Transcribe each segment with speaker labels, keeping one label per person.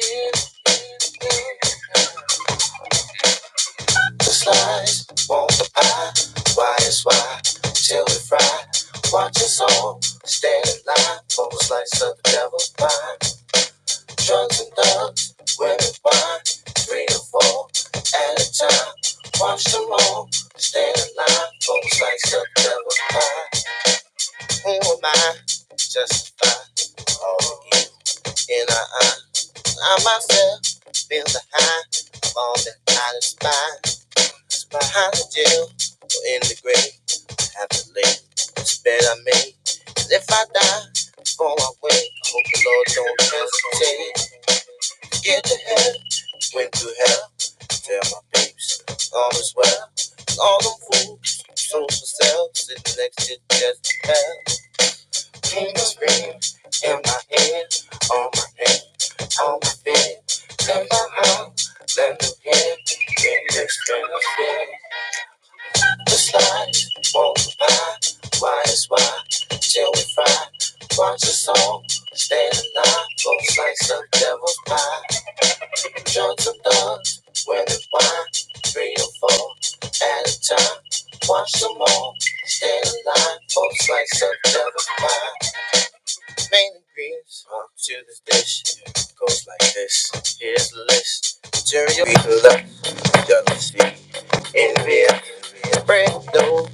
Speaker 1: If the slice won't pie, why is why till we fry? Watch us all stand in line for a slice of the devil's pie. Drugs and thugs, women, wine, three or four at a time. Watch them all stand in line for a slice of the devil's pie. Who am I? Justify all the evil in our eyes. I myself feel the high of all that I despise. behind the jail or in the grave. I have to lay this bed I made. And if I die before I wake, I hope the Lord don't hesitate. Get to hell, went through hell. Tell my babes, all is well. All them fools, so for sale, sitting next to just hell. Demons scream in my head, on my head, on my bed. Let my heart, let them hear, get this feeling. Just slide, we'll multiply, why is why, till we fry. Watch us all, stay alive, folks like some devil's pie. Drugs and thugs, when and why, three or four at a time. Watch them all, stay alive, folks like some devil's pie. Pain and griefs up to this dish. it Goes like this. Here's the list. Material left, jealousy, envy, bread, dough,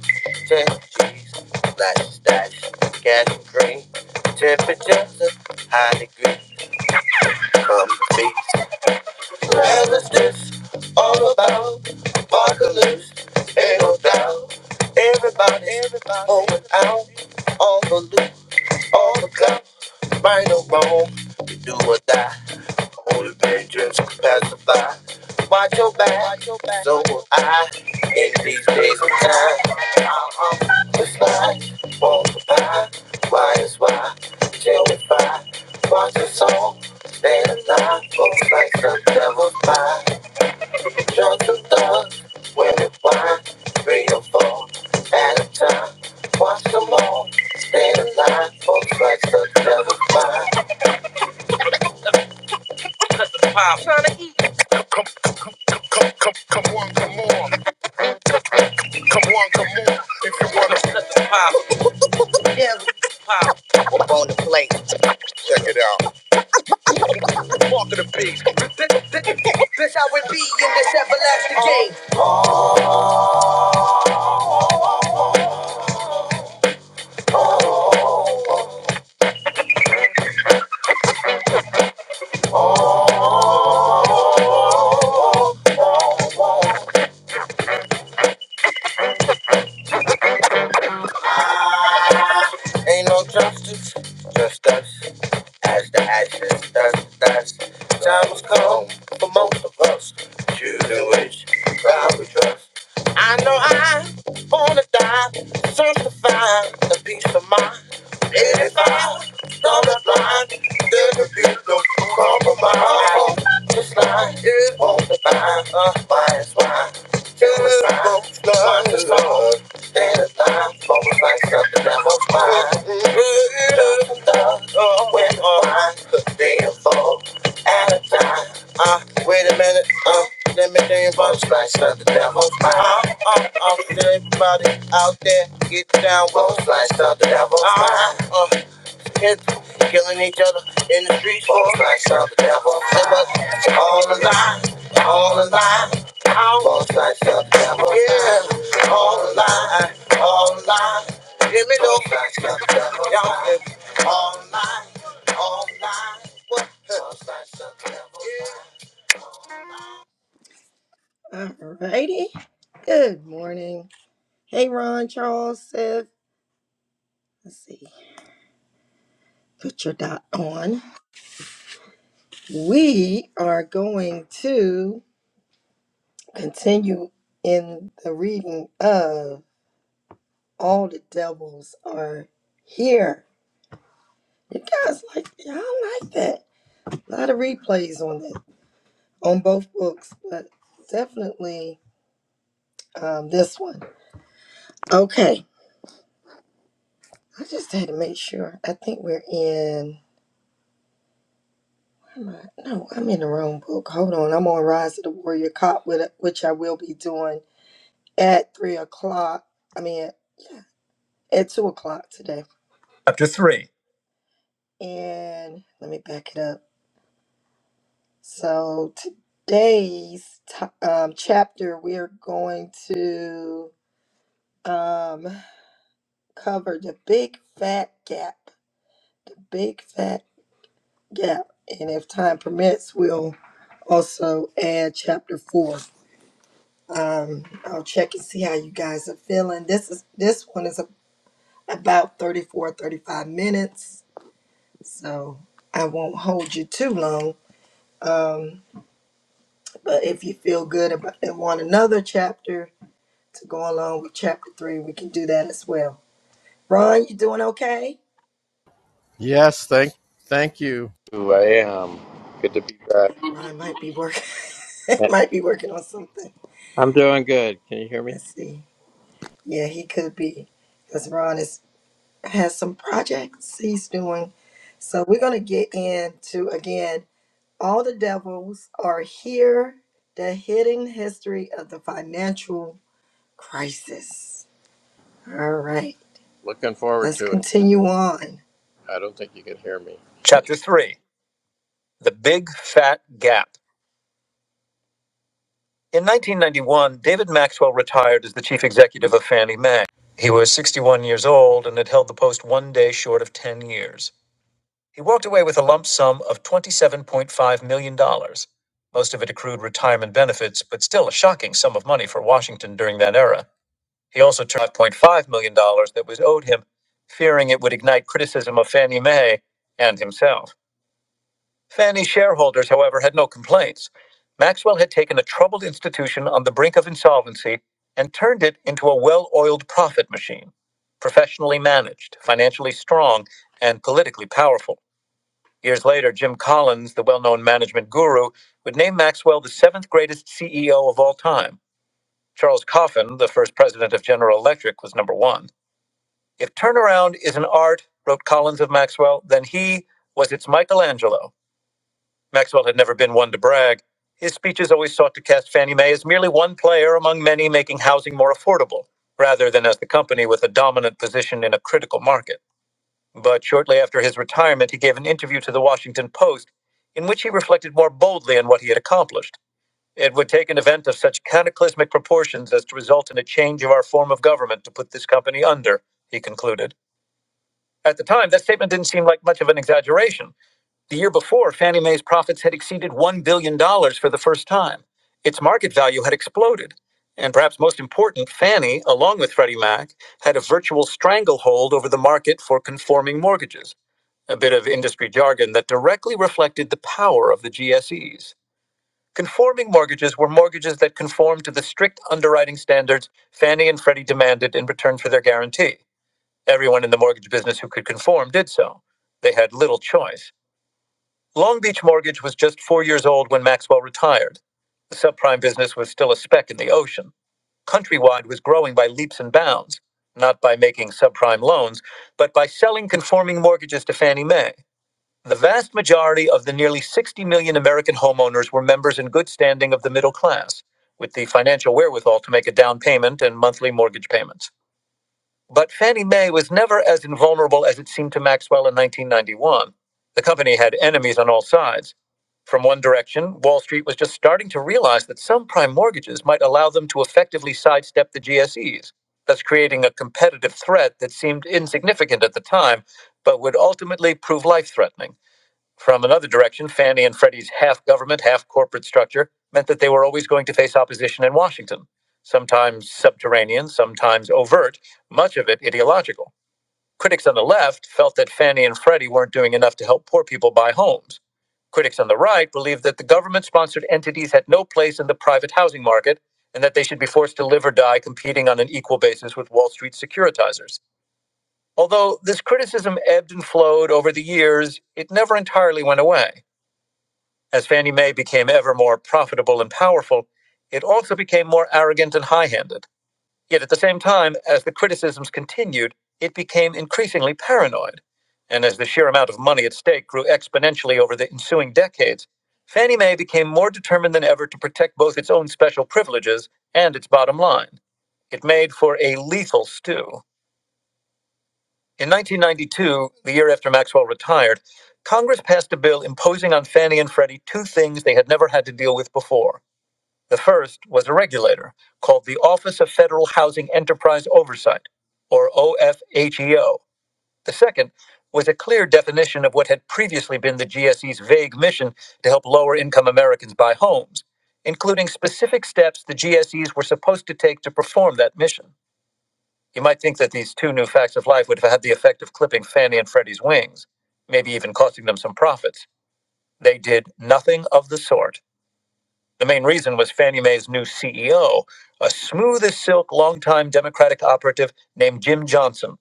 Speaker 1: ten cheese, black, stash, gas and cream. Temperature, high degree, come to feast. Well, this all about apocalypse? Ain't no doubt. Everybody, everybody, going out on the loop, on the cloud. Spinal bone, we do or die. Only pain dreams can pacify. Watch your back, so will I. In these days of time, uh-uh, it's life, multiply. Why is why? Genify. Watch your soul, stay alive. Folks like the devil fly. Drugs and thugs, women wine, three or four at a time. Watch them all, stay alive. Folks like the devil fly. Pop on the plate, dog. This, this, this how it be in this everlasting game. Ain't no just, just us, as the ashes, dust, dust. Times come, choose in which crowd we trust. I know I wanna die, something If I start a line, there will be no compromise. This line is on the line, uh, why is why? Wait a minute, uh. Let me think about flash of the devil. Uh-huh. Uh, uh, everybody out there, get down with flash of the devil. Uh-huh. Uh, kids killing each other in the streets. Flash of the devil. It all a lie, all a lie. All flash of the devil. Yeah, all a lie, all a lie. Give me those flash of the devil. Y'all, it's all a lie, all a lie. What? Flash of the devil. Alrighty. Good morning. Hey, Ron, Charles, Siv. Let's see. Put your dot on. We are going to continue in the reading of All the Devils Are Here. You guys like, y'all like that. A lot of replays on that, on both books, but definitely um, this one. Okay. I just had to make sure. I think we're in. Am I- No, I'm in the wrong book. Hold on. I'm on Rise of the Warrior Cop, with- which I will be doing at 3 o'clock. I mean, yeah, at 2 o'clock today. Chapter 3. And let me back it up. So today's to- um, chapter, we're going to um, cover the big fat gap. The big fat gap. And if time permits, we'll also add chapter 4. Um, I'll check and see how you guys are feeling. This is this one is a, about 34, 35 minutes, so I won't hold you too long. Um, but if you feel good about and want another chapter to go along with chapter three, we can do that as well. Ron, you doing okay?
Speaker 2: Yes, thank thank you. Uh,
Speaker 1: Ron might be working might be working on something.
Speaker 2: I'm Demi.
Speaker 1: Let's see. Yeah, he could be because Ron is has some projects he's doing. So we're gonna get into again. All the devils are here. The hidden history of the financial crisis. All right,
Speaker 2: looking forward
Speaker 1: let's
Speaker 2: to it.
Speaker 1: continue on.
Speaker 2: I don't think you can hear me.
Speaker 1: Chapter 3 The Big Fat Gap. In 1991, David Maxwell retired as the chief executive of Fannie Mae. He was 61 years old and had held the post one day short of 10 years. He walked away with a lump sum of $27.5 million. dollars. Most of it accrued retirement benefits, but still a shocking sum of money for Washington during that era. He also turned $5.5 million dollars that was owed him, fearing it would ignite criticism of Fannie Mae and himself. Fannie's shareholders, however, had no complaints. Maxwell had taken a troubled institution on the brink of insolvency and turned it into a well oiled profit machine, professionally managed, financially strong, and politically powerful. Years later, Jim Collins, the well known management guru, would name Maxwell the seventh greatest CEO of all time. Charles Coffin, the first president of General Electric, was number one. If turnaround is an art, wrote Collins of Maxwell, then he was its Michelangelo. Maxwell had never been one to brag. His speeches always sought to cast Fannie Mae as merely one player among many making housing more affordable, rather than as the company with a dominant position in a critical market. But shortly after his retirement, he gave an interview to the Washington Post in which he reflected more boldly on what he had accomplished. It would take an event of such cataclysmic proportions as to result in a change of our form of government to put this company under, he concluded. At the time, that statement didn't seem like much of an exaggeration. The year before, Fannie Mae's profits had exceeded $1 billion dollars for the first time. Its market value had exploded. And perhaps most important, Fannie, along with Freddie Mac, had a virtual stranglehold over the market for conforming mortgages, a bit of industry jargon that directly reflected the power of the GSEs. Conforming mortgages were mortgages that conformed to the strict underwriting standards Fannie and Freddie demanded in return for their guarantee. Everyone in the mortgage business who could conform did so. They had little choice. Long Beach Mortgage was just four years old when Maxwell retired. The subprime business was still a speck in the ocean. Countrywide was growing by leaps and bounds, not by making subprime loans, but by selling conforming mortgages to Fannie Mae. The vast majority of the nearly 60 million American homeowners were members in good standing of the middle class, with the financial wherewithal to make a down payment and monthly mortgage payments. But Fannie Mae was never as invulnerable as it seemed to Maxwell in 1991. The company had enemies on all sides. From one direction, Wall Street was just starting to realize that some prime mortgages might allow them to effectively sidestep the GSEs, thus creating a competitive threat that seemed insignificant at the time, but would ultimately prove life threatening. From another direction, Fannie and Freddie's half government, half corporate structure meant that they were always going to face opposition in Washington, sometimes subterranean, sometimes overt, much of it ideological. Critics on the left felt that Fannie and Freddie weren't doing enough to help poor people buy homes. Critics on the right believed that the government sponsored entities had no place in the private housing market and that they should be forced to live or die competing on an equal basis with Wall Street securitizers. Although this criticism ebbed and flowed over the years, it never entirely went away. As Fannie Mae became ever more profitable and powerful, it also became more arrogant and high handed. Yet at the same time, as the criticisms continued, it became increasingly paranoid. And as the sheer amount of money at stake grew exponentially over the ensuing decades, Fannie Mae became more determined than ever to protect both its own special privileges and its bottom line. It made for a lethal stew. In 1992, the year after Maxwell retired, Congress passed a bill imposing on Fannie and Freddie two things they had never had to deal with before. The first was a regulator called the Office of Federal Housing Enterprise Oversight, or OFHEO. The second was a clear definition of what had previously been the GSE's vague mission to help lower income Americans buy homes, including specific steps the GSEs were supposed to take to perform that mission. You might think that these two new facts of life would have had the effect of clipping Fannie and Freddie's wings, maybe even costing them some profits. They did nothing of the sort. The main reason was Fannie Mae's new CEO, a smooth as silk longtime Democratic operative named Jim Johnson.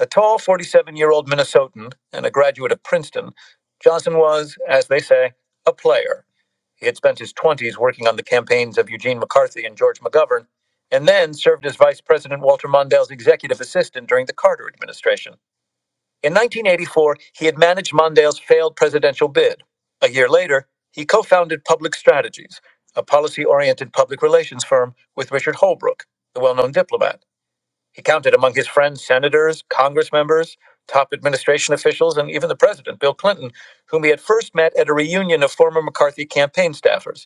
Speaker 1: A tall 47 year old Minnesotan and a graduate of Princeton, Johnson was, as they say, a player. He had spent his 20s working on the campaigns of Eugene McCarthy and George McGovern, and then served as Vice President Walter Mondale's executive assistant during the Carter administration. In 1984, he had managed Mondale's failed presidential bid. A year later, he co founded Public Strategies, a policy oriented public relations firm with Richard Holbrooke, the well known diplomat. He counted among his friends senators, Congress members, top administration officials, and even the president, Bill Clinton, whom he had first met at a reunion of former McCarthy campaign staffers.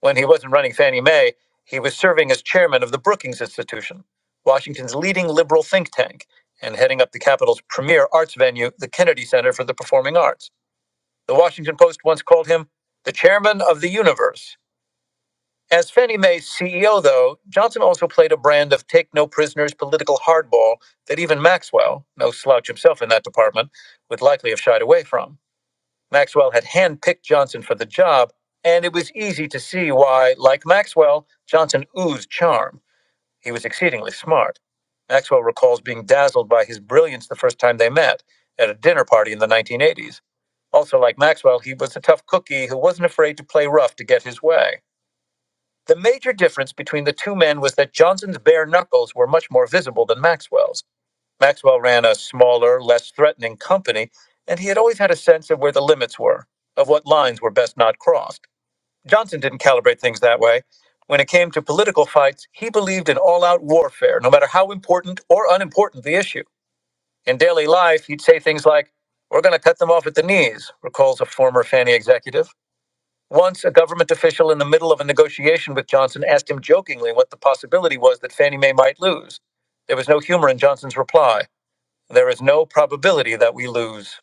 Speaker 1: When he wasn't running Fannie Mae, he was serving as chairman of the Brookings Institution, Washington's leading liberal think tank, and heading up the capital's premier arts venue, the Kennedy Center for the Performing Arts. The Washington Post once called him the chairman of the universe. As Fannie Mae's CEO, though, Johnson also played a brand of take no prisoners political hardball that even Maxwell, no slouch himself in that department, would likely have shied away from. Maxwell had handpicked Johnson for the job, and it was easy to see why, like Maxwell, Johnson oozed charm. He was exceedingly smart. Maxwell recalls being dazzled by his brilliance the first time they met at a dinner party in the 1980s. Also, like Maxwell, he was a tough cookie who wasn't afraid to play rough to get his way. The major difference between the two men was that Johnson's bare knuckles were much more visible than Maxwell's. Maxwell ran a smaller, less threatening company, and he had always had a sense of where the limits were, of what lines were best not crossed. Johnson didn't calibrate things that way. When it came to political fights, he believed in all out warfare, no matter how important or unimportant the issue. In daily life, he'd say things like, We're going to cut them off at the knees, recalls a former Fannie executive. Once, a government official in the middle of a negotiation with Johnson asked him jokingly what the possibility was that Fannie Mae might lose. There was no humor in Johnson's reply. There is no probability that we lose.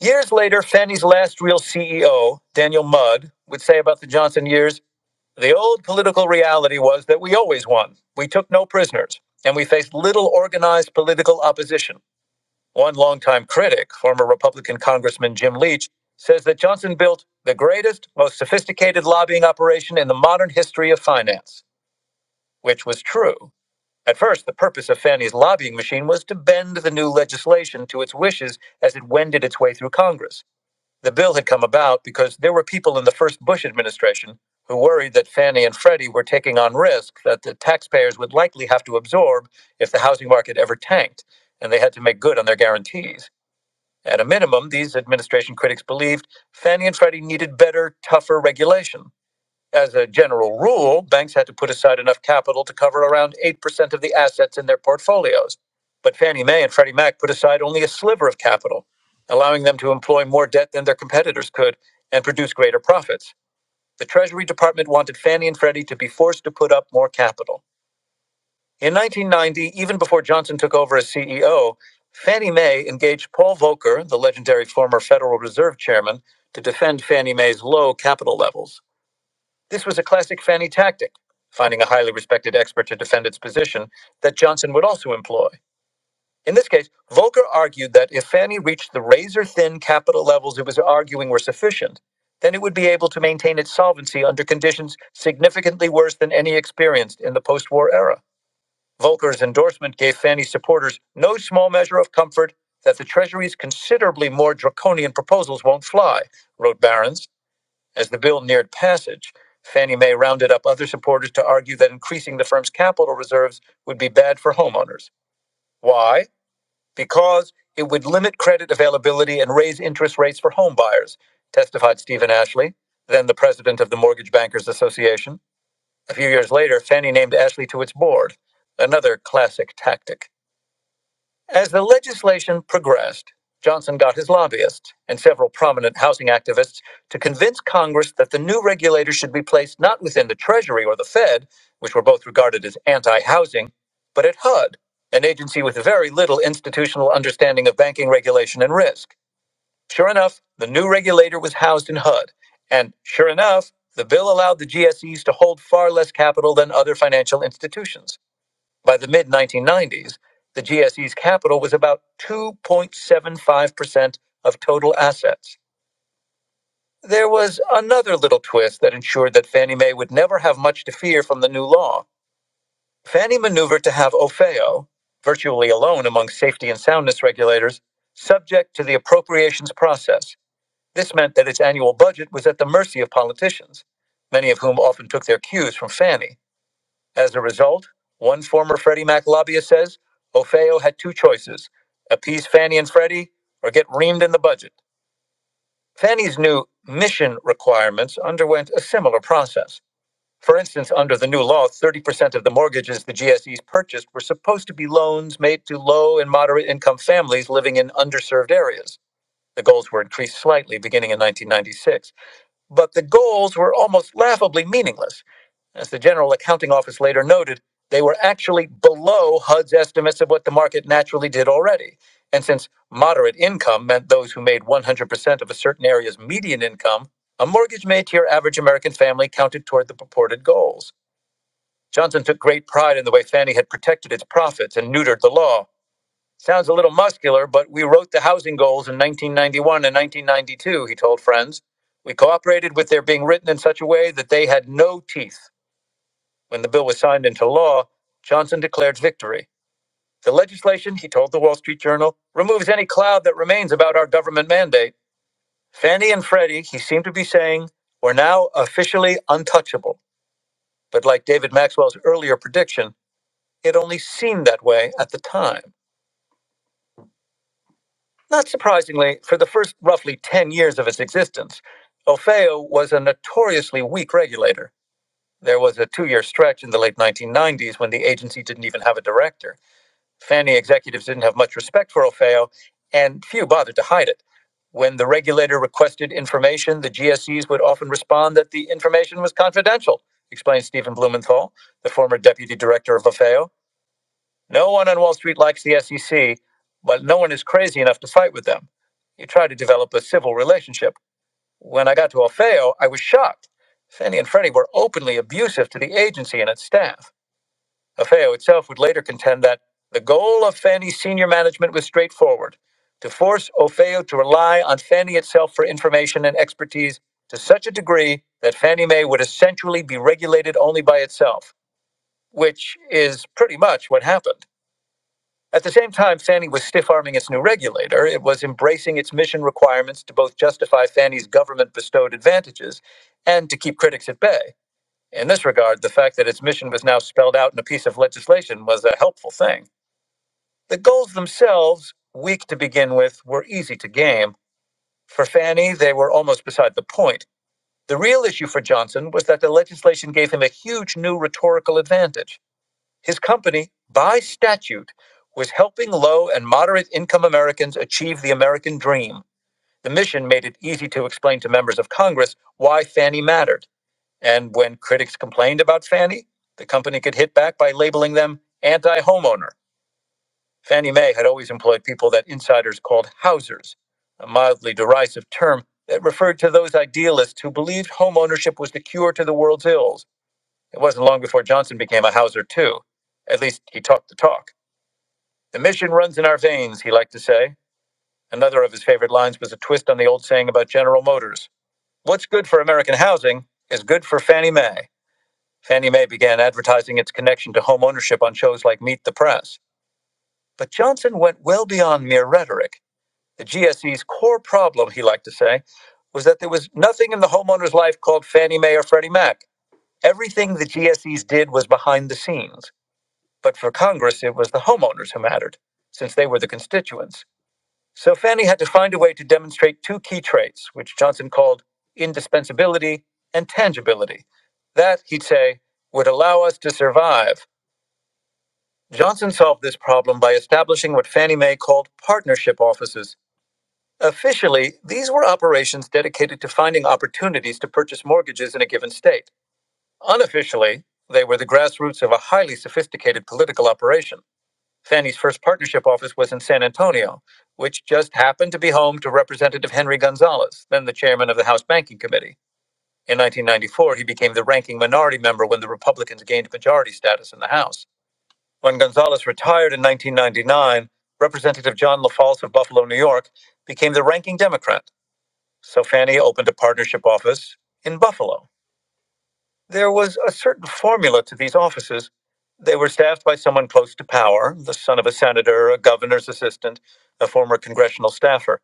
Speaker 1: Years later, Fannie's last real CEO, Daniel Mudd, would say about the Johnson years the old political reality was that we always won. We took no prisoners, and we faced little organized political opposition. One longtime critic, former Republican Congressman Jim Leach, says that Johnson built the greatest, most sophisticated lobbying operation in the modern history of finance, which was true. At first, the purpose of Fannie's lobbying machine was to bend the new legislation to its wishes as it wended its way through Congress. The bill had come about because there were people in the first Bush administration who worried that Fannie and Freddie were taking on risk that the taxpayers would likely have to absorb if the housing market ever tanked, and they had to make good on their guarantees. At a minimum, these administration critics believed Fannie and Freddie needed better, tougher regulation. As a general rule, banks had to put aside enough capital to cover around 8% of the assets in their portfolios. But Fannie Mae and Freddie Mac put aside only a sliver of capital, allowing them to employ more debt than their competitors could and produce greater profits. The Treasury Department wanted Fannie and Freddie to be forced to put up more capital. In 1990, even before Johnson took over as CEO, Fannie Mae engaged Paul Volcker, the legendary former Federal Reserve Chairman, to defend Fannie Mae's low capital levels. This was a classic Fanny tactic, finding a highly respected expert to defend its position that Johnson would also employ. In this case, Volcker argued that if Fannie reached the razor thin capital levels it was arguing were sufficient, then it would be able to maintain its solvency under conditions significantly worse than any experienced in the post war era. Volcker's endorsement gave Fannie supporters no small measure of comfort that the Treasury's considerably more draconian proposals won't fly, wrote Barron's. As the bill neared passage, Fannie Mae rounded up other supporters to argue that increasing the firm's capital reserves would be bad for homeowners. Why? Because it would limit credit availability and raise interest rates for home buyers, testified Stephen Ashley, then the president of the Mortgage Bankers Association. A few years later, Fannie named Ashley to its board, another classic tactic. As the legislation progressed, Johnson got his lobbyists and several prominent housing activists to convince Congress that the new regulator should be placed not within the Treasury or the Fed, which were both regarded as anti housing, but at HUD, an agency with very little institutional understanding of banking regulation and risk. Sure enough, the new regulator was housed in HUD. And sure enough, the bill allowed the GSEs to hold far less capital than other financial institutions. By the mid 1990s, the GSE's capital was about 2.75% of total assets. There was another little twist that ensured that Fannie Mae would never have much to fear from the new law. Fannie maneuvered to have OFEO, virtually alone among safety and soundness regulators, subject to the appropriations process. This meant that its annual budget was at the mercy of politicians, many of whom often took their cues from Fannie. As a result, one former Freddie Mac lobbyist says Ofeo had two choices appease Fannie and Freddie or get reamed in the budget. Fannie's new mission requirements underwent a similar process. For instance, under the new law, 30% of the mortgages the GSEs purchased were supposed to be loans made to low and moderate income families living in underserved areas. The goals were increased slightly beginning in 1996, but the goals were almost laughably meaningless. As the General Accounting Office later noted, they were actually below HUD's estimates of what the market naturally did already. And since moderate income meant those who made 100% of a certain area's median income, a mortgage made to your average American family counted toward the purported goals. Johnson took great pride in the way Fannie had protected its profits and neutered the law. Sounds a little muscular, but we wrote the housing goals in 1991 and 1992, he told friends. We cooperated with their being written in such a way that they had no teeth. When the bill was signed into law, Johnson declared victory. The legislation, he told the Wall Street Journal, removes any cloud that remains about our government mandate. Fannie and Freddie, he seemed to be saying, were now officially untouchable. But like David Maxwell's earlier prediction, it only seemed that way at the time. Not surprisingly, for the first roughly 10 years of its existence, Ofeo was a notoriously weak regulator. There was a two year stretch in the late 1990s when the agency didn't even have a director. Fannie executives didn't have much respect for Ofeo, and few bothered to hide it. When the regulator requested information, the GSEs would often respond that the information was confidential, explained Stephen Blumenthal, the former deputy director of Ofeo. No one on Wall Street likes the SEC, but no one is crazy enough to fight with them. You try to develop a civil relationship. When I got to Ofeo, I was shocked. Fannie and Freddie were openly abusive to the agency and its staff. AFEO itself would later contend that the goal of Fannie's senior management was straightforward to force OFEO to rely on Fannie itself for information and expertise to such a degree that Fannie Mae would essentially be regulated only by itself, which is pretty much what happened. At the same time, Fannie was stiff arming its new regulator. It was embracing its mission requirements to both justify Fannie's government bestowed advantages and to keep critics at bay. In this regard, the fact that its mission was now spelled out in a piece of legislation was a helpful thing. The goals themselves, weak to begin with, were easy to game. For Fanny, they were almost beside the point. The real issue for Johnson was that the legislation gave him a huge new rhetorical advantage. His company, by statute, was helping low and moderate income Americans achieve the American dream. The mission made it easy to explain to members of Congress why Fanny mattered. And when critics complained about Fannie, the company could hit back by labeling them anti homeowner. Fannie Mae had always employed people that insiders called housers, a mildly derisive term that referred to those idealists who believed homeownership was the cure to the world's ills. It wasn't long before Johnson became a houser, too. At least he talked the talk. The mission runs in our veins, he liked to say. Another of his favorite lines was a twist on the old saying about General Motors What's good for American housing is good for Fannie Mae. Fannie Mae began advertising its connection to home ownership on shows like Meet the Press. But Johnson went well beyond mere rhetoric. The GSE's core problem, he liked to say, was that there was nothing in the homeowner's life called Fannie Mae or Freddie Mac. Everything the GSEs did was behind the scenes. But for Congress, it was the homeowners who mattered, since they were the constituents. So Fannie had to find a way to demonstrate two key traits, which Johnson called indispensability and tangibility. That, he'd say, would allow us to survive Johnson solved this problem by establishing what Fannie Mae called partnership offices. Officially, these were operations dedicated to finding opportunities to purchase mortgages in a given state. Unofficially, they were the grassroots of a highly sophisticated political operation. Fannie's first partnership office was in San Antonio, which just happened to be home to Representative Henry Gonzalez, then the chairman of the House Banking Committee. In 1994, he became the ranking minority member when the Republicans gained majority status in the House. When Gonzalez retired in 1999, Representative John LaFalce of Buffalo, New York, became the ranking Democrat, so Fannie opened a partnership office in Buffalo. There was a certain formula to these offices. They were staffed by someone close to power, the son of a senator, a governor's assistant, a former congressional staffer.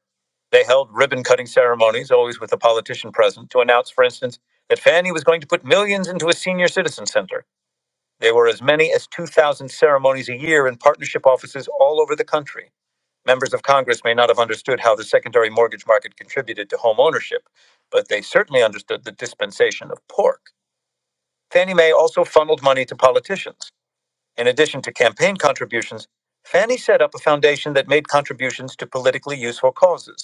Speaker 1: They held ribbon cutting ceremonies, always with a politician present, to announce, for instance, that Fannie was going to put millions into a senior citizen center. There were as many as 2,000 ceremonies a year in partnership offices all over the country. Members of Congress may not have understood how the secondary mortgage market contributed to home ownership, but they certainly understood the dispensation of pork. Fannie Mae also funneled money to politicians. In addition to campaign contributions, Fannie set up a foundation that made contributions to politically useful causes.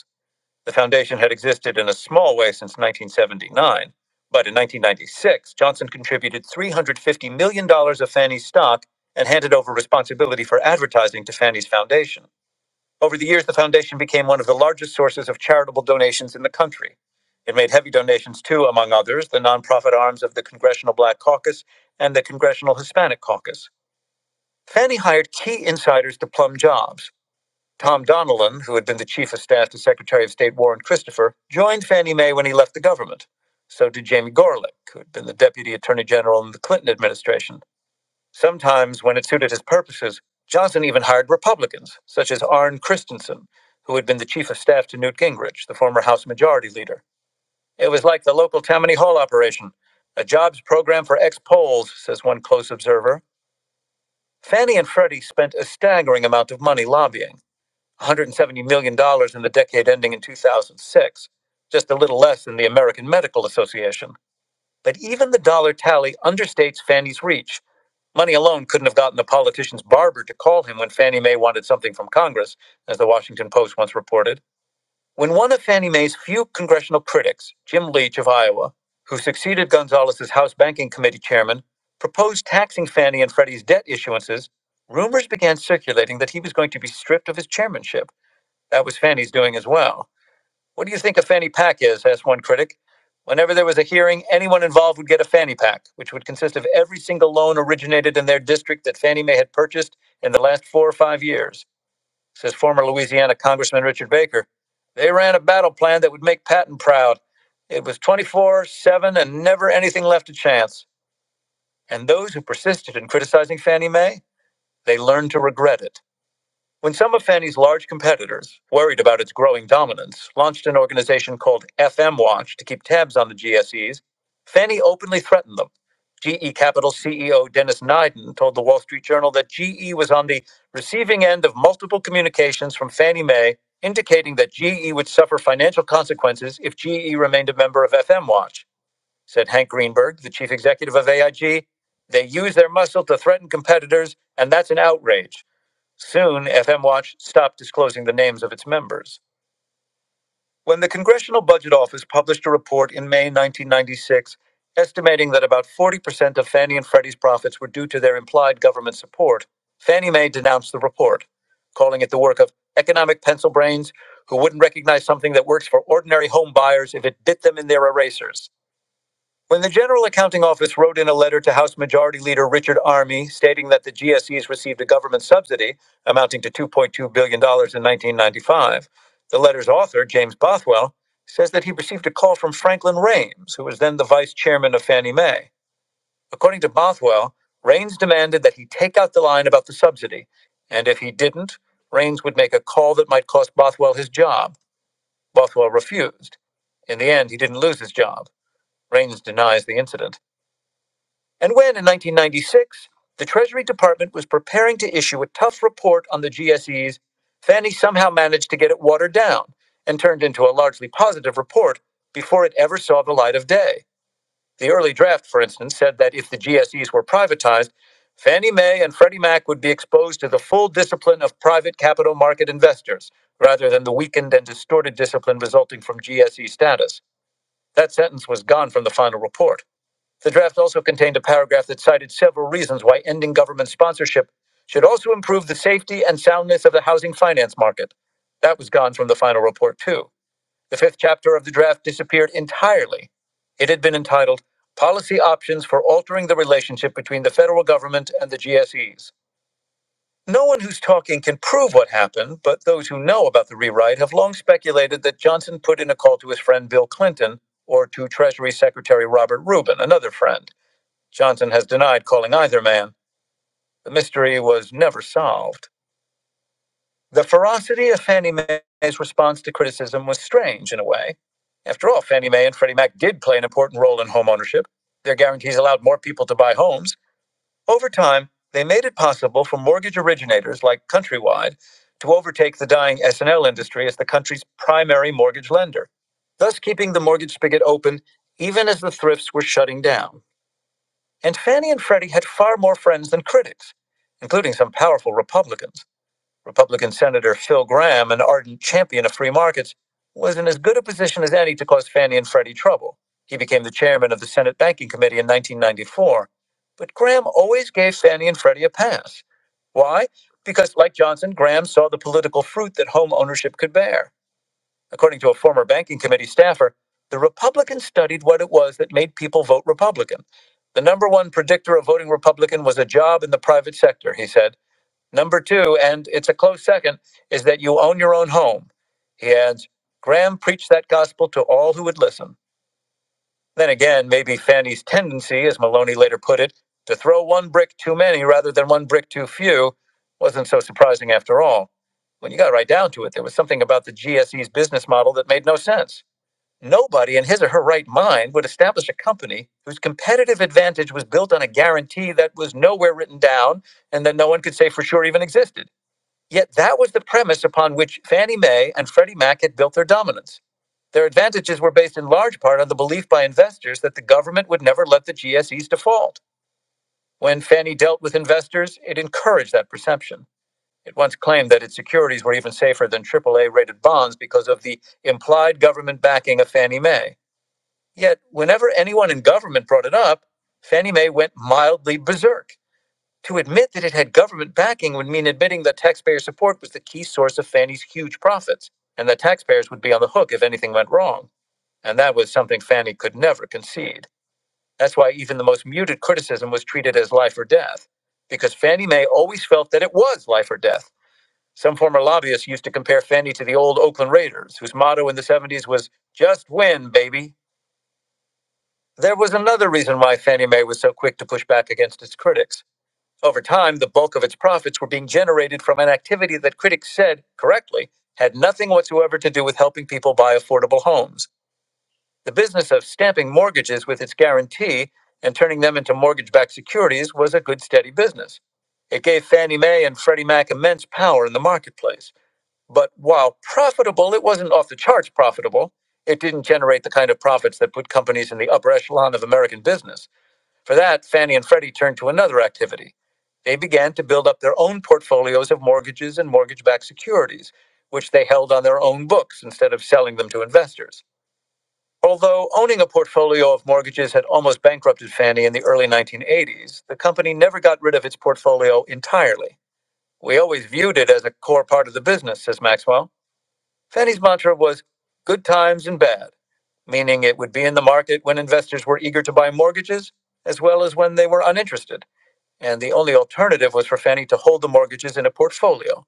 Speaker 1: The foundation had existed in a small way since 1979, but in 1996, Johnson contributed $350 million dollars of Fannie's stock and handed over responsibility for advertising to Fannie's foundation. Over the years, the foundation became one of the largest sources of charitable donations in the country. It made heavy donations to, among others, the nonprofit arms of the Congressional Black Caucus and the Congressional Hispanic Caucus. Fannie hired key insiders to plum jobs. Tom Donilon, who had been the chief of staff to Secretary of State Warren Christopher, joined Fannie Mae when he left the government. So did Jamie Gorelick, who had been the deputy attorney general in the Clinton administration. Sometimes, when it suited his purposes, Johnson even hired Republicans, such as Arne Christensen, who had been the chief of staff to Newt Gingrich, the former House Majority Leader. It was like the local Tammany Hall operation, a jobs program for ex Poles, says one close observer. Fannie and Freddie spent a staggering amount of money lobbying. $170 million dollars in the decade ending in 2006, just a little less than the American Medical Association. But even the dollar tally understates Fannie's reach. Money alone couldn't have gotten the politician's barber to call him when Fannie Mae wanted something from Congress, as the Washington Post once reported. When one of Fannie Mae's few congressional critics, Jim Leach of Iowa, who succeeded Gonzales as House Banking Committee chairman, proposed taxing Fannie and Freddie's debt issuances, rumors began circulating that he was going to be stripped of his chairmanship. That was Fanny's doing as well. What do you think a fanny pack is? asked one critic. Whenever there was a hearing, anyone involved would get a fanny pack, which would consist of every single loan originated in their district that Fannie Mae had purchased in the last four or five years, says former Louisiana Congressman Richard Baker. They ran a battle plan that would make Patton proud. It was 24 7 and never anything left to chance. And those who persisted in criticizing Fannie Mae, they learned to regret it. When some of Fannie's large competitors, worried about its growing dominance, launched an organization called FM Watch to keep tabs on the GSEs, Fannie openly threatened them. GE Capital CEO Dennis Nyden told the Wall Street Journal that GE was on the receiving end of multiple communications from Fannie Mae indicating that GE would suffer financial consequences if GE remained a member of FM Watch. Said Hank Greenberg, the chief executive of AIG, they use their muscle to threaten competitors, and that's an outrage. Soon, FM Watch stopped disclosing the names of its members. When the Congressional Budget Office published a report in May 1996 estimating that about 40% of Fannie and Freddie's profits were due to their implied government support, Fannie Mae denounced the report, calling it the work of economic pencil brains who wouldn't recognize something that works for ordinary home buyers if it bit them in their erasers. When the General Accounting Office wrote in a letter to House Majority Leader Richard Armey, stating that the GSEs received a government subsidy amounting to $2.2 billion dollars in 1995, the letter's author, James Bothwell, says that he received a call from Franklin Raines, who was then the vice chairman of Fannie Mae. According to Bothwell, Raines demanded that he take out the line about the subsidy, and if he didn't, Raines would make a call that might cost Bothwell his job. Bothwell refused. In the end, he didn't lose his job. Raines denies the incident. And when, in 1996, the Treasury Department was preparing to issue a tough report on the GSEs, Fannie somehow managed to get it watered down and turned into a largely positive report before it ever saw the light of day. The early draft, for instance, said that if the GSEs were privatized, Fannie Mae and Freddie Mac would be exposed to the full discipline of private capital market investors rather than the weakened and distorted discipline resulting from GSE status. That sentence was gone from the final report. The draft also contained a paragraph that cited several reasons why ending government sponsorship should also improve the safety and soundness of the housing finance market. That was gone from the final report, too. The fifth chapter of the draft disappeared entirely. It had been entitled Policy Options for Altering the Relationship Between the Federal Government and the GSEs. No one who's talking can prove what happened, but those who know about the rewrite have long speculated that Johnson put in a call to his friend Bill Clinton or to Treasury Secretary Robert Rubin, another friend. Johnson has denied calling either man. The mystery was never solved. The ferocity of Fannie Mae's response to criticism was strange in a way. After all, Fannie Mae and Freddie Mac did play an important role in home ownership. Their guarantees allowed more people to buy homes. Over time, they made it possible for mortgage originators like Countrywide to overtake the dying S&L industry as the country's primary mortgage lender, thus keeping the mortgage spigot open even as the thrifts were shutting down. And Fannie and Freddie had far more friends than critics, including some powerful Republicans. Republican Senator Phil Graham, an ardent champion of free markets, was in as good a position as any to cause Fannie and Freddie trouble. He became the chairman of the Senate Banking Committee in 1994. But Graham always gave Fannie and Freddie a pass. Why? Because, like Johnson, Graham saw the political fruit that home ownership could bear. According to a former banking committee staffer, the Republicans studied what it was that made people vote Republican. The number one predictor of voting Republican was a job in the private sector, he said. Number two, and it's a close second, is that you own your own home. He adds, Graham preached that gospel to all who would listen. Then again, maybe Fanny's tendency, as Maloney later put it, to throw one brick too many rather than one brick too few wasn't so surprising after all. When you got right down to it, there was something about the GSE's business model that made no sense. Nobody in his or her right mind would establish a company whose competitive advantage was built on a guarantee that was nowhere written down and that no one could say for sure even existed. Yet that was the premise upon which Fannie Mae and Freddie Mac had built their dominance. Their advantages were based in large part on the belief by investors that the government would never let the GSEs default. When Fannie dealt with investors, it encouraged that perception. It once claimed that its securities were even safer than AAA rated bonds because of the implied government backing of Fannie Mae. Yet, whenever anyone in government brought it up, Fannie Mae went mildly berserk. To admit that it had government backing would mean admitting that taxpayer support was the key source of Fannie's huge profits, and that taxpayers would be on the hook if anything went wrong. And that was something Fannie could never concede. That's why even the most muted criticism was treated as life or death, because Fannie Mae always felt that it was life or death. Some former lobbyists used to compare Fannie to the old Oakland Raiders, whose motto in the 70s was, just win, baby. There was another reason why Fannie Mae was so quick to push back against its critics. Over time, the bulk of its profits were being generated from an activity that critics said, correctly, had nothing whatsoever to do with helping people buy affordable homes. The business of stamping mortgages with its guarantee and turning them into mortgage backed securities was a good, steady business. It gave Fannie Mae and Freddie Mac immense power in the marketplace. But while profitable, it wasn't off the charts profitable. It didn't generate the kind of profits that put companies in the upper echelon of American business. For that, Fannie and Freddie turned to another activity. They began to build up their own portfolios of mortgages and mortgage backed securities, which they held on their own books instead of selling them to investors. Although owning a portfolio of mortgages had almost bankrupted Fannie in the early 1980s, the company never got rid of its portfolio entirely. We always viewed it as a core part of the business, says Maxwell. Fannie's mantra was good times and bad, meaning it would be in the market when investors were eager to buy mortgages as well as when they were uninterested and the only alternative was for Fannie to hold the mortgages in a portfolio.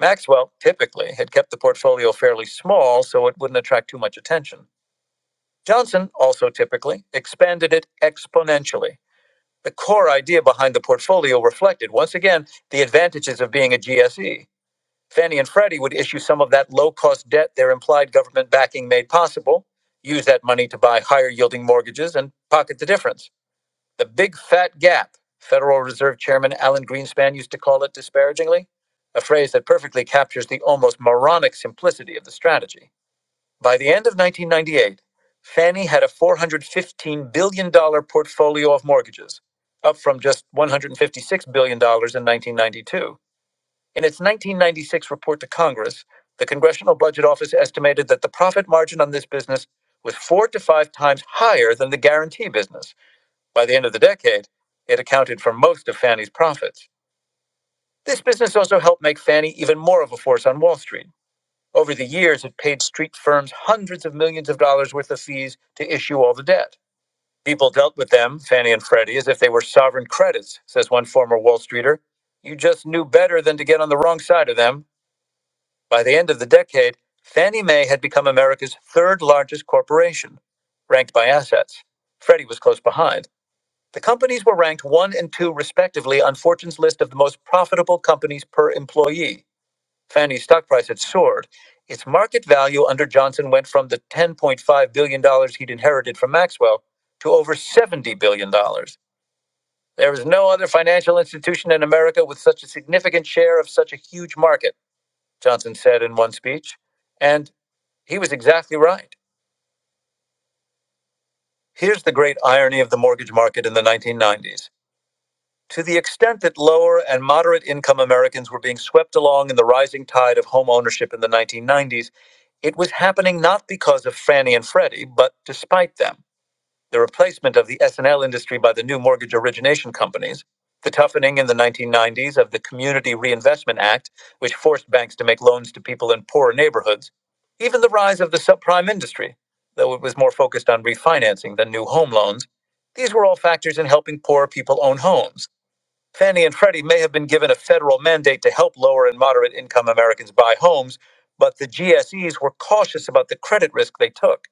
Speaker 1: Maxwell typically had kept the portfolio fairly small so it wouldn't attract too much attention. Johnson also typically expanded it exponentially. The core idea behind the portfolio reflected, once again, the advantages of being a GSE. Fannie and Freddie would issue some of that low cost debt their implied government backing made possible, use that money to buy higher yielding mortgages, and pocket the difference. The big fat gap, Federal Reserve Chairman Alan Greenspan used to call it disparagingly, a phrase that perfectly captures the almost moronic simplicity of the strategy. By the end of 1998, Fannie had a $415 billion dollars portfolio of mortgages, up from just $156 billion dollars in 1992. In its 1996 report to Congress, the Congressional Budget Office estimated that the profit margin on this business was four to five times higher than the guarantee business by the end of the decade, it accounted for most of Fannie's profits. This business also helped make Fannie even more of a force on Wall Street. Over the years, it paid street firms hundreds of millions of dollars worth of fees to issue all the debt. People dealt with them, Fannie and Freddie, as if they were sovereign credits, says one former Wall Streeter. You just knew better than to get on the wrong side of them. By the end of the decade, Fannie Mae had become America's third largest corporation, ranked by assets. Freddie was close behind. The companies were ranked one and two, respectively, on Fortune's list of the most profitable companies per employee. Fannie's stock price had soared. Its market value under Johnson went from the $10.5 billion dollars he'd inherited from Maxwell to over $70 billion. dollars. There is no other financial institution in America with such a significant share of such a huge market, Johnson said in one speech. And he was exactly right. Here's the great irony of the mortgage market in the 1990s. To the extent that lower and moderate income Americans were being swept along in the rising tide of home ownership in the 1990s, it was happening not because of Fannie and Freddie, but despite them. The replacement of the S&L industry by the new mortgage origination companies, the toughening in the 1990s of the Community Reinvestment Act, which forced banks to make loans to people in poorer neighborhoods, even the rise of the subprime industry, though it was more focused on refinancing than new home loans, these were all factors in helping poor people own homes Fannie and Freddie may have been given a federal mandate to help lower and moderate income Americans buy homes, but the GSEs were cautious about the credit risk they took.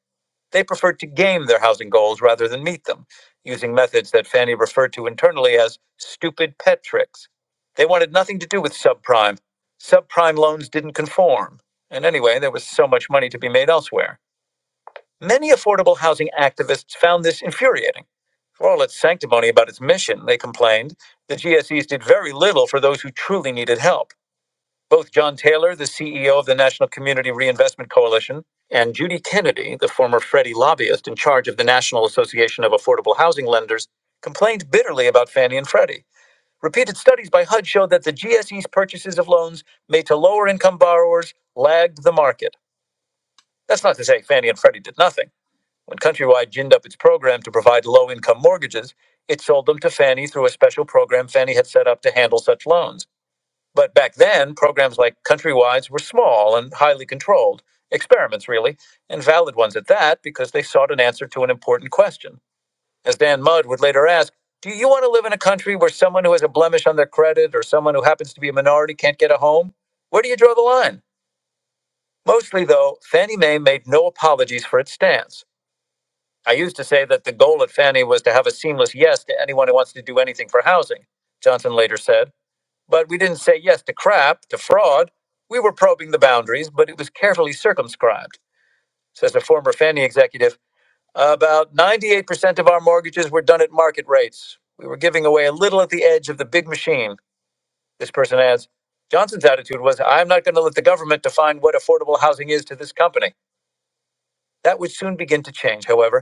Speaker 1: They preferred to game their housing goals rather than meet them, using methods that Fannie referred to internally as stupid pet tricks. They wanted nothing to do with subprime. Subprime loans didn't conform. And anyway, there was so much money to be made elsewhere. Many affordable housing activists found this infuriating. For all its sanctimony about its mission, they complained, the GSEs did very little for those who truly needed help. Both John Taylor, the CEO of the National Community Reinvestment Coalition, and Judy Kennedy, the former Freddie lobbyist in charge of the National Association of Affordable Housing Lenders, complained bitterly about Fannie and Freddie. Repeated studies by HUD showed that the GSE's purchases of loans made to lower income borrowers lagged the market. That's not to say Fannie and Freddie did nothing. When Countrywide ginned up its program to provide low income mortgages, it sold them to Fannie through a special program Fannie had set up to handle such loans. But back then, programs like Countrywide's were small and highly controlled, experiments really, and valid ones at that because they sought an answer to an important question. As Dan Mudd would later ask, do you want to live in a country where someone who has a blemish on their credit or someone who happens to be a minority can't get a home? Where do you draw the line? Mostly, though, Fannie Mae made no apologies for its stance. I used to say that the goal at Fannie was to have a seamless yes to anyone who wants to do anything for housing, Johnson later said. But we didn't say yes to crap, to fraud. We were probing the boundaries, but it was carefully circumscribed, says a former Fannie executive. About 98% of our mortgages were done at market rates. We were giving away a little at the edge of the big machine, this person adds. Johnson's attitude was, I'm not going to let the government define what affordable housing is to this company. That would soon begin to change, however.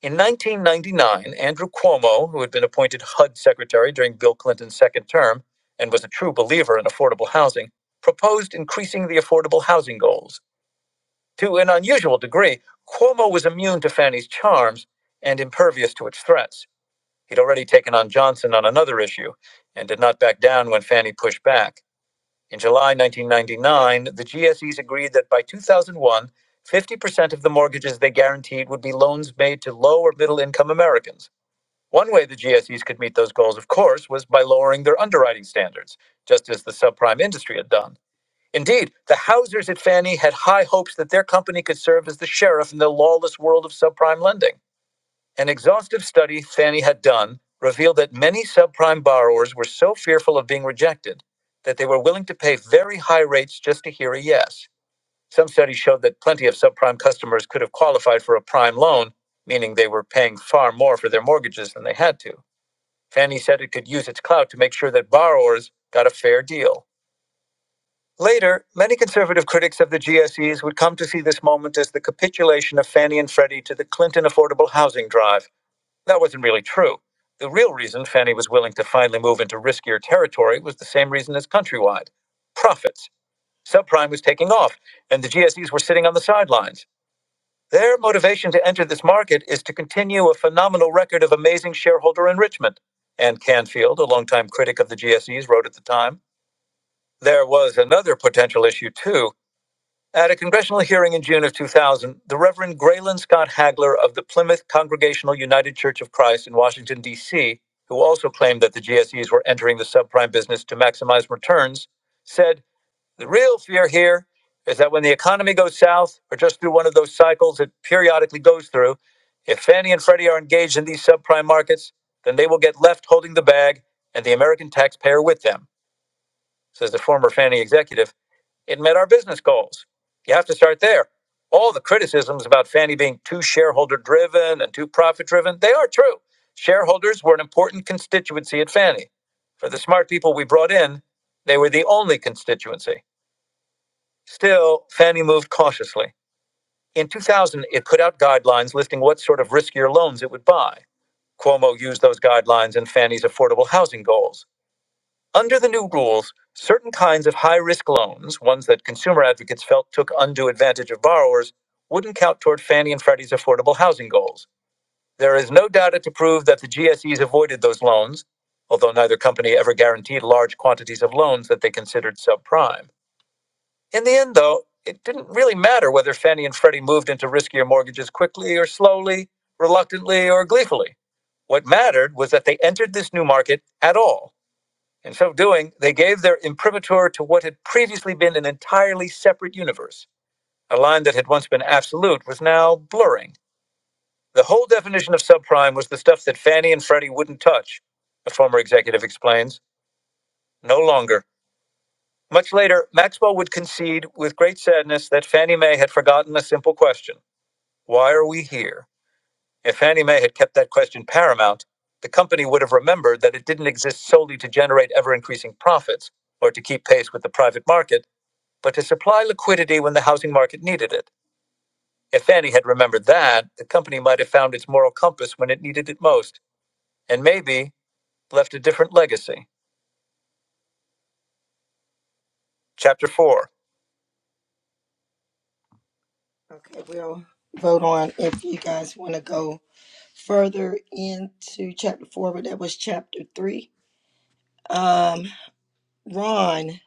Speaker 1: In 1999, Andrew Cuomo, who had been appointed HUD secretary during Bill Clinton's second term and was a true believer in affordable housing, proposed increasing the affordable housing goals. To an unusual degree, Cuomo was immune to Fannie's charms and impervious to its threats. He'd already taken on Johnson on another issue and did not back down when Fannie pushed back. In July 1999, the GSEs agreed that by 2001, 50% of the mortgages they guaranteed would be loans made to low or middle income Americans. One way the GSEs could meet those goals, of course, was by lowering their underwriting standards, just as the subprime industry had done. Indeed, the Hausers at Fannie had high hopes that their company could serve as the sheriff in the lawless world of subprime lending. An exhaustive study Fannie had done revealed that many subprime borrowers were so fearful of being rejected that they were willing to pay very high rates just to hear a yes. Some studies showed that plenty of subprime customers could have qualified for a prime loan, meaning they were paying far more for their mortgages than they had to. Fannie said it could use its clout to make sure that borrowers got a fair deal. Later, many conservative critics of the GSEs would come to see this moment as the capitulation of Fannie and Freddie to the Clinton affordable housing drive. That wasn't really true. The real reason Fannie was willing to finally move into riskier territory was the same reason as Countrywide profits. Subprime was taking off, and the GSEs were sitting on the sidelines. Their motivation to enter this market is to continue a phenomenal record of amazing shareholder enrichment. And Canfield, a longtime critic of the GSEs, wrote at the time there was another potential issue, too. At a congressional hearing in June of 2000, the Reverend Graylin Scott Hagler of the Plymouth Congregational United Church of Christ in Washington, D.C., who also claimed that the GSEs were entering the subprime business to maximize returns, said, the real fear here is that when the economy goes south or just through one of those cycles it periodically goes through, if Fannie and Freddie are engaged in these subprime markets, then they will get left holding the bag and the American taxpayer with them, says the former Fannie executive. It met our business goals. You have to start there. All the criticisms about Fannie being too shareholder driven and too profit driven, they are true. Shareholders were an important constituency at Fannie. For the smart people we brought in, they were the only constituency. Still, Fannie moved cautiously. In 2000, it put out guidelines listing what sort of riskier loans it would buy. Cuomo used those guidelines in Fannie's affordable housing goals. Under the new rules, certain kinds of high risk loans, ones that consumer advocates felt took undue advantage of borrowers, wouldn't count toward Fannie and Freddie's affordable housing goals. There is no data to prove that the GSEs avoided those loans, although neither company ever guaranteed large quantities of loans that they considered subprime. In the end, though, it didn't really matter whether Fannie and Freddie moved into riskier mortgages quickly or slowly, reluctantly or gleefully. What mattered was that they entered this new market at all. In so doing, they gave their imprimatur to what had previously been an entirely separate universe. A line that had once been absolute was now blurring. The whole definition of subprime was the stuff that Fannie and Freddie wouldn't touch, the former executive explains. No longer. Much later, Maxwell would concede with great sadness that Fannie Mae had forgotten a simple question Why are we here? If Fannie Mae had kept that question paramount, the company would have remembered that it didn't exist solely to generate ever increasing profits or to keep pace with the private market, but to supply liquidity when the housing market needed it. If Fannie had remembered that, the company might have found its moral compass when it needed it most, and maybe left a different legacy. Chapter 4 Okay, we'll vote on if you guys want to go further into chapter four, but that was chapter three. Um, Ron,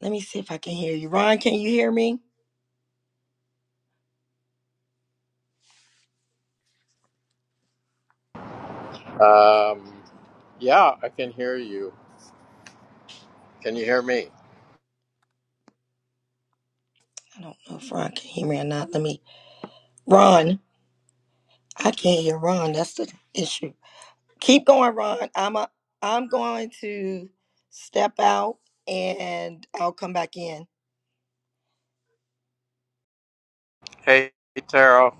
Speaker 1: let me see if I can hear you. Ron, can you hear me?
Speaker 2: Um, yeah, I can hear you. Can you hear me?
Speaker 1: I don't know if Ron can hear me or not. Let me, Ron, I can't hear Ron. That's the issue. Keep going, Ron. I'm a, I'm going to step out and I'll come back in.
Speaker 2: Hey, Taro.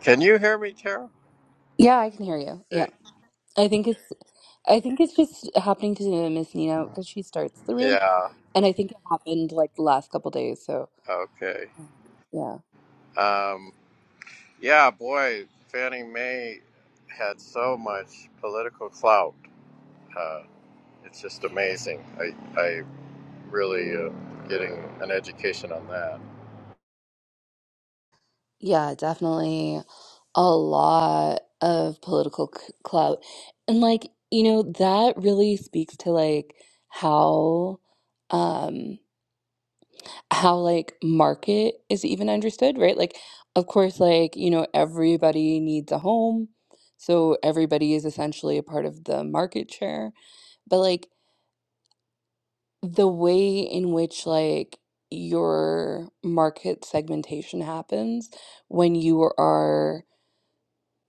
Speaker 2: Can you hear me, Taro?
Speaker 3: Yeah, I can hear you. Yeah.
Speaker 2: Okay.
Speaker 3: I think it's I think it's just happening to Miss Nina because she starts the room
Speaker 2: Yeah.
Speaker 3: and I think it happened like the last couple days, so
Speaker 2: Okay.
Speaker 3: Mm. yeah.
Speaker 2: Um, yeah, boy, Fannie Mae had so much political clout. Uh, it's just amazing. I I really uh, getting an education on that.
Speaker 3: Yeah, definitely a lot of political c clout. And like, you know, that really speaks to like how um how like market is even understood, right? Like, of course, like, you know, everybody needs a home. So everybody is essentially a part of the market share. But like the way in which like your market segmentation happens when you are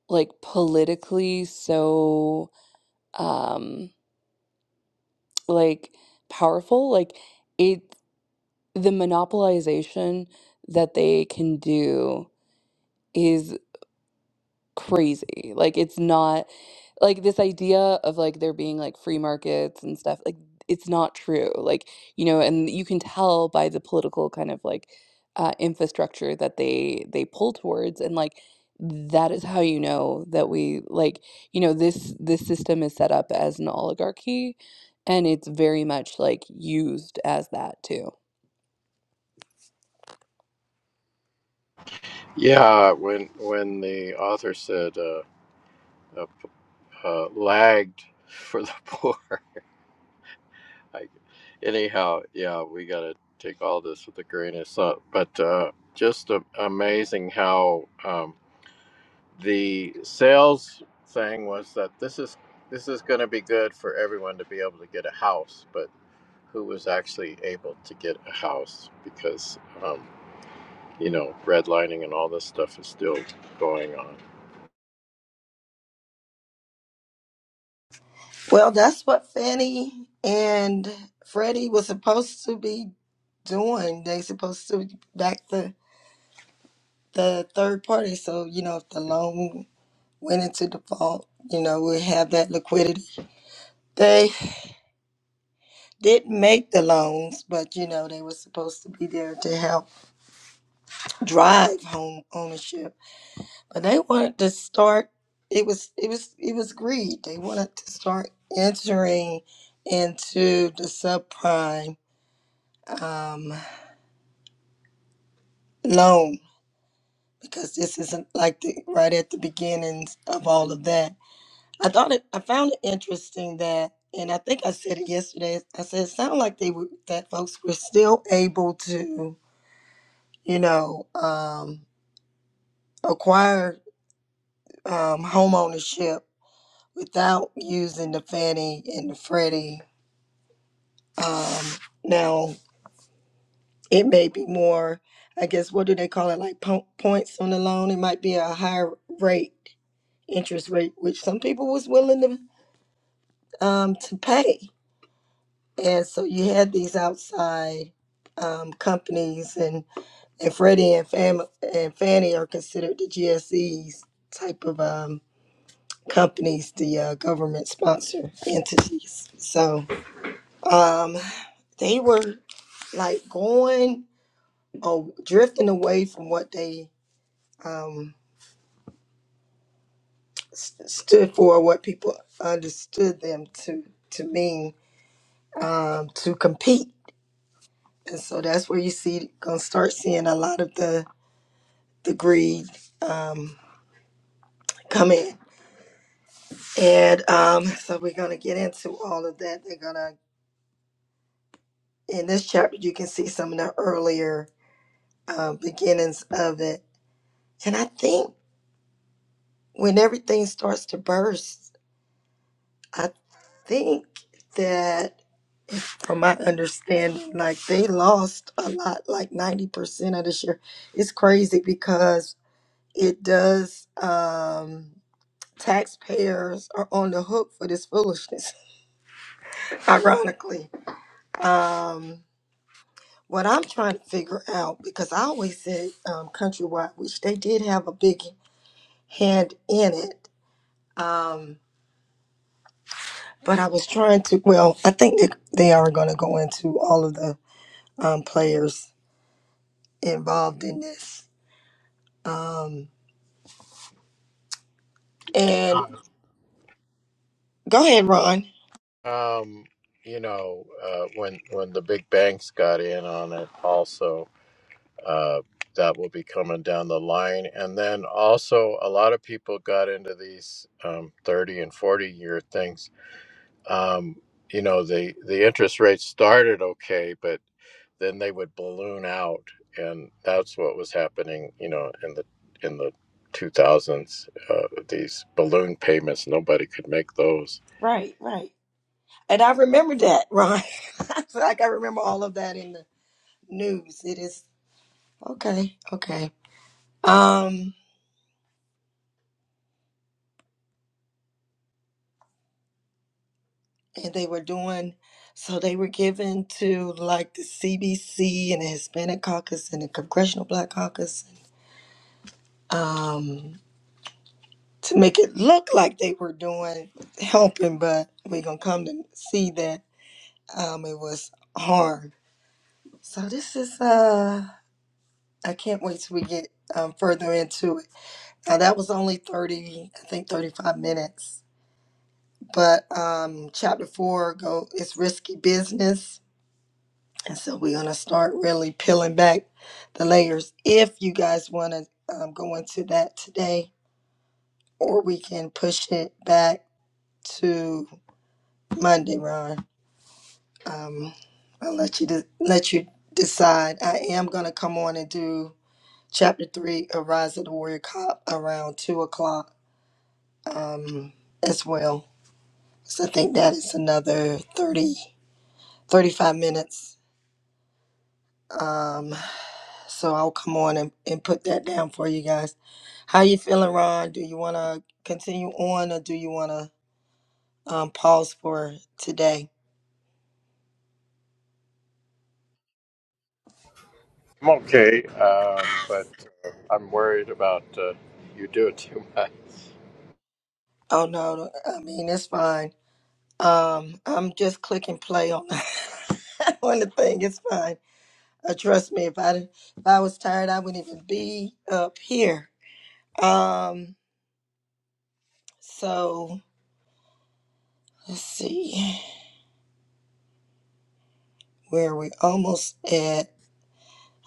Speaker 3: like politically so um like powerful, like it the monopolization that they can do is. crazy. Like it's not like this idea of like there being like free markets and stuff like it's not true. Like, you know, and you can tell by the political kind of like uh infrastructure that they they pull towards and like that is how you know that we like you know this this system is set up as an oligarchy and it's very much like used as that too.
Speaker 2: Yeah, when when the author said. uh, uh, lagged for the poor. I, anyhow, yeah, we got to take all this with a grain of salt. But uh, just a, amazing how um, the sales thing was that this is this is going to be good for everyone to be able to get a house, but who was actually able to get a house because um, you know redlining and all this stuff is still going on.
Speaker 1: Well, that's what Fanny and Freddie was supposed to be doing. They supposed to be back the the third party. So, you know, if the loan went into default, you know, we have that liquidity. They didn't make the loans, but you know, they were supposed to be there to help drive home ownership. But they wanted to start it was it was it was greed. They wanted to start entering into the subprime um, loan because this isn't like the right at the beginnings of all of that I thought it, I found it interesting that, and I think I said it yesterday. I said it sounded like they were that folks were still able to, you know, um, acquire um, home ownership without using the Fannie and the Freddie. Um, now it may be more, I guess, what do they call it? Like po- points on the loan. It might be a higher rate, interest rate, which some people was willing to um, to pay And so you had these outside um, companies, and and Freddie and Fam and Fannie are considered the GSEs type of um, companies, the uh, government sponsor entities. So um, they were like going or drifting away from what they um, st- stood for, what people understood them to to mean um, to compete. And so that's where you see gonna start seeing a lot of the the greed um, come in. And um, so we're going to get into all of that. They're going to, in this chapter, you can see some of the earlier uh, beginnings of it. And I think when everything starts to burst, I think that from my understanding, like they lost a lot, like 90% of this year. It's crazy because it does, um, taxpayers are on the hook for this foolishness, ironically Um, what I'm trying to figure out because I always said um, countrywide, which they did have a big hand in it. Um, but I was trying to. Well, I think that they are going to go into all of the um, players involved in this. Um, and go ahead, Ron.
Speaker 2: Um, you know, uh, when when the big banks got in on it, also uh, that will be coming down the line, and then also a lot of people got into these um, thirty and forty year things. Um, you know, the the interest rates started okay, but then they would balloon out, and that's what was happening. You know, in the in the two thousands, uh, these balloon payments, nobody could make those
Speaker 1: Right, right. And I remember that, Ron. So, like I remember all of that in the news. It is okay, okay. Um. and they were doing so they were given to like the CBC and the Hispanic Caucus and the Congressional Black Caucus um, to make it look like they were doing helping, but we're gonna come to see that um, it was harm. So this is uh, I can't wait till we get um, further into it. Now that was only thirty, I think thirty five minutes, but um, chapter four go it's risky business And so we're going to start really peeling back the layers. If you guys want to um, go into that today, or we can push it back to Monday, Ron. Um, I'll let you de- let you decide. I am going to come on and do chapter three of Rise of the Warrior Cop around two o'clock um, as well. So I think that is another 30 35 minutes. Um, so I'll come on and, and put that down for you guys. How you feeling, Ron? Do you want to continue on, or do you want to um, pause for today?
Speaker 2: I'm okay, um, but uh, I'm worried about uh, you do it too much.
Speaker 1: Oh no, no, I mean it's fine. Um, I'm just clicking play on on the thing. It's fine. Uh, trust me, if I didn't- if I was tired, I wouldn't even be up here. Um, so let's see where we almost at.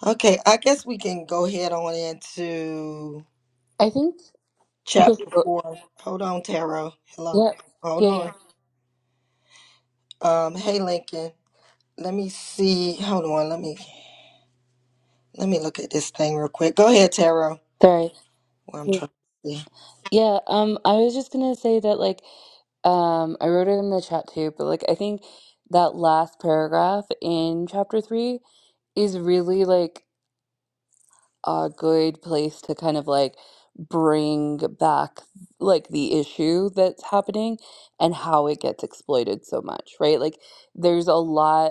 Speaker 1: Okay, I guess we can go ahead on into
Speaker 3: I think
Speaker 1: chapter
Speaker 3: before
Speaker 1: four. Hold on, Taro. Hello.
Speaker 3: yeah
Speaker 1: Hold
Speaker 3: yeah
Speaker 1: on.
Speaker 3: yeah
Speaker 1: Um, hey Lincoln, let me see. Hold on, let me let me look at this thing real quick. Go ahead, Taro.
Speaker 3: sorry
Speaker 1: Well, I'm trying to see.
Speaker 3: Yeah, um, I was just gonna say that like um I wrote it in the chat too, but like I think that last paragraph in chapter three is really like a good place to kind of like bring back like the issue that's happening and how it gets exploited so much, right? Like there's a lot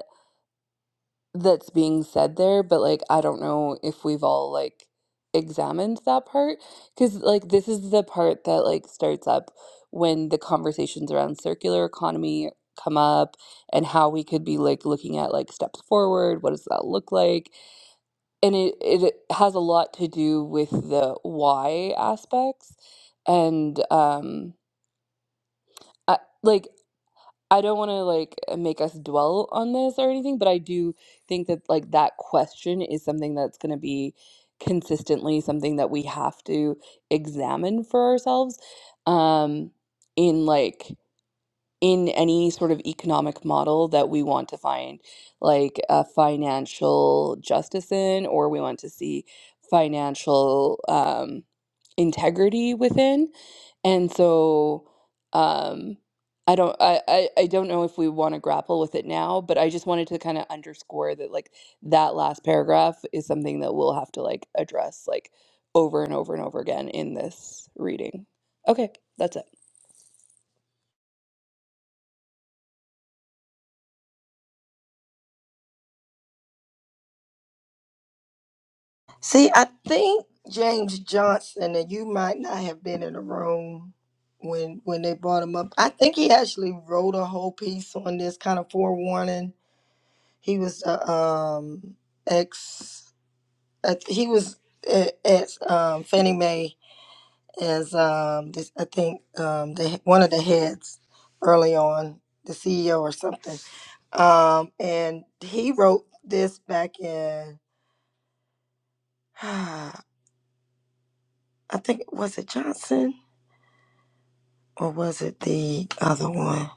Speaker 3: that's being said there, but like I don't know if we've all like examined that part because like this is the part that like starts up when the conversations around circular economy come up and how we could be like looking at like steps forward, what does that look like? And it it has a lot to do with the why aspects and um I, like I don't want to like uh, make us dwell on this or anything, but I do think that like that question is something that's going to be consistently something that we have to examine for ourselves. Um, in like in any sort of economic model that we want to find like a financial justice in or we want to see financial um, integrity within and so um, i don't I, I i don't know if we want to grapple with it now but i just wanted to kind of underscore that like that last paragraph is something that we'll have to like address like over and over and over again in this reading okay that's it
Speaker 1: See, I think James Johnson, and you might not have been in the room when when they brought him up. I think he actually wrote a whole piece on this kind of forewarning. He was uh, um ex, uh, he was at, at um, Fannie Mae as um, this, I think um, the one of the heads early on, the CEO or something, um, and he wrote this back in. I think was it Johnson or was it the other one?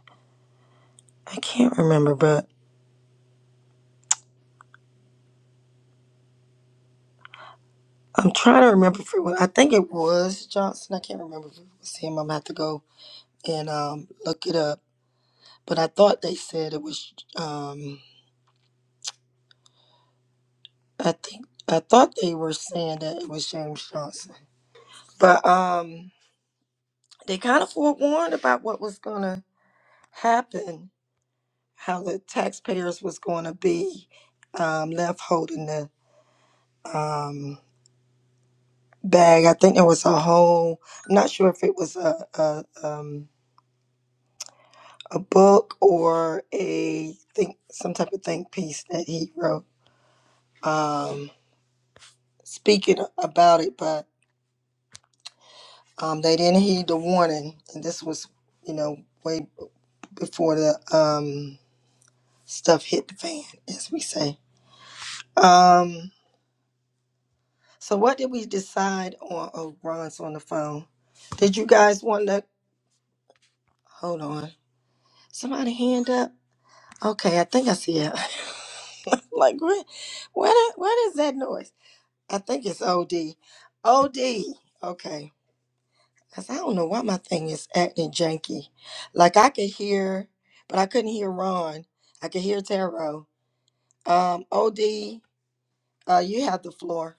Speaker 1: I can't remember, but I'm trying to remember if it was. I think it was Johnson. I can't remember if it was him. I'm gonna have to go and um, look it up. But I thought they said it was. Um, I think I thought they were saying that it was James Johnson But um, they kind of forewarned about what was going to happen, how the taxpayers was going to be um, left holding the um, bag. I think there was a whole. I'm not sure if it was a a, um, a book or a think some type of think piece that he wrote um, speaking about it, but um, they didn't heed the warning, and this was you know way before the um, stuff hit the fan, as we say. Um, so what did we decide on? Oh, Ron's on the phone. Did you guys want to hold on? Somebody hand up. Okay, I think I see it. like where, where, the- what is that noise? I think it's OD. OD. Okay, cause I don't know why my thing is acting janky. Like I could hear, but I couldn't hear Ron. I could hear Taro. Um, OD, uh, you have the floor.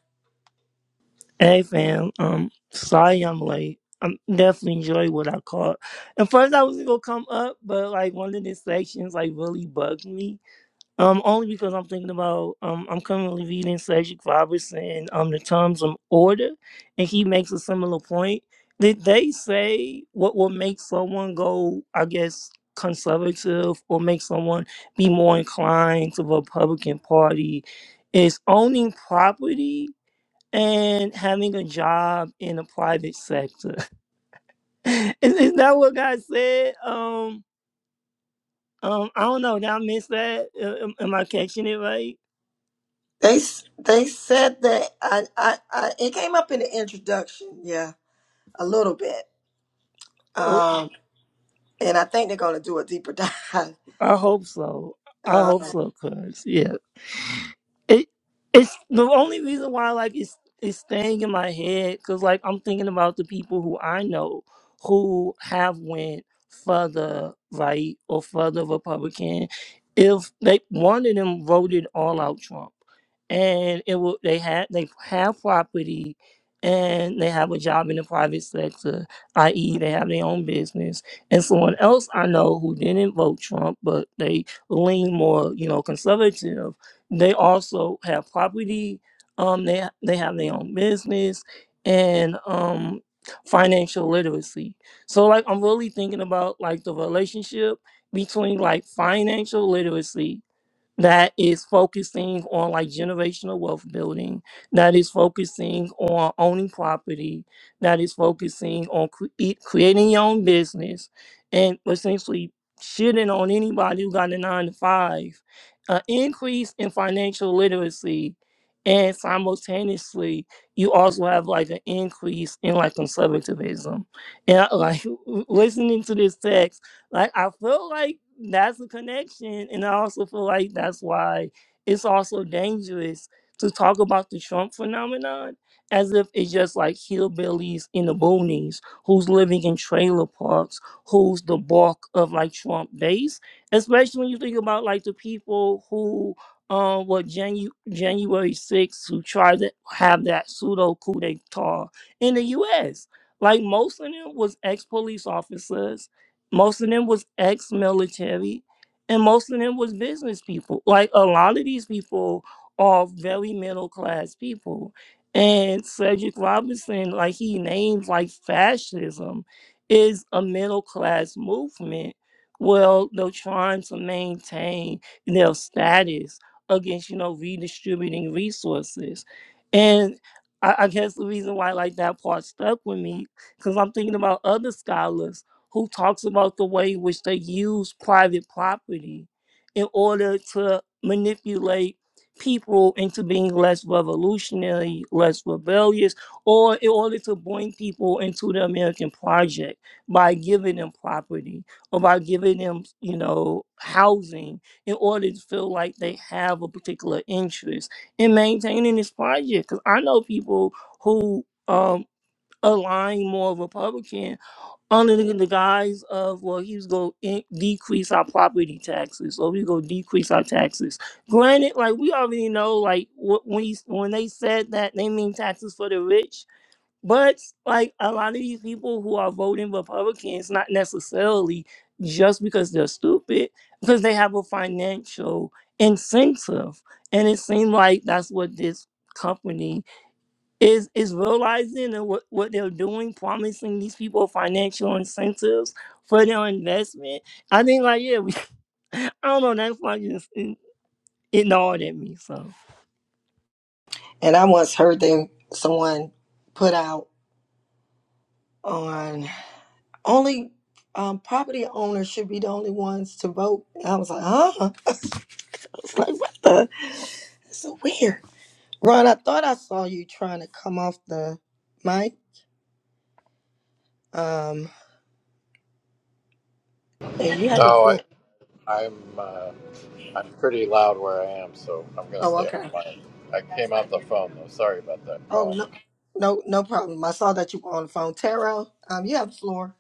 Speaker 4: Hey fam, um, sorry I'm late. I'm definitely enjoy what I caught. At first I was gonna come up, but like one of the sections like really bugged me. Um, only because I'm thinking about um I'm currently reading Cedric Robertson um the terms of order, and he makes a similar point. Did they say what will make someone go? I guess conservative or make someone be more inclined to the Republican Party is owning property and having a job in the private sector. is, is that what God said? Um, um, I don't know. Did I miss that? Uh, Am, am I catching it right?
Speaker 1: They s- they said that I, I I it came up in the introduction, yeah, a little bit.
Speaker 4: Oh,
Speaker 1: Um, and I think they're gonna do a deeper dive.
Speaker 4: I hope so. I
Speaker 1: Uh,
Speaker 4: hope so, cuz, yeah. It it's the only reason why like it's it's staying in my head because like I'm thinking about the people who I know who have went further right or further Republican. If they one of them voted all out Trump, and it will they had they have property. And they have a job in the private sector, i.e., they have their own business. And someone else I know who didn't vote Trump, but they lean more, you know, conservative they also have property um they they have their own business and um financial literacy so like i'm really thinking about like the relationship between like financial literacy that is focusing on like generational wealth building, that is focusing on owning property, that is focusing on cre- e, creating your own business, and essentially shitting on anybody who got a nine to five, an increase in financial literacy, and simultaneously you also have like an increase in like conservatism. And like listening to this text. Like I feel like that's a connection, and I also feel like that's why it's also dangerous to talk about the Trump phenomenon as if it's just like hillbillies in the boonies who's living in trailer parks, who's the bulk of like Trump base, especially when you think about like the people who um what Janu- January 6th who tried to have that pseudo coup d'etat in the US. Like most of them was ex police officers most of them was ex-military, and most of them was business people. Like a lot of these people are very middle class people. And Cedric Robinson, like he names like fascism, is a middle class movement. Well, they're trying to maintain their status against, you know, redistributing resources. And I, I guess the reason why like that part stuck with me, because I'm thinking about other scholars who talks about the way in which they use private property in order to manipulate people into being less revolutionary, less rebellious, or in order to bring people into the American project by giving them property or by giving them, you know, housing in order to feel like they have a particular interest in maintaining this project. Because I know people who um, align more Republican under the, the guise of well he was going to decrease our property taxes or we going to decrease our taxes granted like we already know like wh- when he, when they said that they mean taxes for the rich but like a lot of these people who are voting republicans not necessarily just because they're stupid because they have a financial incentive and it seemed like that's what this company is is realizing that what, what they're doing, promising these people financial incentives for their investment. I think like yeah, we, I don't know. That's like just it, it gnawed at me. So
Speaker 1: and I once heard them someone put out on only um, property owners should be the only ones to vote. And I was like, huh? I was like, what the? It's so weird. Ron, I thought I saw you trying to come off the mic. Um, and you have the
Speaker 2: No, I,
Speaker 1: floor.
Speaker 2: I'm uh, I'm pretty loud where I am, so I'm gonna
Speaker 1: Oh,
Speaker 2: stay on
Speaker 1: okay.
Speaker 2: quiet. I came off the phone though. Sorry about that
Speaker 1: Oh
Speaker 2: call.
Speaker 1: no, no, no problem. I saw that you were on the phone. Tarot, um, you have the floor.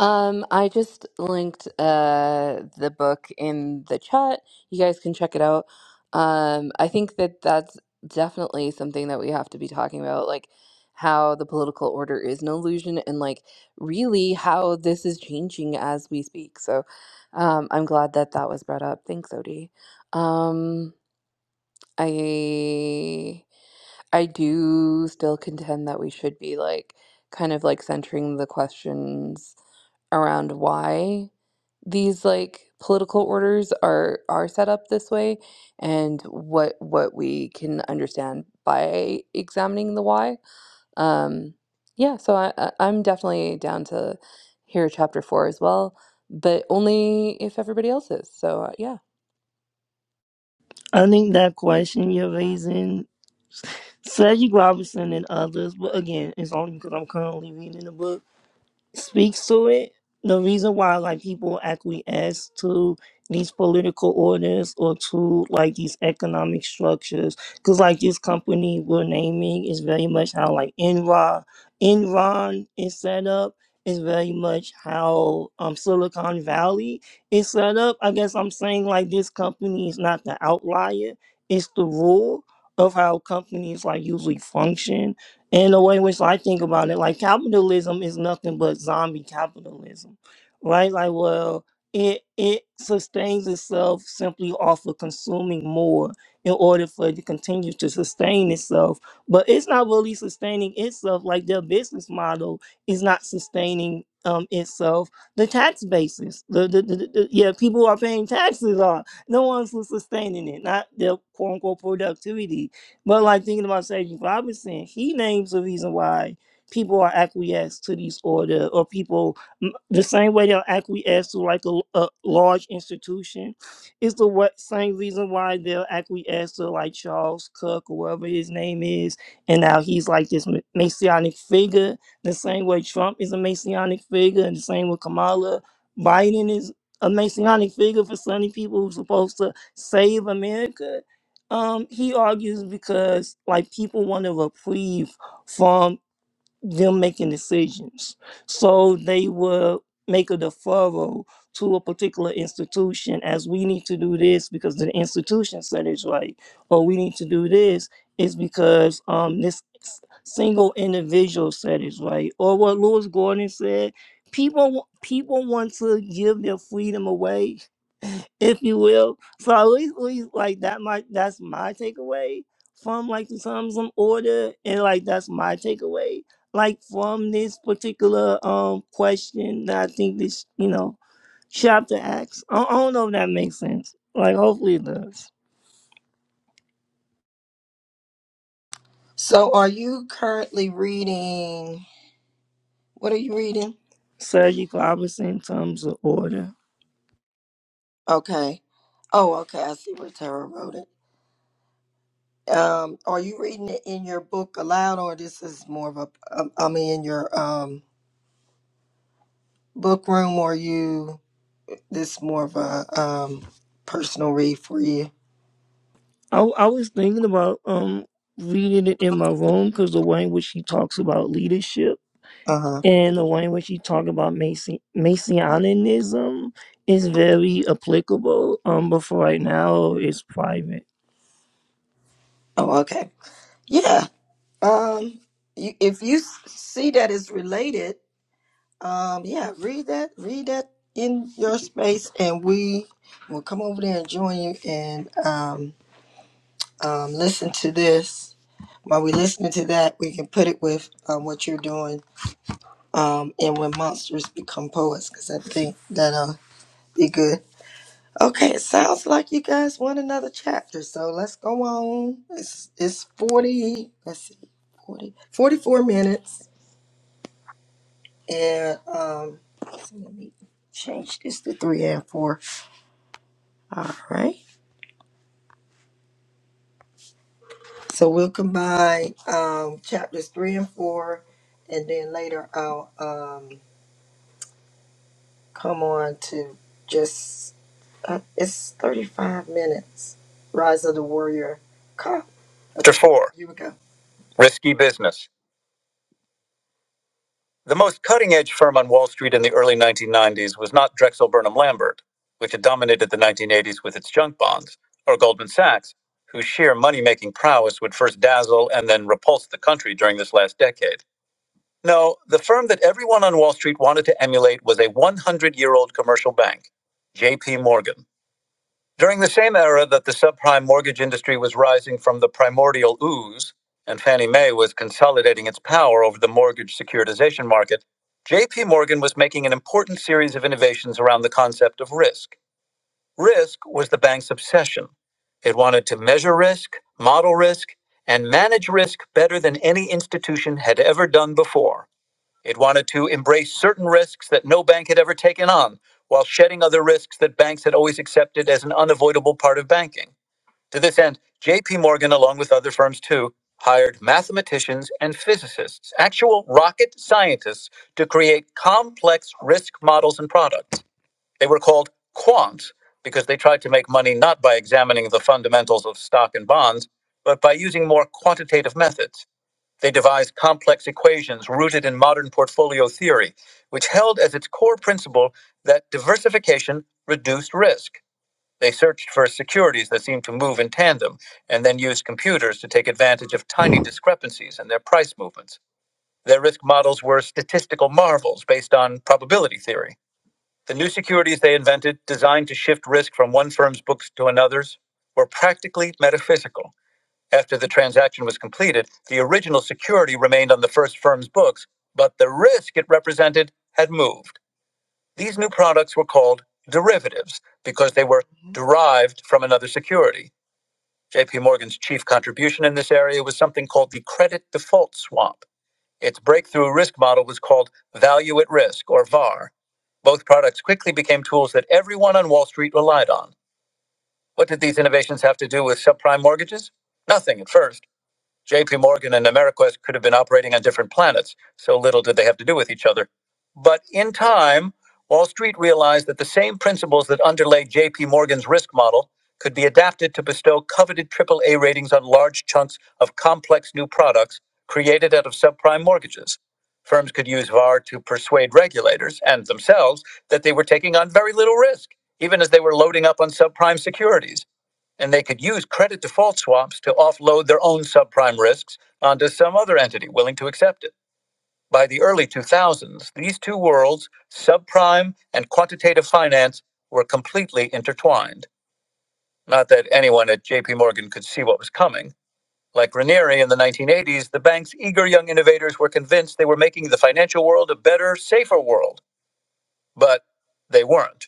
Speaker 3: Um, I just linked uh the book in the chat. You guys can check it out. Um, I think that that's definitely something that we have to be talking about, like how the political order is an illusion and like really how this is changing as we speak. So, um, I'm glad that that was brought up. Thanks, Odie. Um, I I do still contend that we should be like kind of like centering the questions around why these like political orders are are set up this way and what what we can understand by examining the why. Um yeah, so I I- I'm definitely down to hear chapter 4 as well, but only if everybody else is. So uh, yeah.
Speaker 4: I think that question you're raising, Cedric Robinson and others, but again, it's only because I'm currently reading the book speaks to it. The reason why like people acquiesce to these political orders or to like these economic structures, because like this company we're naming is very much how like Enron, Enron is set up. Is very much how um Silicon Valley is set up. I guess I'm saying like this company is not the outlier; it's the rule of how companies like usually function and the way in which I think about it, like capitalism is nothing but zombie capitalism, right? Like, well, it it sustains itself simply off of consuming more in order for it to continue to sustain itself. But it's not really sustaining itself. Like their business model is not sustaining um itself. The tax basis, the the, the, the the- yeah, people who are paying taxes are the ones who sustaining it, not their quote unquote productivity but like thinking about Sergeant Robinson, he names the reason why people are acquiesced to these order or people m- the same way they'll acquiesce to like a a large institution is the what same reason why they'll acquiesce to like Charles Cook or whatever his name is, and now he's like this m- messianic figure. The same way Trump is a messianic figure, and the same with Kamala Biden is a messianic figure for sunny people who's supposed to save America um, he argues because like people want a reprieve from them making decisions. So they will make a deferral to a particular institution as we need to do this because the institution said it's right, or we need to do this is because um this s- single individual said it's right, or what Lewis Gordon said. People wa- people want to give their freedom away, if you will. So at least, at least like that might that's my takeaway from like the Psalms and order and like that's my takeaway like from this particular um question that I think this you know chapter asks. I, I don't know if that makes sense. Like hopefully it does.
Speaker 1: So, are you currently reading? What are you reading?
Speaker 4: Surgical opposite in terms of order.
Speaker 1: Okay. Oh, okay. I see where Tarot wrote it. Um, are you reading it in your book aloud, or this is more of a? um, I mean, in your um book room, or you this more of a um personal read for you?
Speaker 4: I I was thinking about um reading it in my room because the way in which he talks about leadership
Speaker 1: Uh huh.
Speaker 4: and the way in which he talks about Mason Masonianism is very applicable. Um, but for right now, it's private.
Speaker 1: Oh, okay. Yeah. Um, you, if you s- see that it's related Um, yeah, read that, read that in your space, and we will come over there and join you and um, um, listen to this. While we're listening to that, we can put it with um, what you're doing um, and when monsters become poets, because I think that'll be good. Okay, it sounds like you guys want another chapter, so let's go on. It's, it's 40, let's see, 40, 44 minutes, and um, let let me change this to three and four. All right. So we'll combine um, chapters three and four, and then later I'll um, come on to just uh, it's thirty-five minutes. Rise of the Warrior. Call. Chapter four. Here we go. Risky business. The most cutting-edge firm on Wall Street in the early 1990s was not Drexel Burnham Lambert, which had dominated the 1980s with its junk bonds, or Goldman Sachs, whose sheer money-making prowess would first dazzle and then repulse the country during this last decade. No, the firm that everyone on Wall Street wanted to emulate was a 100 year old commercial bank, JP Morgan. During the same era that the subprime mortgage industry was rising from the primordial ooze and Fannie Mae was consolidating its power over the mortgage securitization market, JP Morgan was making an important series of innovations around the concept of risk. Risk was the bank's obsession. It wanted to measure risk, model risk, and manage risk better than any institution had ever done before. It wanted to embrace certain risks that no bank had ever taken on, while shedding other risks that banks had always accepted as an unavoidable part of banking. To this end, JP Morgan, along with other firms too, hired mathematicians and physicists, actual rocket scientists, to create complex risk models and products. They were called quants because they tried to make money not by examining the fundamentals of stock and bonds, but by using more quantitative methods. They devised complex equations rooted in modern portfolio theory, which held as its core principle that diversification reduced risk. They searched for securities that seemed to move in tandem and then used computers to take advantage of tiny discrepancies in their price movements. Their risk models were statistical marvels based on probability theory. The new securities they invented, designed to shift risk from one firm's books to another's, were practically metaphysical. After the transaction was completed, the original security remained on the first firm's books, but the risk it represented had moved. These new products were called derivatives because they were derived from another security. JP Morgan's chief contribution in this area was something called the credit default swap. Its breakthrough risk model was called value at risk or VAR. Both products quickly became tools that everyone on Wall Street relied on. What did these innovations have to do with subprime mortgages? Nothing at first. JP Morgan and AmeriQuest could have been operating on different planets. So little did they have to do with each other. But in time, Wall Street realized that the same principles that underlay JP Morgan's risk model could be adapted to bestow coveted triple A ratings on large chunks of complex new products created out of subprime mortgages. Firms could use VAR to persuade regulators and themselves that they were taking on very little risk, even as they were loading up on subprime securities and they could use credit default swaps to offload their own subprime risks onto some other entity willing to accept it. By the early 2000s, these two worlds, subprime and quantitative finance, were completely intertwined. Not that anyone at JP Morgan could see what was coming. Like Ranieri in the 1980s, the bank's eager young innovators were convinced they were making the financial world a better, safer world. But they weren't.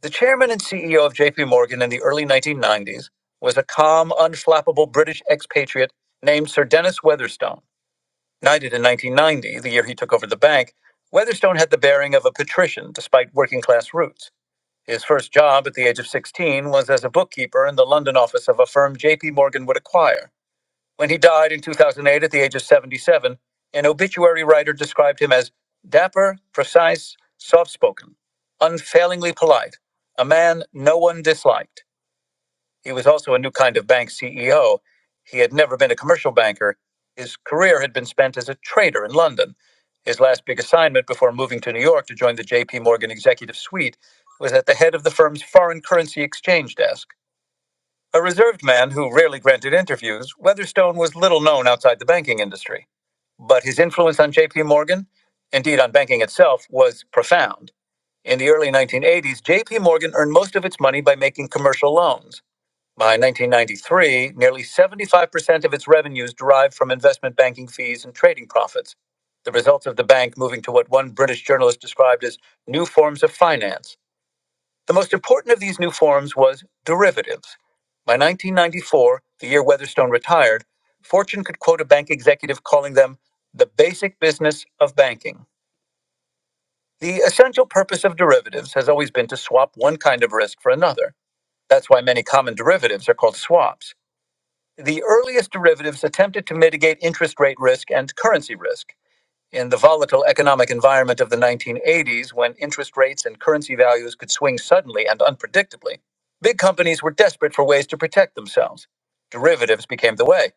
Speaker 1: The chairman and CEO of JP Morgan in the early 1990s was a calm, unflappable British expatriate named Sir Dennis Weatherstone. Knighted in 1990, the year he took over the bank, Weatherstone had the bearing of a patrician despite working class roots. His first job at the age of 16 was as a bookkeeper in the London office of a firm JP Morgan would acquire. When he died in 2008 at the age of 77, an obituary writer described him as dapper, precise, soft spoken, unfailingly polite, a man no one disliked. He was also a new kind of bank CEO. He had never been a commercial banker. His career had been spent as a trader in London. His last big assignment before moving to New York to join the JP Morgan executive suite was at the head of the firm's foreign currency exchange desk. A reserved man who rarely granted interviews, Weatherstone was little known outside the banking industry. But his influence on JP Morgan, indeed on banking itself, was profound. In the early 1980s, JP Morgan earned most of its money by making commercial loans. By 1993, nearly 75% of its revenues derived from investment banking fees and trading profits, the results of the bank moving to what one British journalist described as new forms of finance. The most important of these new forms was derivatives. By 1994, the year Weatherstone retired, Fortune could quote a bank executive calling them the basic business of banking. The essential purpose of derivatives has always been to swap one kind of risk for another. That's why many common derivatives are called swaps. The earliest derivatives attempted to mitigate interest rate risk and currency risk. In the volatile economic environment of the 1980s, when interest rates and currency values could swing suddenly and unpredictably, big companies were desperate for ways to protect themselves. Derivatives became the way.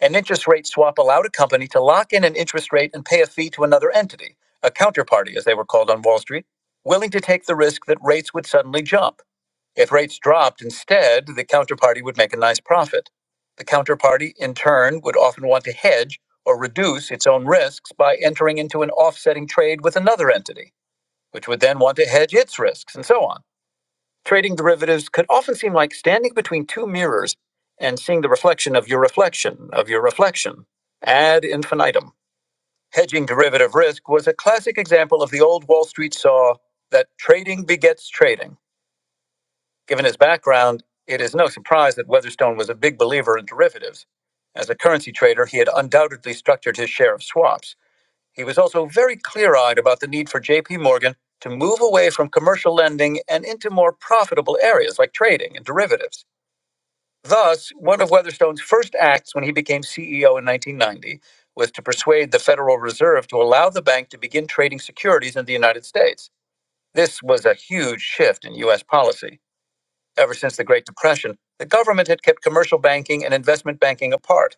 Speaker 1: An interest rate swap allowed a company to lock in an interest rate and pay a fee to another entity, a counterparty as they were called on Wall Street, willing to take the risk that rates would suddenly jump. If rates dropped instead, the counterparty would make a nice profit. The counterparty, in turn, would often want to hedge or reduce its own risks by entering into an offsetting trade with another entity, which would then want to hedge its risks, and so on. Trading derivatives could often seem like standing between two mirrors and seeing the reflection of your reflection of your reflection ad infinitum. Hedging derivative risk was a classic example of the old Wall Street saw that trading begets trading. Given his background, it is no surprise that Weatherstone was a big believer in derivatives. As a currency trader, he had undoubtedly structured his share of swaps. He was also very clear eyed about the need for JP Morgan to move away from commercial lending and into more profitable areas like trading and derivatives. Thus, one of Weatherstone's first acts when he became CEO in 1990 was to persuade the Federal Reserve to allow the bank to begin trading securities in the United States. This was a huge shift in U.S. policy ever since the Great Depression, the government had kept commercial banking and investment banking apart.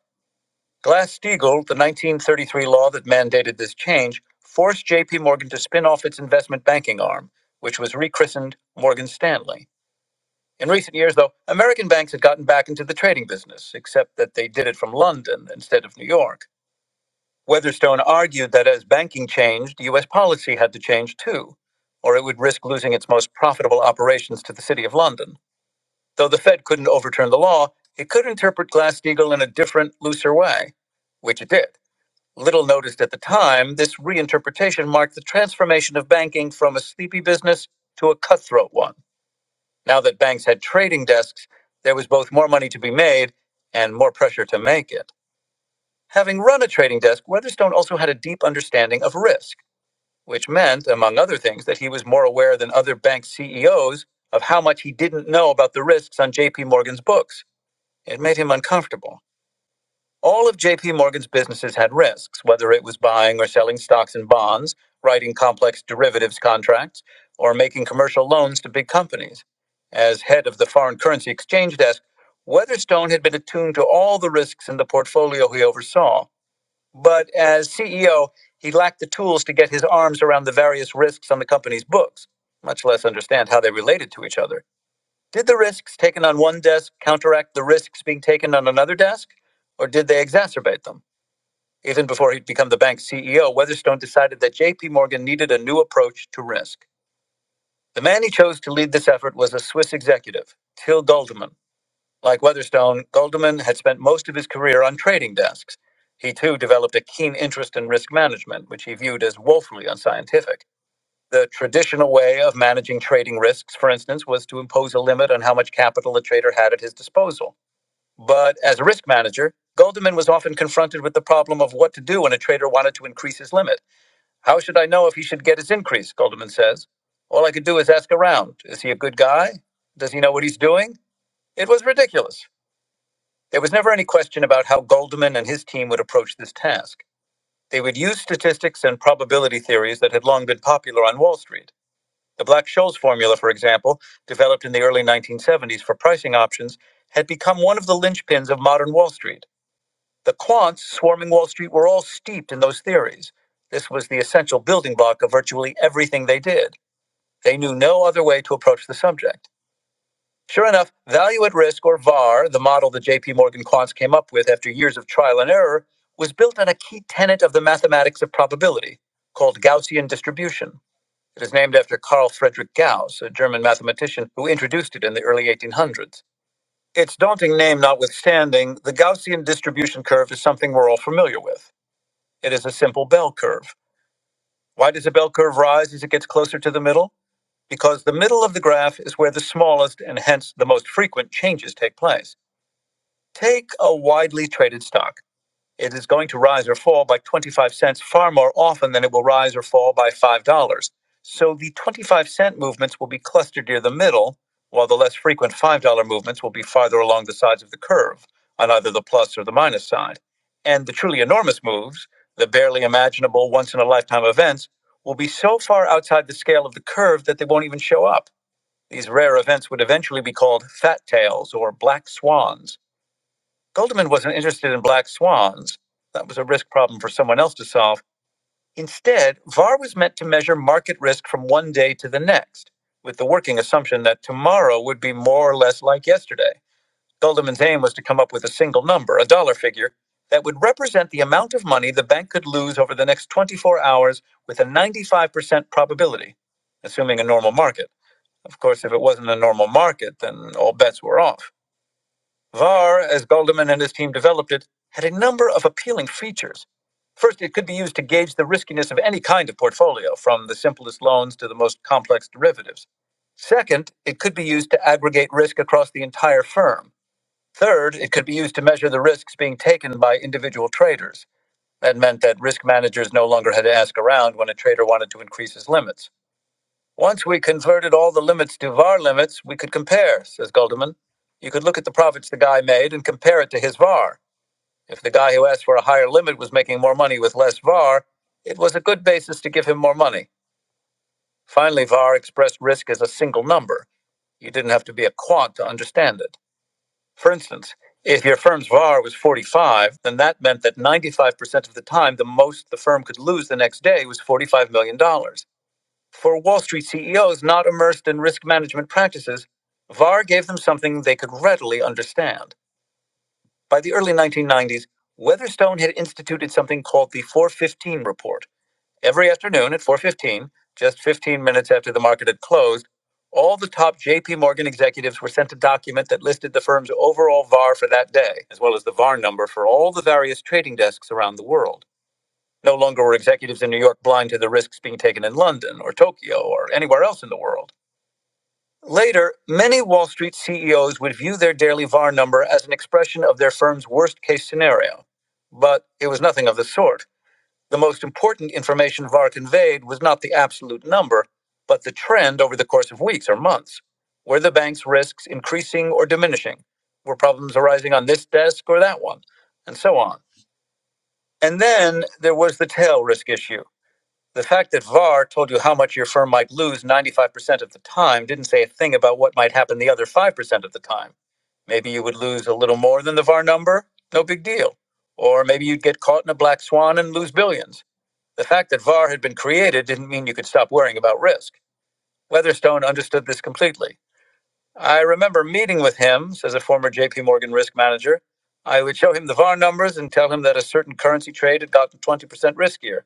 Speaker 1: Glass Steagall, the 1933 law that mandated this change, forced JP Morgan to spin off its investment banking arm, which was rechristened Morgan Stanley. In recent years, though, American banks had gotten back into the trading business, except that they did it from London instead of New York. Weatherstone argued that as banking changed, U.S. policy had to change too, or it would risk losing its most profitable operations to the City of London. Though the Fed couldn't overturn the law, it could interpret Glass Steagall in a different, looser way, which it did. Little noticed at the time, this reinterpretation marked the transformation of banking from a sleepy business to a cutthroat one. Now that banks had trading desks, there was both more money to be made and more pressure to make it. Having run a trading desk, Weatherstone also had a deep understanding of risk, which meant, among other things, that he was more aware than other bank CEOs of how much he didn't know about the risks on JP Morgan's books. It made him uncomfortable. All of JP Morgan's businesses had risks, whether it was buying or selling stocks and bonds, writing complex derivatives contracts, or making commercial loans to big companies. As head of the foreign currency exchange desk, Weatherstone had been attuned to all the risks in the portfolio he oversaw. But as CEO, he lacked the tools to get his arms around the various risks on the company's books, much less understand how they related to each other. Did the risks taken on one desk counteract the risks being taken on another desk, or did they exacerbate them? Even before he'd become the bank's CEO, Weatherstone decided that JP Morgan needed a new approach to risk. The man he chose to lead this effort was a Swiss executive, Till Goldeman. Like Weatherstone, Goldeman had spent most of his career on trading desks. He too developed a keen interest in risk management, which he viewed as woefully unscientific. The traditional way of managing trading risks, for instance, was to impose a limit on how much capital a trader had at his disposal. But as a risk manager, Goldman was often confronted with the problem of what to do when a trader wanted to increase his limit. How should I know if he should get his increase? Goldman says. All I could do is ask around. Is he a good guy? Does he know what he's doing? It was ridiculous. There was never any question about how Goldman and his team would approach this task. They would use statistics and probability theories that had long been popular on Wall Street. The Black Scholes formula, for example, developed in the early 1970s for pricing options, had become one of the linchpins of modern Wall Street. The quants swarming Wall Street were all steeped in those theories. This was the essential building block of virtually everything they did. They knew no other way to approach the subject. Sure enough, value at risk, or VAR, the model the JP Morgan quants came up with after years of trial and error, was built on a key tenet of the mathematics of probability, called Gaussian distribution. It is named after Carl Friedrich Gauss, a German mathematician who introduced it in the early 1800s. Its daunting name notwithstanding, the Gaussian distribution curve is something we're all familiar with. It is a simple bell curve. Why does a bell curve rise as it gets closer to the middle? Because the middle of the graph is where the smallest and hence the most frequent changes take place. Take a widely traded stock. it is going to rise or fall by 25 cents far more often than it will rise or fall by $5. So the 25 cent movements will be clustered near the middle, while the less frequent $5 movements will be farther along the sides of the curve, on either the plus or the minus side. And the truly enormous moves, the barely imaginable once in a lifetime events, will be so far outside the scale of the curve that they won't even show up. These rare events would eventually be called fat tails or black swans Goldman wasn't interested in black swans. That was a risk problem for someone else to solve. Instead, VAR was meant to measure market risk from one day to the next, with the working assumption that tomorrow would be more or less like yesterday. Goldman's aim was to come up with a single number, a dollar figure, that would represent the amount of money the bank could lose over the next 24 hours with a 95% probability, assuming a normal market. Of course, if it wasn't a normal market, then all bets were off. VAR, as Goldman and his team developed it, had a number of appealing features. First, it could be used to gauge the riskiness of any kind of portfolio, from the simplest loans to the most complex derivatives. Second, it could be used to aggregate risk across the entire firm. Third, it could be used to measure the risks being taken by individual traders. That meant that risk managers no longer had to ask around when a trader wanted to increase his limits. Once we converted all the limits to var limits, we could compare, says Goldeman. You could look at the profits the guy made and compare it to his var. If the guy who asked for a higher limit was making more money with less var, it was a good basis to give him more money. Finally, var expressed risk as a single number. You didn't have to be a quant to understand it. For instance, if your firm's var was 45, then that meant that 95% of the time, the most the firm could lose the next day was $45 million. dollars. For Wall Street CEOs not immersed in risk management practices, VAR gave them something they could readily understand. By the early 1990s, Weatherstone had instituted something called the 415 report. Every afternoon at 4:15, just 15 minutes after the market had closed, all the top JP Morgan executives were sent a document that listed the firm's overall VAR for that day, as well as the VAR number for all the various trading desks around the world. No longer were executives in New York blind to the risks being taken in London or Tokyo or anywhere else in the world. Later, many Wall Street CEOs would view their daily VAR number as an expression of their firm's worst case scenario. But it was nothing of the sort. The most important information VAR conveyed was not the absolute number, but the trend over the course of weeks or months. Were the bank's risks increasing or diminishing? Were problems arising on this desk or that one? And so on. And then there was the tail risk issue. The fact that VAR told you how much your firm might lose 95% of the time didn't say a thing about what might happen the other 5% of the time. Maybe you would lose a little more than the VAR number, no big deal. Or maybe you'd get caught in a black swan and lose billions. The fact that VAR had been created didn't mean you could stop worrying about risk. Weatherstone understood this completely. I remember meeting with him, says a former JP Morgan risk manager. I would show him the VAR numbers and tell him that a certain currency trade had gotten 20% riskier.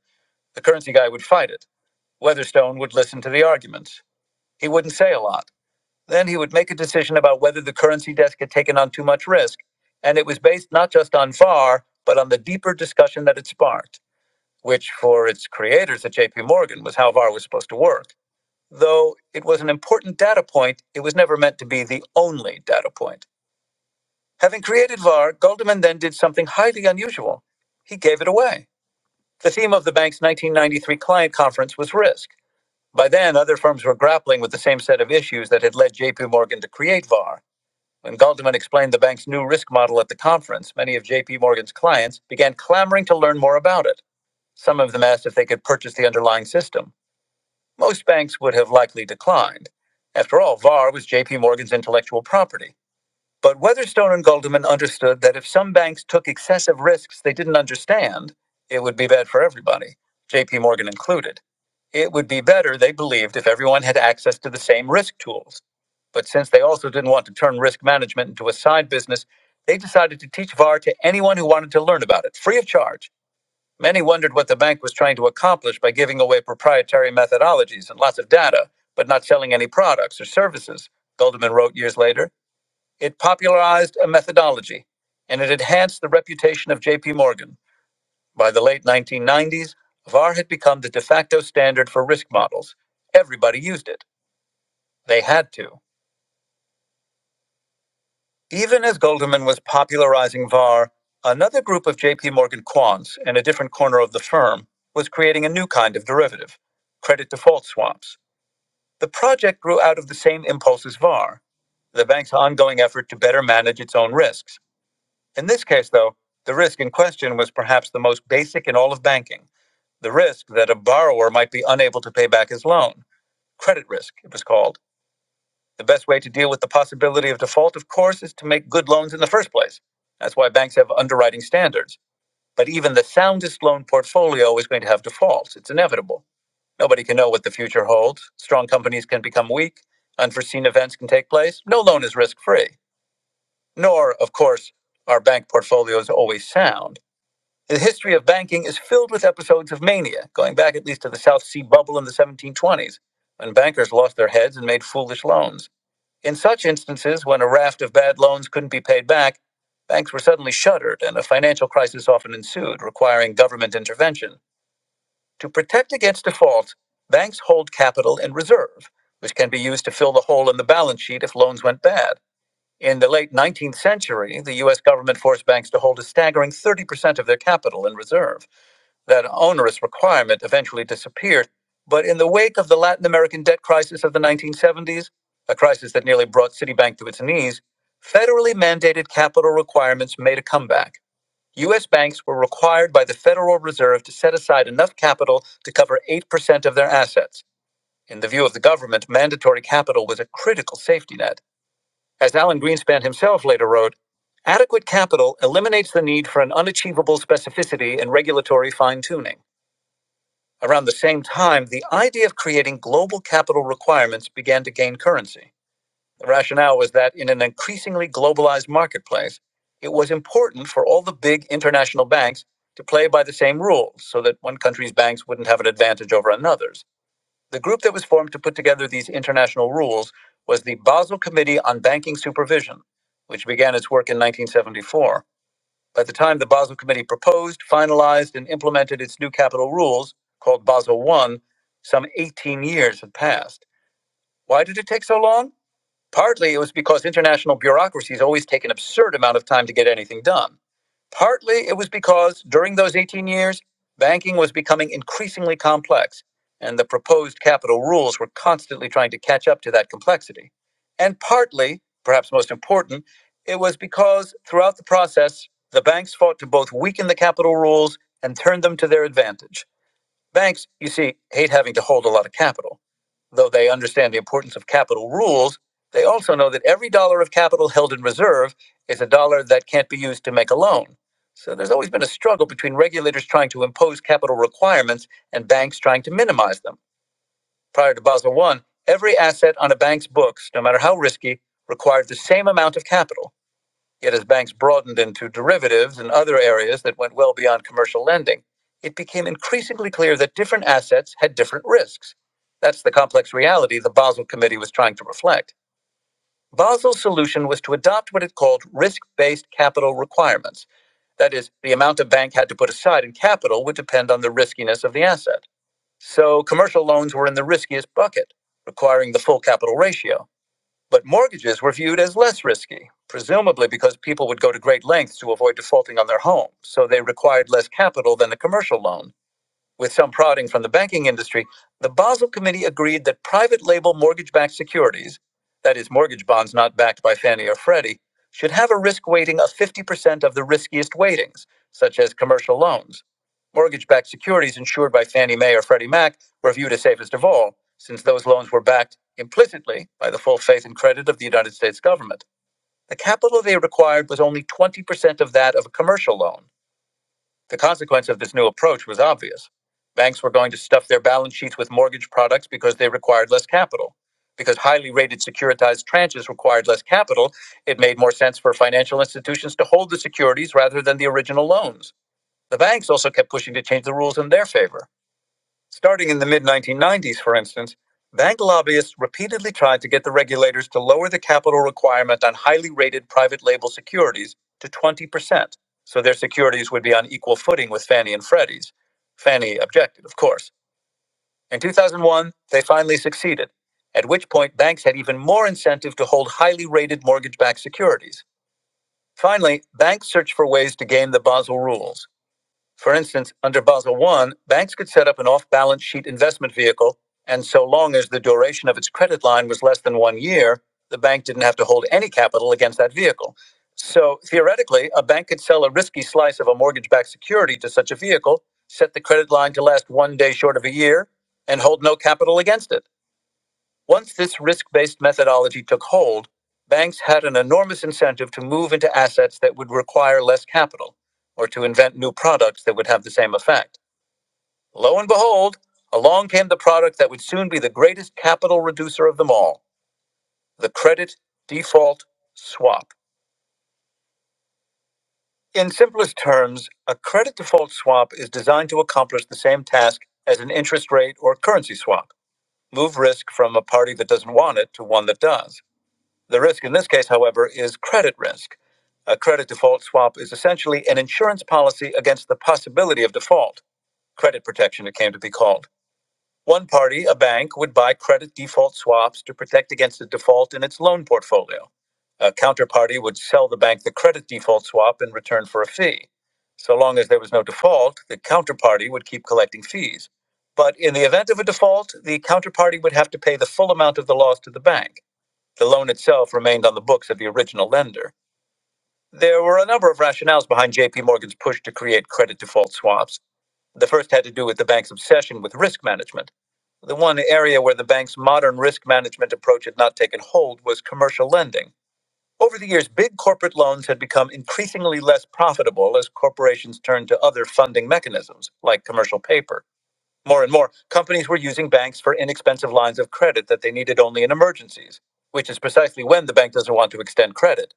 Speaker 1: The currency guy would fight it. Weatherstone would listen to the arguments. He wouldn't say a lot. Then he would make a decision about whether the currency desk had taken on too much risk, and it was based not just on VAR, but on the deeper discussion that it sparked, which for its creators at JP Morgan was how VAR was supposed to work. Though it was an important data point, it was never meant to be the only data point. Having created VAR, Goldman then did something highly unusual. He gave it away. The theme of the bank's 1993 client conference was risk. By then, other firms were grappling with the same set of issues that had led JP Morgan to create VAR. When Goldman explained the bank's new risk model at the conference, many of JP Morgan's clients began clamoring to learn more about it. Some of them asked if they could purchase the underlying system. Most banks would have likely declined. After all, VAR was JP Morgan's intellectual property. But Weatherstone and Goldman understood that if some banks took excessive risks they didn't understand, it would be bad for everybody, JP Morgan included. It would be better, they believed, if everyone had access to the same risk tools. But since they also didn't want to turn risk management into a side business, they decided to teach VAR to anyone who wanted to learn about it, free of charge. Many wondered what the bank was trying to accomplish by giving away proprietary methodologies and lots of data, but not selling any products or services, Goldman wrote years later. It popularized a methodology, and it enhanced the reputation of JP Morgan. By the late 1990s, VAR had become the de facto standard for risk models. Everybody used it. They had to. Even as Goldman was popularizing VAR, another group of JP Morgan quants in a different corner of the firm was creating a new kind of derivative, credit default swaps. The project grew out of the same impulse as VAR, the bank's ongoing effort to better manage its own risks. In this case, though, the risk in question was perhaps the most basic in all of banking the risk that a borrower might be unable to pay back his loan. Credit risk, it was called. The best way to deal with the possibility of default, of course, is to make good loans in the first place. That's why banks have underwriting standards. But even the soundest loan portfolio is going to have defaults. It's inevitable. Nobody can know what the future holds. Strong companies can become weak. Unforeseen events can take place. No loan is risk free. Nor, of course, are bank portfolios always sound. The history of banking is filled with episodes of mania, going back at least to the South Sea bubble in the 1720s, when bankers lost their heads and made foolish loans. In such instances, when a raft of bad loans couldn't be paid back, banks were suddenly shuttered and a financial crisis often ensued, requiring government intervention. To protect against default, banks hold capital in reserve, which can be used to fill the hole in the balance sheet if loans went bad. In the late 19th century, the U.S. government forced banks to hold a staggering 30% of their capital in reserve that onerous requirement eventually disappeared. But in the wake of the Latin American debt crisis of the 1970s, a crisis that nearly brought Citibank to its knees, federally mandated capital requirements made a comeback. U.S. banks were required by the Federal Reserve to set aside enough capital to cover 8% of their assets. In the view of the government, mandatory capital was a critical safety net. As Alan Greenspan himself later wrote, adequate capital eliminates the need for an unachievable specificity in regulatory fine tuning. Around the same time, the idea of creating global capital requirements began to gain currency. The rationale was that in an increasingly globalized marketplace, it was important for all the big international banks to play by the same rules so that one country's banks wouldn't have an advantage over another's. The group that was formed to put together these international rules was the Basel Committee on Banking Supervision, which began its work in 1974. By the time the Basel Committee proposed, finalized, and implemented its new capital rules, called Basel I, some 18 years had passed. Why did it take so long? Partly it was because international bureaucracies always take an absurd amount of time to get anything done. Partly it was because during those 18 years, banking was becoming increasingly complex, and the proposed capital rules were constantly trying to catch up to that complexity. And partly, perhaps most important, it was because throughout the process, the banks fought to both weaken the capital rules and turn them to their advantage. Banks, you see, hate having to hold a lot of capital. Though they understand the importance of capital rules, they also know that every dollar of capital held in reserve is a dollar that can't be used to make a loan. So there's always been a struggle between regulators trying to impose capital requirements and banks trying to minimize them. Prior to Basel One, every asset on a bank's books, no matter how risky, required the same amount of capital. Yet, as banks broadened into derivatives and other areas that went well beyond commercial lending, it became increasingly clear that different assets had different risks. That's the complex reality the Basel Committee was trying to reflect. Basel's solution was to adopt what it called risk based capital requirements. That is, the amount a bank had to put aside in capital would depend on the riskiness of the asset. So, commercial loans were in the riskiest bucket, requiring the full capital ratio. But mortgages were viewed as less risky, presumably because people would go to great lengths to avoid defaulting on their home, so they required less capital than a commercial loan with some prodding from the banking industry, the Basel Committee agreed that private label mortgage backed securities, that is, mortgage bonds not backed by Fannie or Freddie, should have a risk weighting of 50% of the riskiest weightings, such as commercial loans. Mortgage backed securities insured by Fannie Mae or Freddie Mac were viewed as safest of all, since those loans were backed implicitly by the full faith and credit of the United States government. The capital they required was only 20% of that of a commercial loan the consequence of this new approach was obvious. Banks were going to stuff their balance sheets with mortgage products because they required less capital. Because highly rated securitized tranches required less capital, it made more sense for financial institutions to hold the securities rather than the original loans. The banks also kept pushing to change the rules in their favor. Starting in the mid 1990s, for instance, bank lobbyists repeatedly tried to get the regulators to lower the capital requirement on highly rated private label securities to 20%, so their securities would be on equal footing with Fannie and Freddie's. Fannie objected, of course. In 2001, they finally succeeded, at which point banks had even more incentive to hold highly rated mortgage backed securities. Finally, banks searched for ways to game the Basel rules. For instance, under Basel I, banks could set up an off balance sheet investment vehicle, and so long as the duration of its credit line was less than one year, the bank didn't have to hold any capital against that vehicle. So theoretically, a bank could sell a risky slice of a mortgage backed security to such a vehicle, set the credit line to last one day short of a year, and hold no capital against it. Once this risk based methodology took hold, banks had an enormous incentive to move into assets that would require less capital or to invent new products that would have the same effect. Lo and behold, along came the product that would soon be the greatest capital reducer of them all the credit default swap. In simplest terms, a credit default swap is designed to accomplish the same task as an interest rate or currency swap move risk from a party that doesn't want it to one that does. The risk in this case, however, is credit risk. A credit default swap is essentially an insurance policy against the possibility of default. Credit protection, it came to be called. One party, a bank, would buy credit default swaps to protect against a default in its loan portfolio. A counterparty would sell the bank the credit default swap in return for a fee. So long as there was no default, the counterparty would keep collecting fees. But in the event of a default, the counterparty would have to pay the full amount of the loss to the bank. The loan itself remained on the books of the original lender. There were a number of rationales behind JP Morgan's push to create credit default swaps. The first had to do with the bank's obsession with risk management. The one area where the bank's modern risk management approach had not taken hold was commercial lending. Over the years, big corporate loans had become increasingly less profitable as corporations turned to other funding mechanisms, like commercial paper. More and more, companies were using banks for inexpensive lines of credit that they needed only in emergencies, which is precisely when the bank doesn't want to extend credit.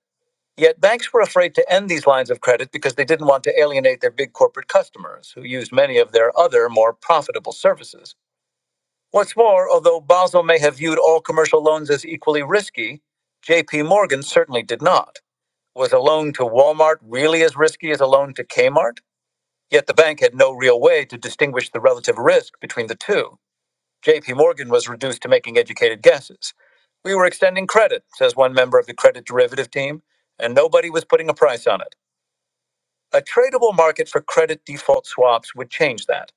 Speaker 1: Yet banks were afraid to end these lines of credit because they didn't want to alienate their big corporate customers, who used many of their other, more profitable services. What's more, although Basel may have viewed all commercial loans as equally risky, JP Morgan certainly did not. Was a loan to Walmart really as risky as a loan to Kmart? Yet the bank had no real way to distinguish the relative risk between the two. JP Morgan was reduced to making educated guesses. We were extending credit, says one member of the credit derivative team, and nobody was putting a price on it. A tradable market for credit default swaps would change that.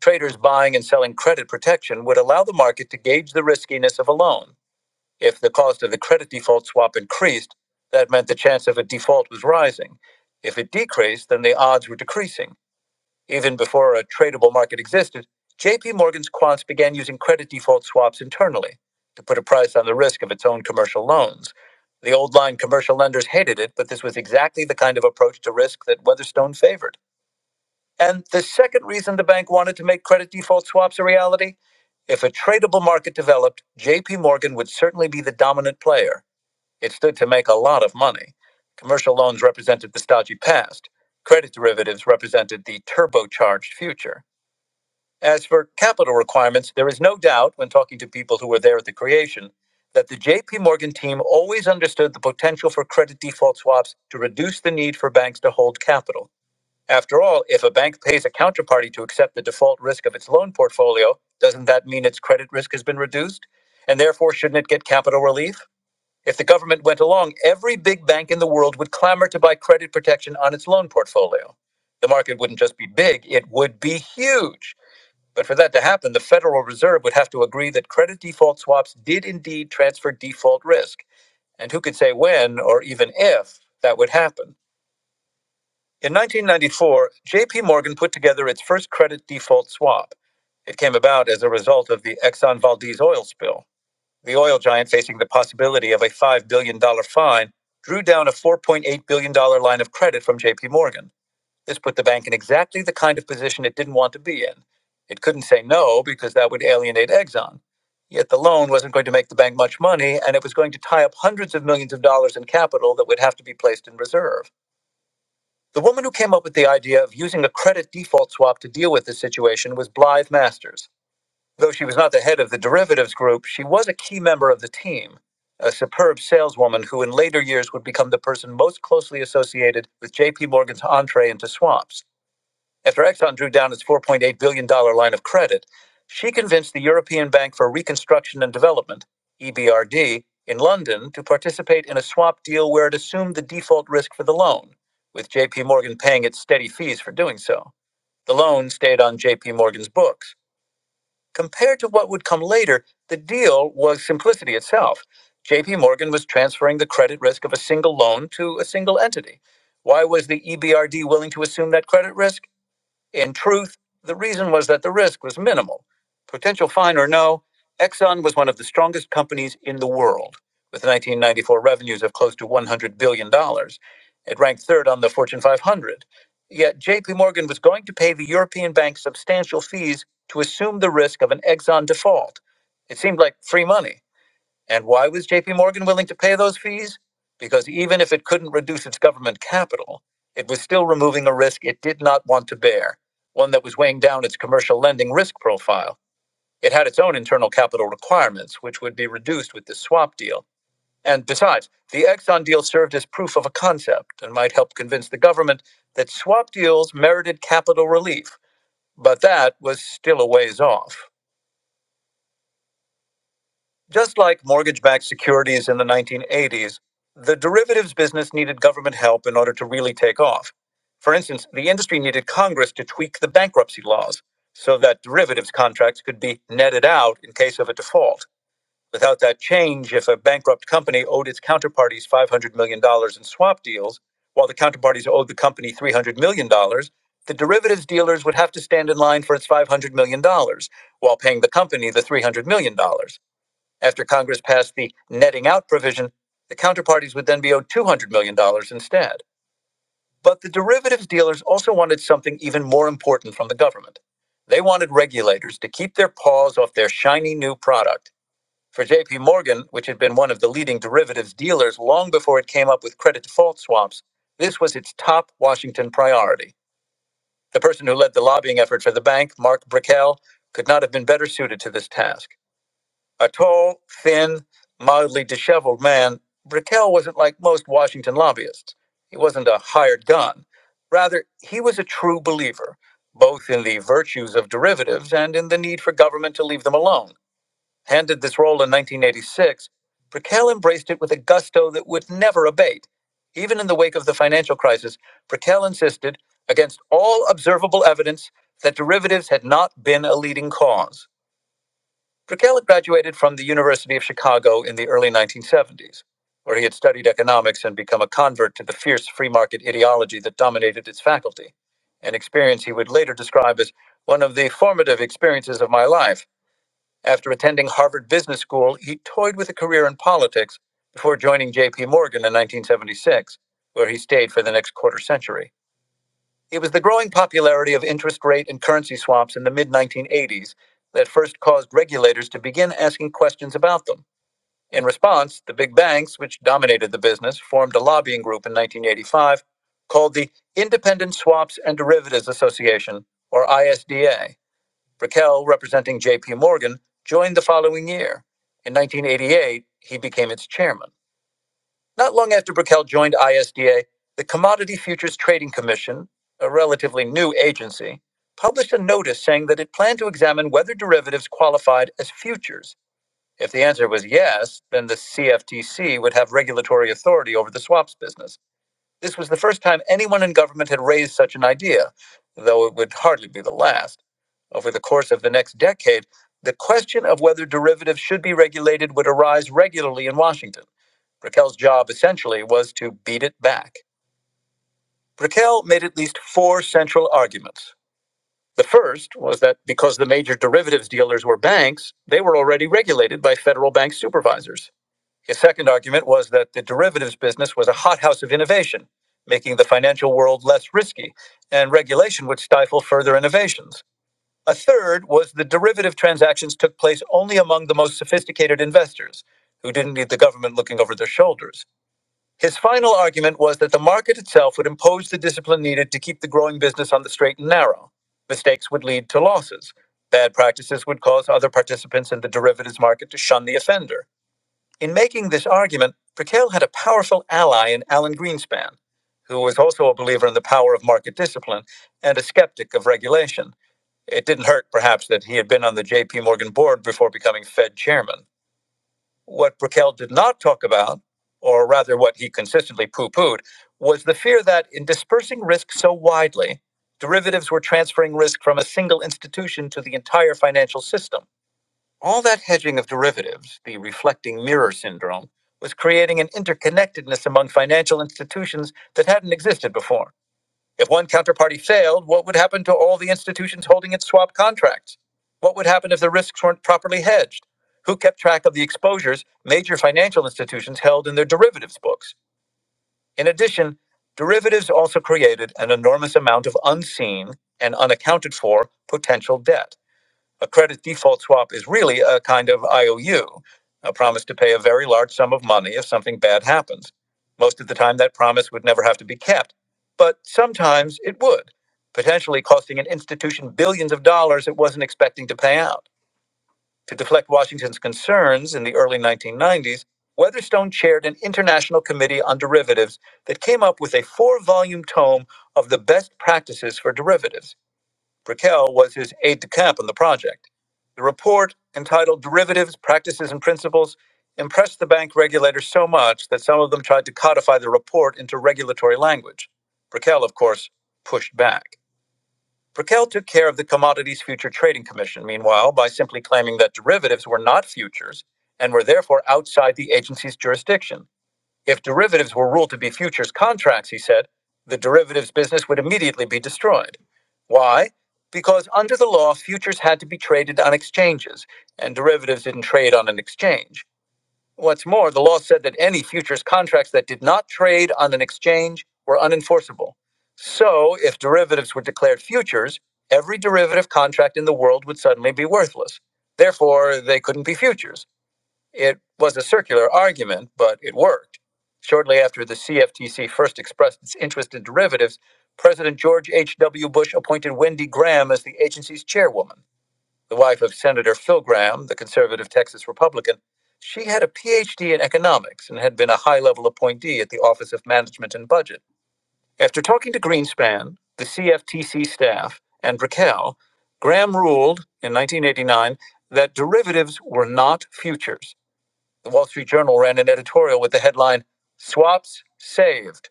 Speaker 1: Traders buying and selling credit protection would allow the market to gauge the riskiness of a loan. If the cost of the credit default swap increased, that meant the chance of a default was rising. If it decreased, then the odds were decreasing. Even before a tradable market existed, JP Morgan's quants began using credit default swaps internally to put a price on the risk of its own commercial loans. The old line commercial lenders hated it, but this was exactly the kind of approach to risk that Weatherstone favored. And the second reason the bank wanted to make credit default swaps a reality if a tradable market developed, JP Morgan would certainly be the dominant player. It stood to make a lot of money. Commercial loans represented the stodgy past. Credit derivatives represented the turbocharged future. As for capital requirements, there is no doubt when talking to people who were there at the creation that the JP Morgan team always understood the potential for credit default swaps to reduce the need for banks to hold capital. After all, if a bank pays a counterparty to accept the default risk of its loan portfolio, doesn't that mean its credit risk has been reduced? And therefore, shouldn't it get capital relief? If the government went along, every big bank in the world would clamor to buy credit protection on its loan portfolio. The market wouldn't just be big, it would be huge. But for that to happen, the Federal Reserve would have to agree that credit default swaps did indeed transfer default risk, and who could say when or even if that would happen. In 1994, JP Morgan put together its first credit default swap. It came about as a result of the Exxon Valdez oil spill. The oil giant, facing the possibility of a $5 billion dollars fine, drew down a $4.8 billion dollars line of credit from JP Morgan. This put the bank in exactly the kind of position it didn't want to be in. It couldn't say no because that would alienate Exxon. Yet the loan wasn't going to make the bank much money, and it was going to tie up hundreds of millions of dollars in capital that would have to be placed in reserve. The woman who came up with the idea of using a credit default swap to deal with this situation was Blythe Masters. Though she was not the head of the derivatives group, she was a key member of the team, a superb saleswoman who in later years would become the person most closely associated with JP Morgan's entree into swaps. After Exxon drew down its $4.8 billion dollars line of credit, she convinced the European Bank for Reconstruction and Development, EBRD, in London to participate in a swap deal where it assumed the default risk for the loan, with JP Morgan paying its steady fees for doing so. The loan stayed on JP Morgan's books. Compared to what would come later, the deal was simplicity itself. JP Morgan was transferring the credit risk of a single loan to a single entity. Why was the EBRD willing to assume that credit risk? In truth, the reason was that the risk was minimal. Potential fine or no, Exxon was one of the strongest companies in the world, with 1994 revenues of close to $100 billion. dollars. It ranked third on the Fortune 500. Yet JP Morgan was going to pay the European bank substantial fees to assume the risk of an Exxon default. It seemed like free money. And why was JP Morgan willing to pay those fees? Because even if it couldn't reduce its government capital, it was still removing a risk it did not want to bear, one that was weighing down its commercial lending risk profile. It had its own internal capital requirements, which would be reduced with the swap deal. And besides, the Exxon deal served as proof of a concept and might help convince the government that swap deals merited capital relief. But that was still a ways off. Just like mortgage backed securities in the 1980s, the derivatives business needed government help in order to really take off. For instance, the industry needed Congress to tweak the bankruptcy laws so that derivatives contracts could be netted out in case of a default. Without that change, if a bankrupt company owed its counterparties $500 million dollars in swap deals, while the counterparties owed the company $300 million, dollars, the derivatives dealers would have to stand in line for its $500 million dollars while paying the company the $300 million. dollars. After Congress passed the netting out provision, the counterparties would then be owed $200 million dollars instead. But the derivatives dealers also wanted something even more important from the government. They wanted regulators to keep their paws off their shiny new product. For JP Morgan, which had been one of the leading derivatives dealers long before it came up with credit default swaps, this was its top Washington priority. The person who led the lobbying effort for the bank, Mark Brickell, could not have been better suited to this task. A tall, thin, mildly disheveled man, Brickell wasn't like most Washington lobbyists. He wasn't a hired gun. Rather, he was a true believer, both in the virtues of derivatives and in the need for government to leave them alone. Handed this role in 1986, Brickell embraced it with a gusto that would never abate. Even in the wake of the financial crisis, Brickell insisted, against all observable evidence, that derivatives had not been a leading cause. Drukala graduated from the University of Chicago in the early 1970s, where he had studied economics and become a convert to the fierce free market ideology that dominated its faculty, an experience he would later describe as one of the formative experiences of my life. After attending Harvard Business School, he toyed with a career in politics before joining J.P. Morgan in 1976, where he stayed for the next quarter century. It was the growing popularity of interest rate and currency swaps in the mid 1980s that first caused regulators to begin asking questions about them. In response, the big banks, which dominated the business, formed a lobbying group in 1985 called the Independent Swaps and Derivatives Association, or ISDA. Brickell, representing JP Morgan, joined the following year. In 1988, he became its chairman. Not long after Brickell joined ISDA, the Commodity Futures Trading Commission, a relatively new agency, published a notice saying that it planned to examine whether derivatives qualified as futures. If the answer was yes, then the CFTC would have regulatory authority over the swaps business. This was the first time anyone in government had raised such an idea, though it would hardly be the last. Over the course of the next decade, the question of whether derivatives should be regulated would arise regularly in Washington. Raquel's job essentially was to beat it back. Raquel made at least four central arguments. The first was that because the major derivatives dealers were banks, they were already regulated by federal bank supervisors. His second argument was that the derivatives business was a hothouse of innovation, making the financial world less risky, and regulation would stifle further innovations. A third was the derivative transactions took place only among the most sophisticated investors, who didn't need the government looking over their shoulders. His final argument was that the market itself would impose the discipline needed to keep the growing business on the straight and narrow. Mistakes would lead to losses. Bad practices would cause other participants in the derivatives market to shun the offender. In making this argument, Brickell had a powerful ally in Alan Greenspan, who was also a believer in the power of market discipline and a skeptic of regulation. It didn't hurt, perhaps, that he had been on the J.P. Morgan board before becoming Fed chairman. What Brickell did not talk about, or rather what he consistently poo pooed, was the fear that in dispersing risk so widely, derivatives were transferring risk from a single institution to the entire financial system. All that hedging of derivatives, the reflecting mirror syndrome, was creating an interconnectedness among financial institutions that hadn't existed before. If one counterparty failed, what would happen to all the institutions holding its swap contracts? What would happen if the risks weren't properly hedged? Who kept track of the exposures major financial institutions held in their derivatives books? In addition, derivatives also created an enormous amount of unseen and unaccounted for potential debt. A credit default swap is really a kind of IOU, a promise to pay a very large sum of money if something bad happens. Most of the time, that promise would never have to be kept, but sometimes it would, potentially costing an institution billions of dollars it wasn't expecting to pay out. To deflect Washington's concerns in the early 1990s, Weatherstone chaired an international committee on derivatives that came up with a four volume tome of the best practices for derivatives. Brickell was his aide de camp on the project. The report, entitled Derivatives, Practices, and Principles, impressed the bank regulators so much that some of them tried to codify the report into regulatory language. Brickell, of course, pushed back. Brickell took care of the Commodities Future Trading Commission, meanwhile, by simply claiming that derivatives were not futures and were therefore outside the agency's jurisdiction. If derivatives were ruled to be futures contracts, he said, the derivatives business would immediately be destroyed. Why? Because under the law, futures had to be traded on exchanges, and derivatives didn't trade on an exchange. What's more, the law said that any futures contracts that did not trade on an exchange were unenforceable. So, if derivatives were declared futures, every derivative contract in the world would suddenly be worthless. Therefore, they couldn't be futures. It was a circular argument, but it worked. Shortly after the CFTC first expressed its interest in derivatives, President George H.W. Bush appointed Wendy Graham as the agency's chairwoman. The wife of Senator Phil Graham, the conservative Texas Republican, she had a PhD in economics and had been a high level appointee at the Office of Management and Budget. After talking to Greenspan, the CFTC staff, and Raquel, Graham ruled in 1989 that derivatives were not futures the Wall Street Journal ran an editorial with the headline Swaps Saved.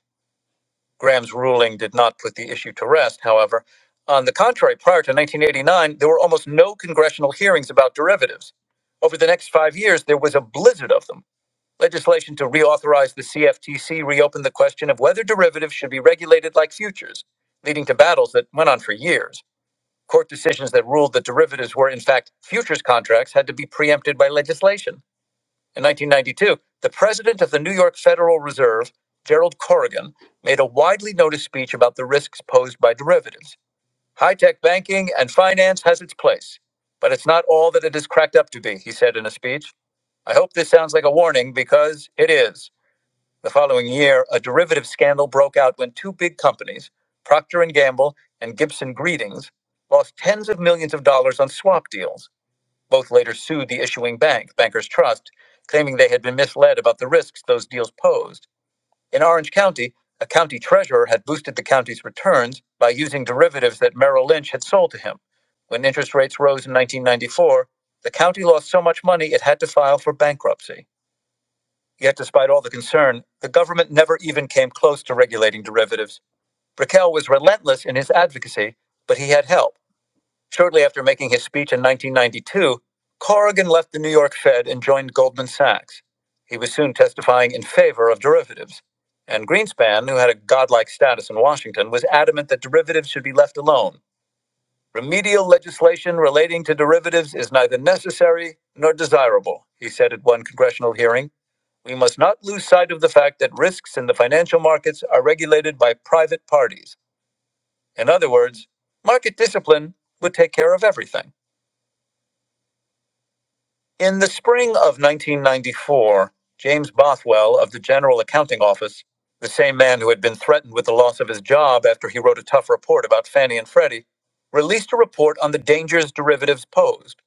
Speaker 1: Graham's ruling did not put the issue to rest, however. On the contrary, prior to 1989, there were almost no congressional hearings about derivatives. Over the next five years, there was a blizzard of them. Legislation to reauthorize the CFTC reopened the question of whether derivatives should be regulated like futures, leading to battles that went on for years. Court decisions that ruled that derivatives were, in fact, futures contracts had to be preempted by legislation. In 1992, the president of the New York Federal Reserve, Gerald Corrigan, made a widely noticed speech about the risks posed by derivatives. High tech banking and finance has its place, but it's not all that it is cracked up to be, he said in a speech. I hope this sounds like a warning because it is. The following year, a derivative scandal broke out when two big companies, Procter and Gamble and Gibson Greetings, lost tens of millions of dollars on swap deals. Both later sued the issuing bank, Bankers Trust, claiming they had been misled about the risks those deals posed. In Orange County, a county treasurer had boosted the county's returns by using derivatives that Merrill Lynch had sold to him. When interest rates rose in 1994, the county lost so much money it had to file for bankruptcy. Yet, despite all the concern, the government never even came close to regulating derivatives. Brickell was relentless in his advocacy, but he had help. Shortly after making his speech in 1992, Corrigan left the New York Fed and joined Goldman Sachs. He was soon testifying in favor of derivatives. And Greenspan, who had a godlike status in Washington, was adamant that derivatives should be left alone. Remedial legislation relating to derivatives is neither necessary nor desirable, he said at one congressional hearing. We must not lose sight of the fact that risks in the financial markets are regulated by private parties. In other words, market discipline would take care of everything. In the spring of 1994, James Bothwell of the General Accounting Office, the same man who had been threatened with the loss of his job after he wrote a tough report about Fannie and Freddie, released a report on the dangers derivatives posed.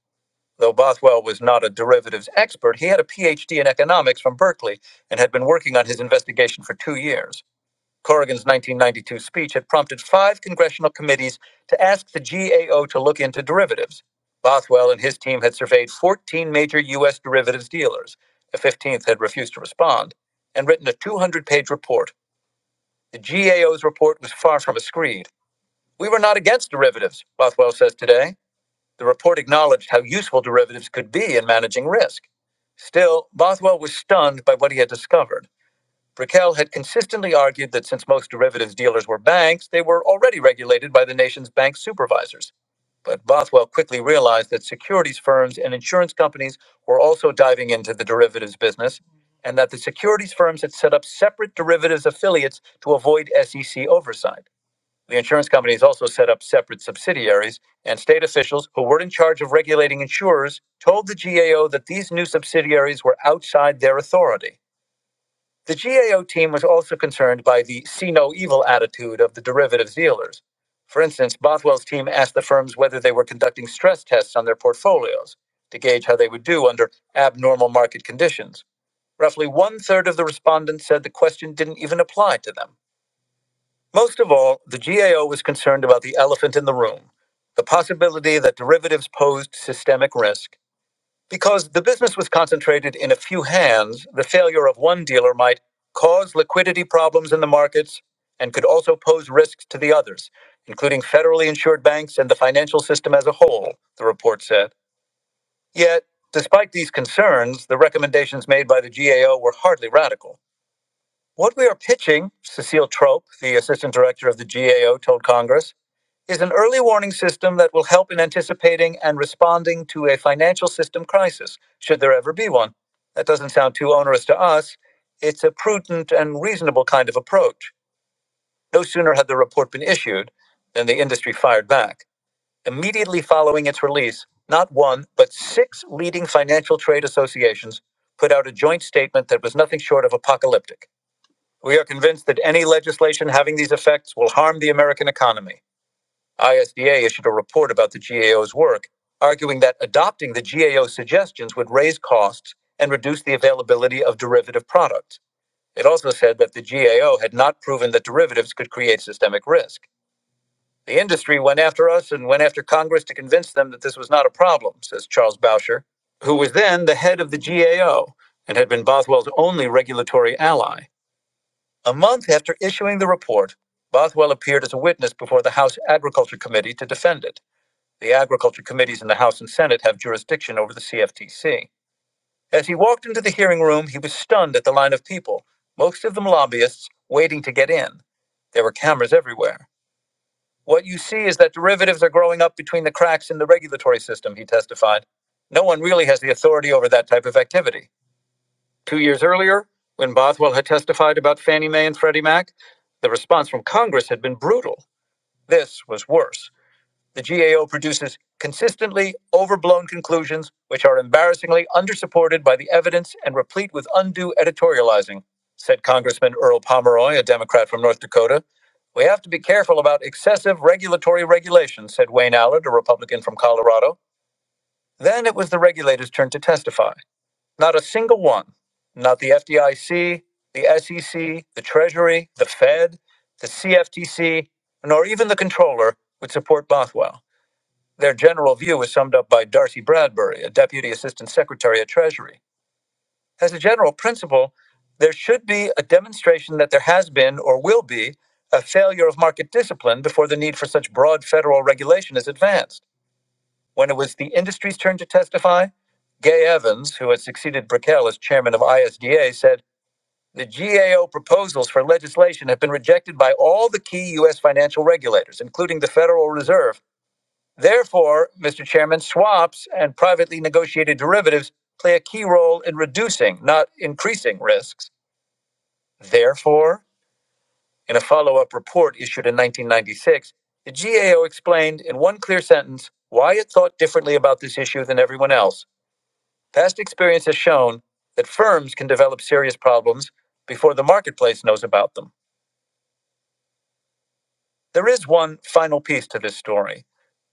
Speaker 1: Though Bothwell was not a derivatives expert, he had a PhD in economics from Berkeley and had been working on his investigation for two years. Corrigan's 1992 speech had prompted five congressional committees to ask the GAO to look into derivatives. Bothwell and his team had surveyed 14 major U.S. derivatives dealers. The 15th had refused to respond and written a 200 page report. The GAO's report was far from a screed. We were not against derivatives, Bothwell says today. The report acknowledged how useful derivatives could be in managing risk. Still, Bothwell was stunned by what he had discovered. Brickell had consistently argued that since most derivatives dealers were banks, they were already regulated by the nation's bank supervisors. But Bothwell quickly realized that securities firms and insurance companies were also diving into the derivatives business, and that the securities firms had set up separate derivatives affiliates to avoid SEC oversight. The insurance companies also set up separate subsidiaries, and state officials who were in charge of regulating insurers told the GAO that these new subsidiaries were outside their authority. The GAO team was also concerned by the see no evil attitude of the derivatives dealers. For instance, Bothwell's team asked the firms whether they were conducting stress tests on their portfolios to gauge how they would do under abnormal market conditions. Roughly one third of the respondents said the question didn't even apply to them. Most of all, the GAO was concerned about the elephant in the room the possibility that derivatives posed systemic risk because the business was concentrated in a few hands, the failure of one dealer might cause liquidity problems in the markets and could also pose risks to the others, including federally insured banks and the financial system as a whole, the report said. Yet, despite these concerns, the recommendations made by the GAO were hardly radical. What we are pitching, Cecile Trope, the assistant director of the GAO, told Congress, is an early warning system that will help in anticipating and responding to a financial system crisis, should there ever be one. That doesn't sound too onerous to us. It's a prudent and reasonable kind of approach. No sooner had the report been issued than the industry fired back. Immediately following its release, not one, but six leading financial trade associations put out a joint statement that was nothing short of apocalyptic. We are convinced that any legislation having these effects will harm the American economy. ISDA issued a report about the GAO's work, arguing that adopting the GAO's suggestions would raise costs and reduce the availability of derivative products. It also said that the GAO had not proven that derivatives could create systemic risk. The industry went after us and went after Congress to convince them that this was not a problem, says Charles Bauscher, who was then the head of the GAO and had been Boswell's only regulatory ally. A month after issuing the report, Boswell appeared as a witness before the House Agriculture Committee to defend it. The agriculture committees in the House and Senate have jurisdiction over the CFTC. As he walked into the hearing room, he was stunned at the line of people, most of them lobbyists, waiting to get in. There were cameras everywhere. What you see is that derivatives are growing up between the cracks in the regulatory system, he testified. No one really has the authority over that type of activity. Two years earlier, when Bothwell had testified about Fannie Mae and Freddie Mac, the response from Congress had been brutal. This was worse. The GAO produces consistently overblown conclusions which are embarrassingly undersupported by the evidence and replete with undue editorializing, said Congressman Earl Pomeroy, a Democrat from North Dakota. We have to be careful about excessive regulatory regulation, said Wayne Allard, a Republican from Colorado. Then it was the regulators' turn to testify. Not a single one, not the FDIC, the SEC, the Treasury, the Fed, the CFTC, nor even the controller would support Bothwell. Their general view was summed up by Darcy Bradbury, a deputy assistant secretary at Treasury. As a general principle, there should be a demonstration that there has been or will be a failure of market discipline before the need for such broad federal regulation is advanced. When it was the industry's turn to testify, Gay Evans, who had succeeded Brickell as chairman of ISDA, said the GAO proposals for legislation have been rejected by all the key U.S. financial regulators, including the Federal Reserve Therefore, Mr. Chairman, swaps and privately negotiated derivatives play a key role in reducing, not increasing risks. Therefore, in a follow up report issued in 1996, the GAO explained in one clear sentence why it thought differently about this issue than everyone else. Past experience has shown that firms can develop serious problems before the marketplace knows about them. There is one final piece to this story.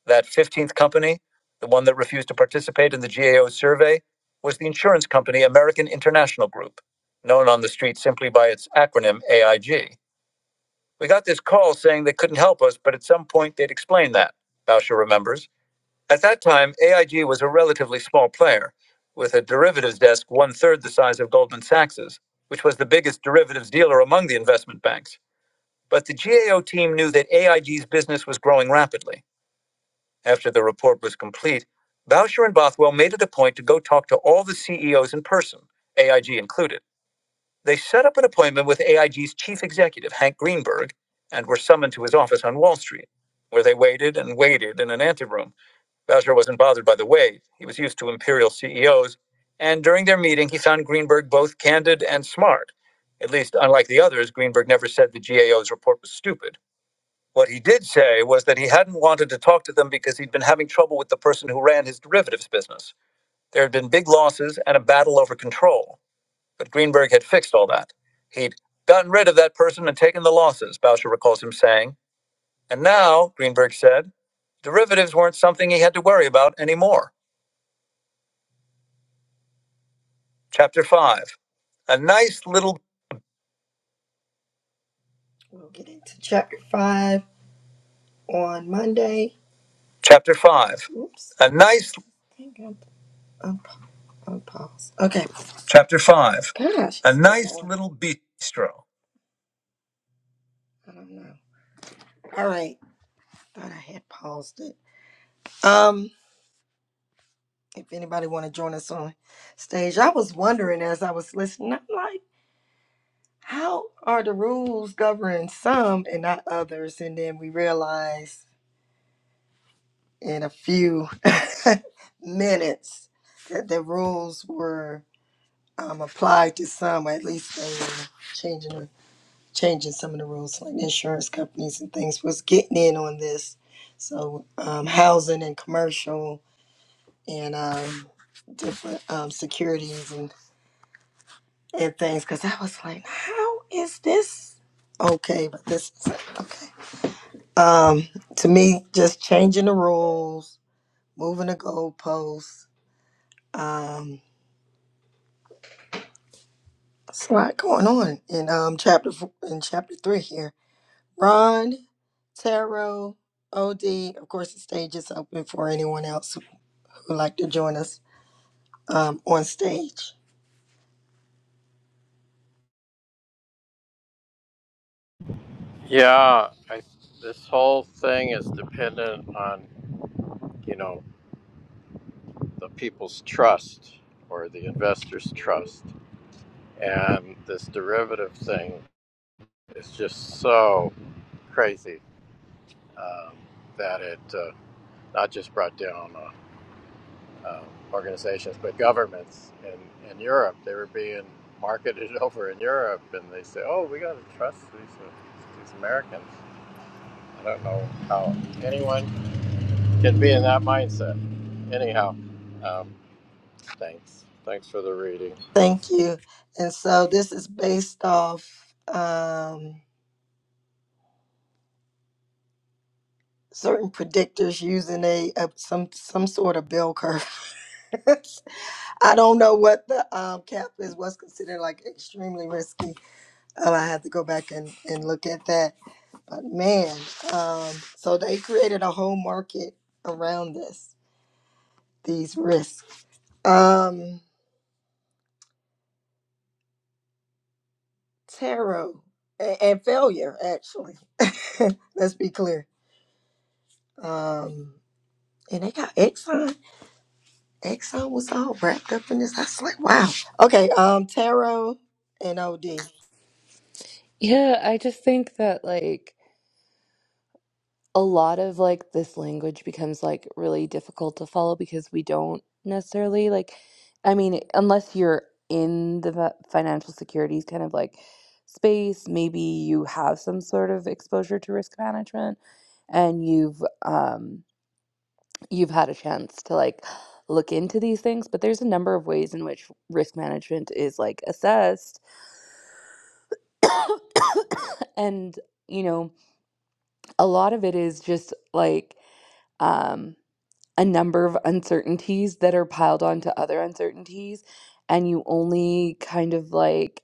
Speaker 1: That 15th company, the one that refused to participate in the GAO survey, was the insurance company American International Group, known on the street simply by its acronym AIG. We got this call saying they couldn't help us, but at some point they'd explain that, Bauscher remembers. At that time, AIG was a relatively small player, with a derivatives desk one third the size of Goldman Sachs's, which was the biggest derivatives dealer among the investment banks. But the GAO team knew that AIG's business was growing rapidly after the report was complete, Boucher and Bothwell made it a point to go talk to all the CEOs in person, AIG included. They set up an appointment with AIG's chief executive, Hank Greenberg, and were summoned to his office on Wall Street, where they waited and waited in an anteroom. Boucher wasn't bothered by the wait. He was used to imperial CEOs, and during their meeting, he found Greenberg both candid and smart. At least, unlike the others, Greenberg never said the GAO's report was stupid. What he did say was that he hadn't wanted to talk to them because he'd been having trouble with the person who ran his derivatives business. There had been big losses and a battle over control, but Greenberg had fixed all that. He'd gotten rid of that person and taken the losses, Boucher recalls him saying. And now, Greenberg said, derivatives weren't something he had to worry about anymore. Chapter 5. A nice little We'll get into chapter five on Monday. Chapter five. Oops. A nice. I think I'm, I'm Oh, pause. Okay. Chapter 5 Gosh, A so Nice Little Bistro. I don't know. All right. Thought I had paused it. Um, if anybody want to join us on stage, I was wondering as I was listening, I'm like, how are the rules governing some and not others? And then we realized in a few minutes that the rules were um, applied to some, or at least they were changing. changing some of the rules, like insurance companies and things, was getting in on this. So um, housing and commercial and um, different um, securities and, and things, because I was like, how is this okay? But this is okay. Um, to me, just changing the rules, moving the goalposts. Um, it's a lot going on in um, chapter four, in chapter three here Ron, Taro, OD. Of course, the stage is open for anyone else who would like to join us um, on stage.
Speaker 2: Yeah, I, this whole thing is dependent on you know the people's trust or the investors' trust, and this derivative thing is just so crazy um, that it uh, not just brought down. um, organizations, but governments in, in Europe. They were being marketed over in Europe, and they say, "Oh, we got to trust these uh, these Americans." I don't know how anyone can be in that mindset. Anyhow, um, thanks. Thanks for the reading.
Speaker 1: Thank you. And so this is based off um, certain predictors using a, a some some sort of bell curve. I don't know what the um, cap is. What's considered like extremely risky. Um, I have to go back and, and look at that. But man, um, so they created a whole market around this these risks. Um, tarot and, and failure, actually. Let's be clear. Um, and they got Exxon. Exxon was all wrapped up in this. I was like, wow. Okay, um, tarot and OD.
Speaker 3: Yeah, I just think that like a lot of like this language becomes like really difficult to follow because we don't necessarily like i mean unless you're in the fi- financial securities kind of like space maybe you have some sort of exposure to risk management and you've um you've had a chance to like look into these things but there's a number of ways in which risk management is like assessed and you know a lot of it is just like um a number of uncertainties that are piled onto other uncertainties and you only kind of like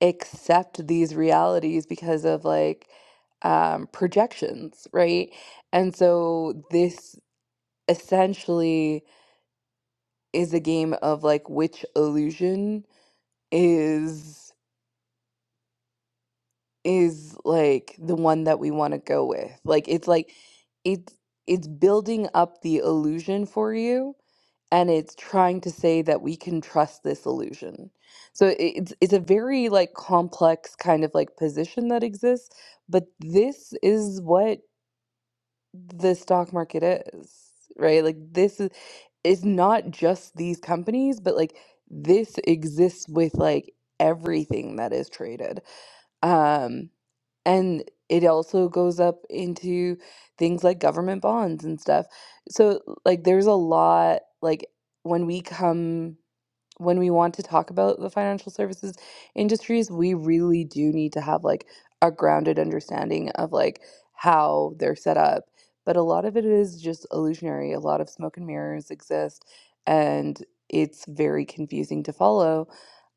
Speaker 3: accept these realities because of like um projections right and so this essentially is a game of like which illusion is is like the one that we want to go with like it's like it's it's building up the illusion for you and it's trying to say that we can trust this illusion. So i- it's it's a very like complex kind of like position that exists, but this is what the stock market is, right? Like this is is not just these companies, but like this exists with like everything that is traded. Um and it also goes up into things like government bonds and stuff. So, like, there's a lot, like, when we come when we want to talk about the financial services industries, we really do need to have like a grounded understanding of like how they're set up. But a lot of it is just illusionary. A lot of smoke and mirrors exist, and it's very confusing to follow.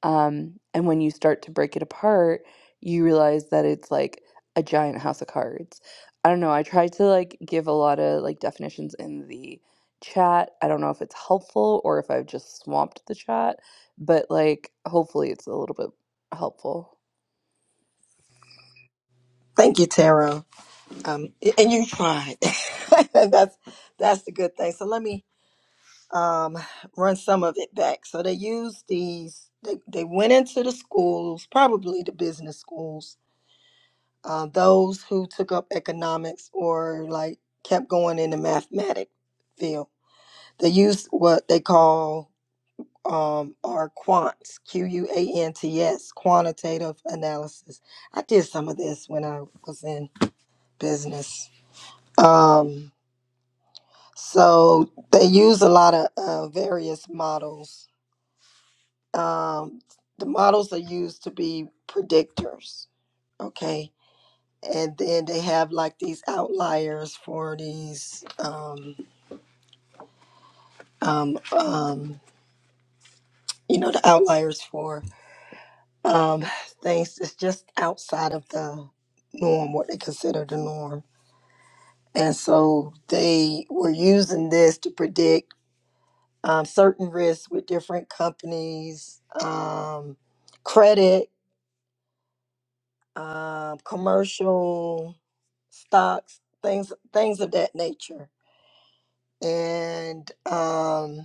Speaker 3: Um, and when you start to break it apart, you realize that it's like a giant house of cards. I don't know. I tried to like give a lot of like definitions in the chat. I don't know if it's helpful or if I've just swamped the chat, but like hopefully it's a little bit helpful.
Speaker 1: Thank you, tarot. Um, a- and you tried. that's that's the good thing. So let me um run some of it back. So they used these. They, they went into the schools, probably the business schools, uh, those who took up economics or like kept going in the mathematic field. They used what they call um, are quants, Q U A N T S, quantitative analysis. I did some of this when I was in business. Um, so they use a lot of uh, various models. Um, the models are used to be predictors. Okay, and then they have like these outliers for these um um um you know the outliers for um things that's just outside of the norm what they consider the norm and so they were using this to predict um, certain risks with different companies um credit um commercial stocks things things of that nature and um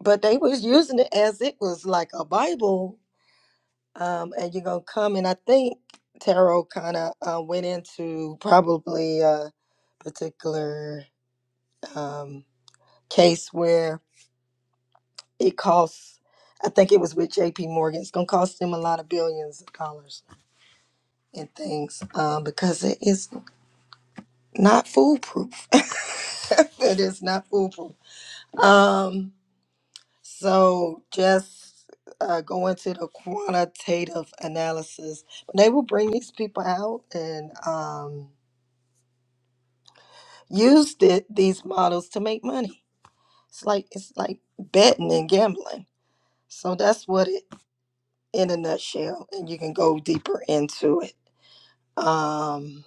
Speaker 1: but they was using it as it was like a Bible. Um, and you're gonna come, and I think tarot kind of uh, went into probably a particular um, case where it costs. I think it was with J.P. Morgan. It's gonna cost them a lot of billions of dollars and things um, because it is not foolproof. it is not foolproof. Um, So just uh, go into the quantitative analysis. They will bring these people out and um, use the, these models to make money. It's like it's like betting and gambling. So that's what it in a nutshell. And you can go deeper into it. Um,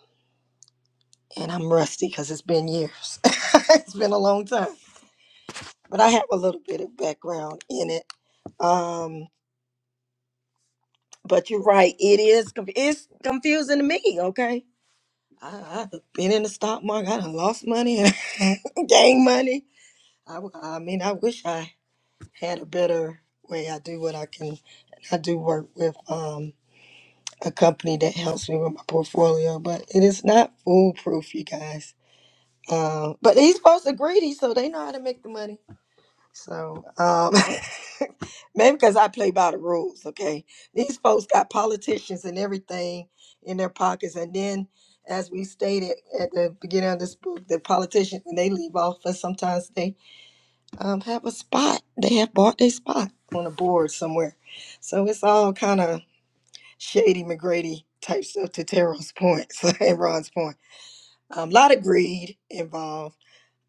Speaker 1: and I'm rusty because it's been years. it's been a long time, but I have a little bit of background in it. Um, but you're right. It is. conf- It's confusing to me. Okay I, I've been in the stock market. I done lost money and gained money. I, w- I mean, I wish I had a better way. I do what I can. I do work with um, a company that helps me with my portfolio, but it is not foolproof, you guys. Uh, but these folks are greedy, so they know how to make the money. So um, maybe because I play by the rules, okay? These folks got politicians and everything in their pockets, and then, as we stated at the beginning of this book, the politicians when they leave office, sometimes they um, have a spot. They have bought their spot on a board somewhere, so it's all kind of shady McGrady type stuff to Terrell's point and Ron's point. Um, a lot of greed involved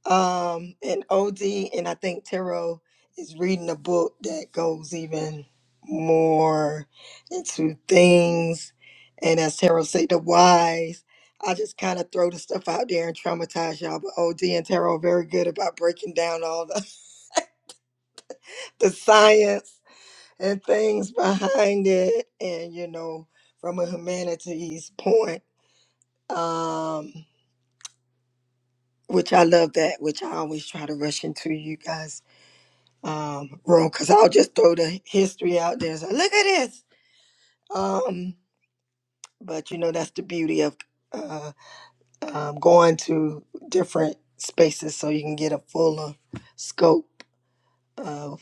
Speaker 1: um, and OD and I think Tarot is reading a book that goes even more into things. And as Tarot say, the whys. I just kind of throw the stuff out there and traumatize y'all. But OD and Tarot are very good about breaking down all the, the science and things behind it. And, you know, from a humanities point, um, which I love that, which I always try to rush into you guys um, wrong because I'll just throw the history out there and say, look at this. Um, but you know, that's the beauty of uh, um, going to different spaces so you can get a fuller scope of,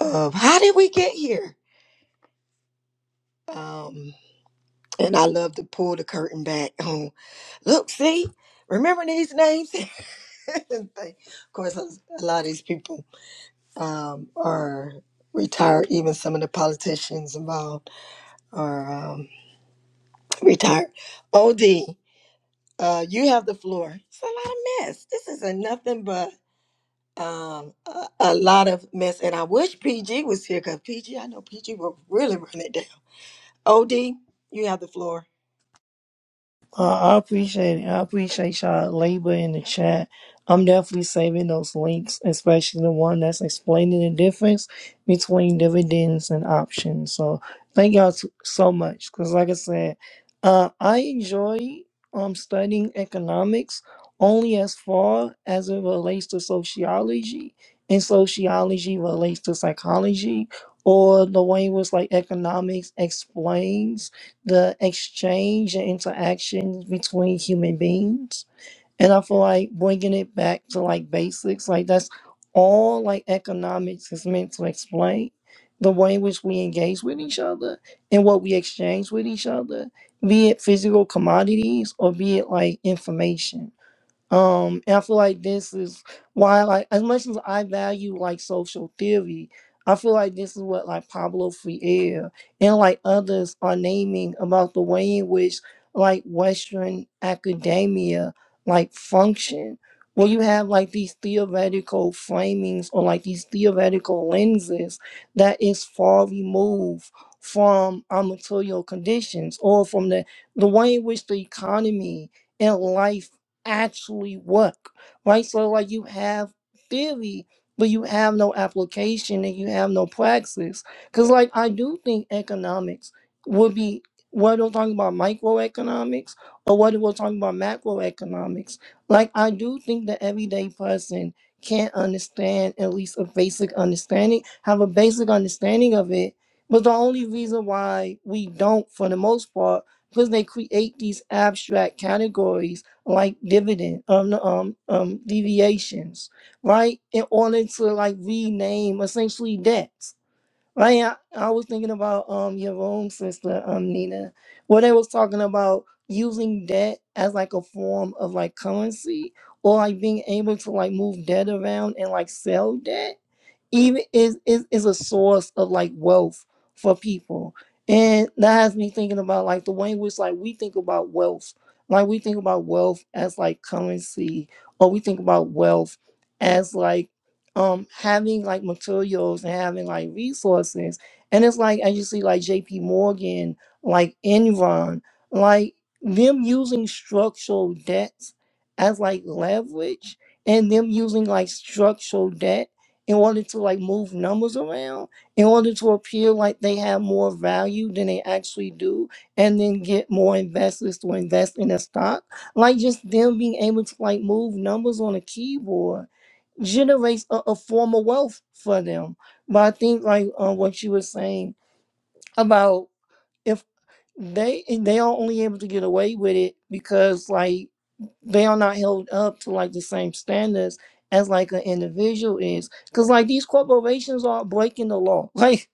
Speaker 1: of how did we get here? Um, and I love to pull the curtain back on, look, see, remember these names? And think, of course, a lot of these people um, are retired, even some of the politicians involved are. Um, retired. OD, uh, you have the floor. It's a lot of mess. This isn't nothing but um, a, a lot of mess. And I wish PG was here because PG, I know PG will really run it down. OD, you have the floor.
Speaker 4: Uh, I appreciate it. I appreciate y'all labor in the chat. I'm definitely saving those links, especially the one that's explaining the difference between dividends and options. So thank y'all s- so much. Cause like I said, uh, I enjoy um studying economics only as far as it relates to sociology, and sociology relates to psychology, or the way in which like economics explains the exchange and interaction between human beings. And I feel like bringing it back to like basics, like that's all like economics is meant to explain the way in which we engage with each other and what we exchange with each other, be it physical commodities or be it like information. Um, and I feel like this is why, like, as much as I value like social theory, I feel like this is what like Pablo Freire and like others are naming about the way in which like Western academia like function, where you have like these theoretical framings or like these theoretical lenses that is far removed from our material conditions or from the the way in which the economy and life actually work, right? So like you have theory, but you have no application and you have no praxis. Cause like I do think economics would be whether we're talking about microeconomics or whether we're talking about macroeconomics. Like I do think the everyday person can't understand at least a basic understanding, have a basic understanding of it. But the only reason why we don't for the most part because they create these abstract categories like dividend um no, um um deviations right in order to like rename essentially debts right i, I was thinking about um your own sister um nina where they was talking about using debt as like a form of like currency or like being able to like move debt around and like sell debt even is is is a source of like wealth for people. And that has me thinking about like the way in which like we think about wealth. Like we think about wealth as like currency, or we think about wealth as like um having like materials and having like resources. And it's like as you see like JP Morgan, like Enron, like them using structural debts as like leverage and them using like structural debt in order to like move numbers around in order to appear like they have more value than they actually do and then get more investors to invest in a stock like just them being able to like move numbers on a keyboard generates a, a form of wealth for them but i think like uh, what you were saying about if they they are only able to get away with it because like they are not held up to like the same standards as like an individual is because like these corporations are breaking the law like.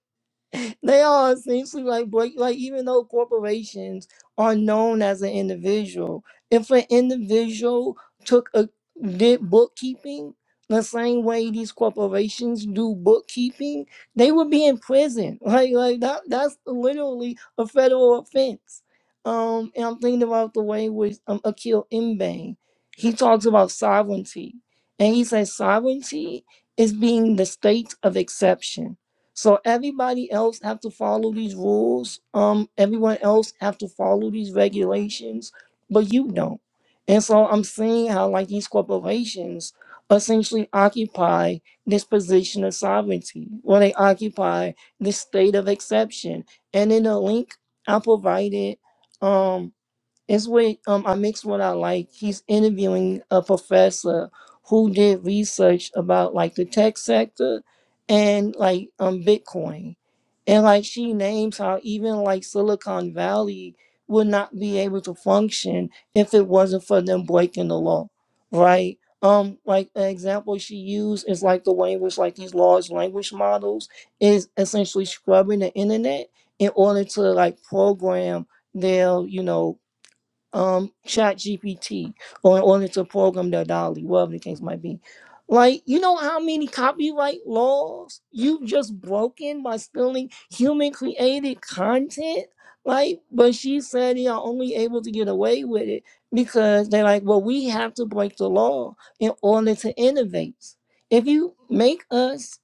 Speaker 4: they are essentially like break like even though corporations are known as an individual if an individual took a did bookkeeping the same way these corporations do bookkeeping they would be in prison like like that that's literally a federal offense um and i'm thinking about the way with um, akil Mbang. he talks about sovereignty and he says sovereignty is being the state of exception so everybody else have to follow these rules. Um, everyone else have to follow these regulations, but you don't. And so I'm seeing how like these corporations essentially occupy this position of sovereignty, where they occupy this state of exception. And in the link I provided, um, it's where um I mix what I like. He's interviewing a professor who did research about like the tech sector and like um Bitcoin. And like she names how even like Silicon Valley would not be able to function if it wasn't for them breaking the law. Right? Um like an example she used is like the way in which like these large language models is essentially scrubbing the internet in order to like program their, you know, um chat gpt or, or it's a program that dolly whatever the case might be like you know how many copyright laws you've just broken by stealing human created content like but she said they are only able to get away with it because they're like well we have to break the law in order to innovate if you make us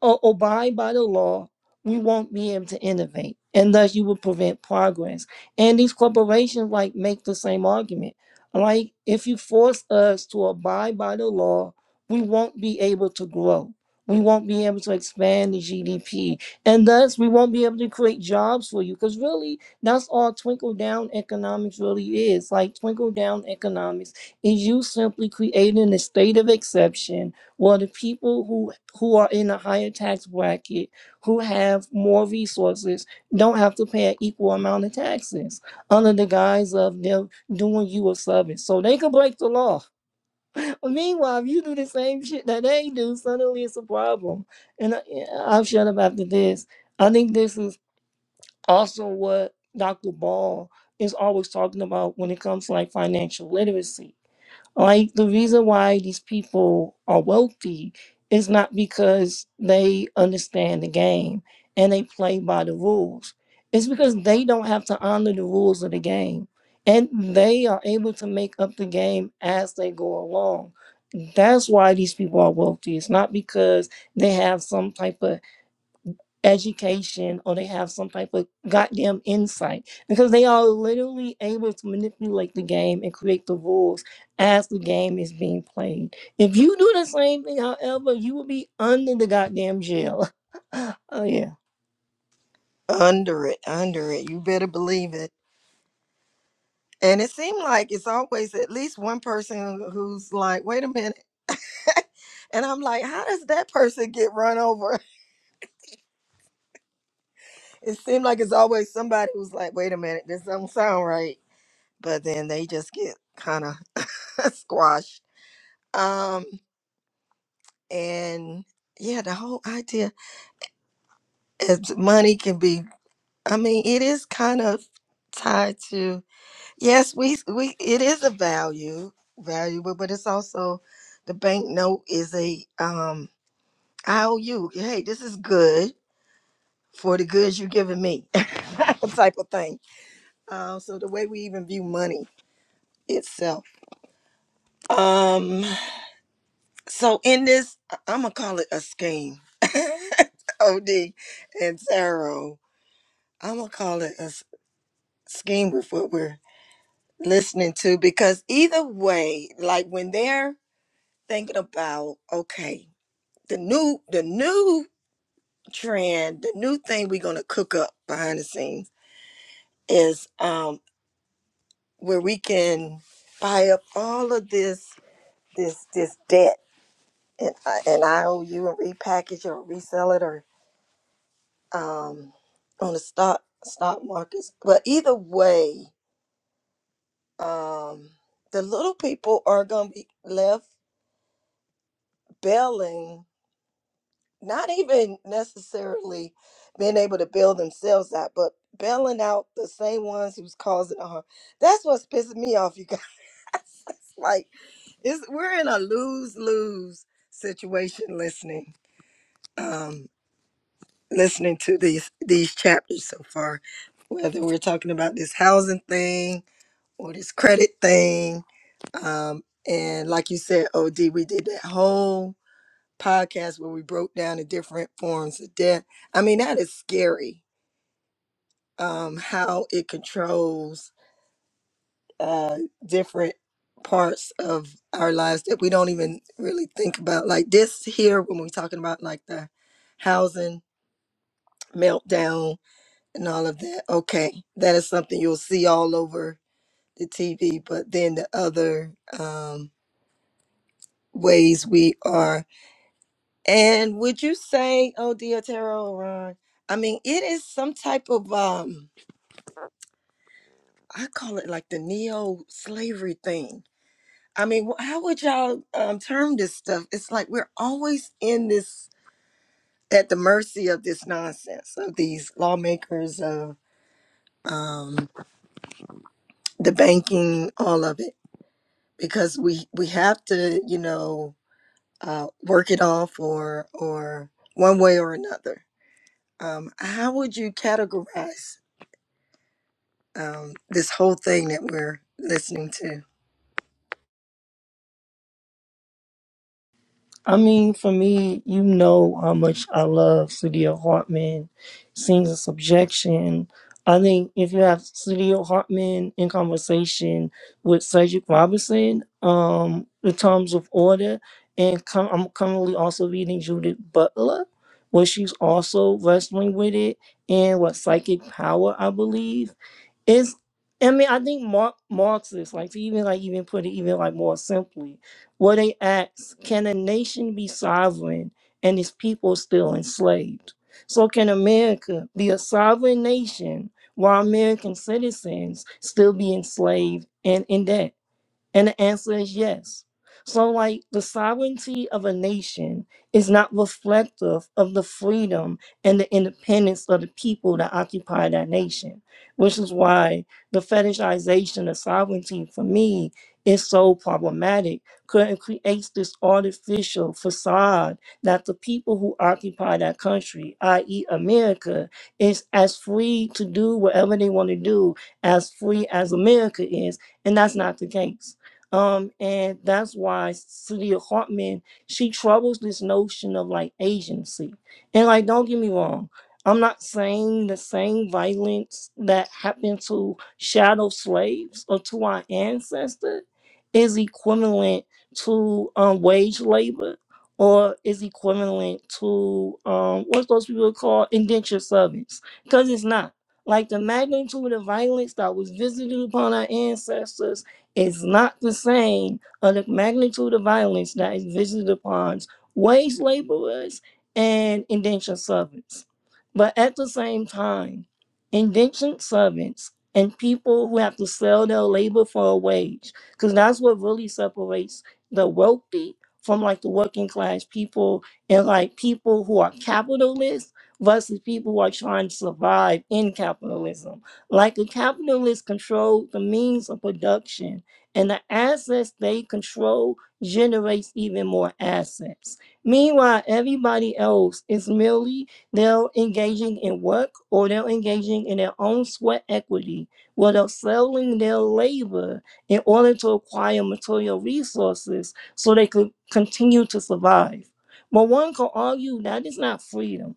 Speaker 4: or abide by the law we won't be able to innovate and thus you will prevent progress and these corporations like make the same argument. Like if you force us to abide by the law, we won't be able to grow. We won't be able to expand the GDP. And thus we won't be able to create jobs for you. Because really, that's all twinkle down economics really is. Like twinkle down economics is you simply creating a state of exception where the people who who are in a higher tax bracket, who have more resources, don't have to pay an equal amount of taxes under the guise of them doing you a service. So they can break the law. Meanwhile, if you do the same shit that they do, suddenly it's a problem. And I, I've shut up after this. I think this is also what Dr. Ball is always talking about when it comes to like financial literacy like the reason why these people are wealthy is not because they understand the game and they play by the rules. It's because they don't have to honor the rules of the game. And they are able to make up the game as they go along. That's why these people are wealthy. It's not because they have some type of education or they have some type of goddamn insight because they are literally able to manipulate the game and create the rules as the game is being played. If you do the same thing, however, you will be under the goddamn jail. oh yeah.
Speaker 1: Under it, under it. You better believe it. And it seemed like it's always at least one person who's like, wait a minute. and I'm like, how does that person get run over? It seemed like it's always somebody who's like, wait a minute, this don't sound right but then they just get kind of squashed. Um, and yeah, the whole idea is money can be. I mean, it is kind of tied to yes, we we it is a value valuable, but it's also the bank note is a um I owe you. Hey, this is good for the goods you're giving me, type of thing. Um, so the way we even view money itself. Um, So in this, I'm gonna call it a scheme. Od and Taro, I'm gonna call it a s- scheme with what we're listening to because either way, like when they're thinking about okay, the new the new trend, the new thing we're gonna cook up behind the scenes is um where we can buy up all of this this this debt and uh, and IOU and repackage it or resell it or um, on the stock stock markets. But either way, um, the little people are going to be left bailing, not even necessarily being able to bail themselves out, but bailing out the same ones who's causing the harm. That's what's pissing me off, you guys. it's like it's, we're in a lose lose situation listening. Um, listening to these these chapters so far whether we're talking about this housing thing or this credit thing. Um, and like you said, OD, we did that whole podcast where we broke down the different forms of debt. I mean, that is scary um, how it controls uh, different parts of our lives that we don't even really think about. Like this here, when we're talking about like the housing meltdown and all of that. Okay, that is something you'll see all over the TV, but then the other. Um, ways we are. And would you say, oh dear Taro Ron? I mean, it is some type of um, I call it like the neo-slavery thing. I mean, wh- how would y'all um, term this stuff? It's like we're always in this at the mercy of this nonsense of these lawmakers of um, the banking, all of it, because we we have to, you know, uh, work it off or or one way or another Um, how would you categorize um, this whole thing that we're listening to?
Speaker 4: I mean, for me, you know how much I love Studio Hartman, Scenes of Subjection. I think if you have Studio Hartman in conversation with Cedric Robinson, um, The Terms of Order, and com- I'm currently also reading Judith Butler, where she's also wrestling with it, and what Psychic Power, I believe. It's I mean, I think Mar- Marxists, like to even like even put it even like more simply, where they ask, can a nation be sovereign and its people still enslaved? So can America be a sovereign nation while American citizens still be enslaved and in debt? And the answer is yes. So, like, the sovereignty of a nation is not reflective of the freedom and the independence of the people that occupy that nation, which is why the fetishization of sovereignty for me is so problematic because it creates this artificial facade that the people who occupy that country, i.e., America, is as free to do whatever they want to do as free as America is, and that's not the case. Um, and that's why Celia Hartman she troubles this notion of like agency. And like, don't get me wrong, I'm not saying the same violence that happened to shadow slaves or to our ancestors is equivalent to um, wage labor or is equivalent to um, what those people call indentured servants, because it's not. Like the magnitude of violence that was visited upon our ancestors is not the same of the magnitude of violence that is visited upon wage laborers and indentured servants. But at the same time, indentured servants and people who have to sell their labor for a wage, because that's what really separates the wealthy from like the working class people and like people who are capitalists versus people who are trying to survive in capitalism. Like the capitalists control the means of production and the assets they control generates even more assets. Meanwhile, everybody else is merely they're engaging in work or they're engaging in their own sweat equity, where they're selling their labor in order to acquire material resources so they could continue to survive. But one could argue that is not freedom.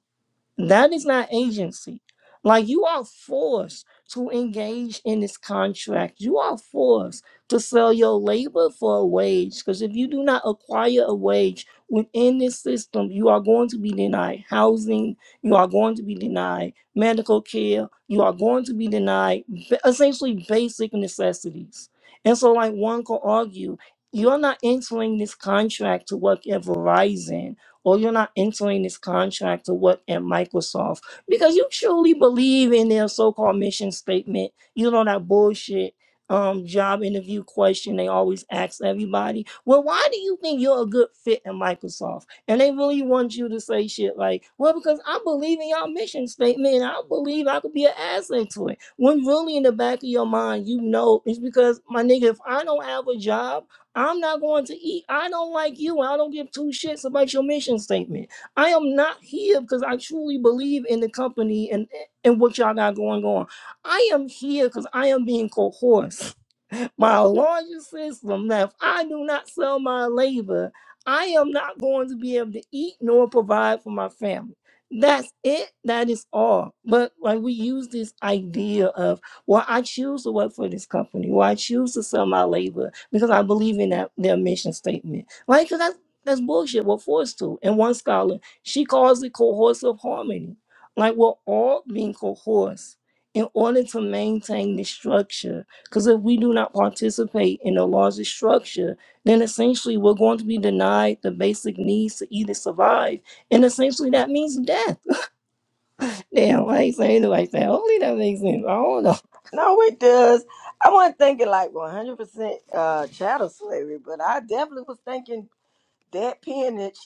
Speaker 4: That is not agency. Like you are forced to engage in this contract. You are forced to sell your labor for a wage because if you do not acquire a wage within this system, you are going to be denied housing, you are going to be denied medical care, you are going to be denied ba- essentially basic necessities. And so like one could argue, you're not entering this contract to work at Verizon or you're not entering this contract to work at Microsoft because you truly believe in their so-called mission statement. You know that bullshit um job interview question they always ask everybody. Well, why do you think you're a good fit in Microsoft? And they really want you to say shit like, well, because I believe in your mission statement and I believe I could be an asset to it. When really in the back of your mind, you know it's because my nigga, if I don't have a job I'm not going to eat. I don't like you. I don't give two shits about your mission statement. I am not here because I truly believe in the company and, and what y'all got going on. I am here because I am being coerced my larger system that if I do not sell my labor, I am not going to be able to eat nor provide for my family. That's it. That is all. But like we use this idea of, well, I choose to work for this company, or I choose to sell my labor because I believe in that their mission statement. Like, Because that's that's bullshit. We're forced to. And one scholar, she calls it coercive harmony. Like we're all being coerced in order to maintain the structure because if we do not participate in the larger structure, then essentially we're going to be denied the basic needs to either survive. And essentially that means death. Damn, I ain't saying it like that. Hopefully that makes sense. I don't know.
Speaker 1: No, it does. I wasn't thinking like 100% uh, chattel slavery, but I definitely was thinking That peonage,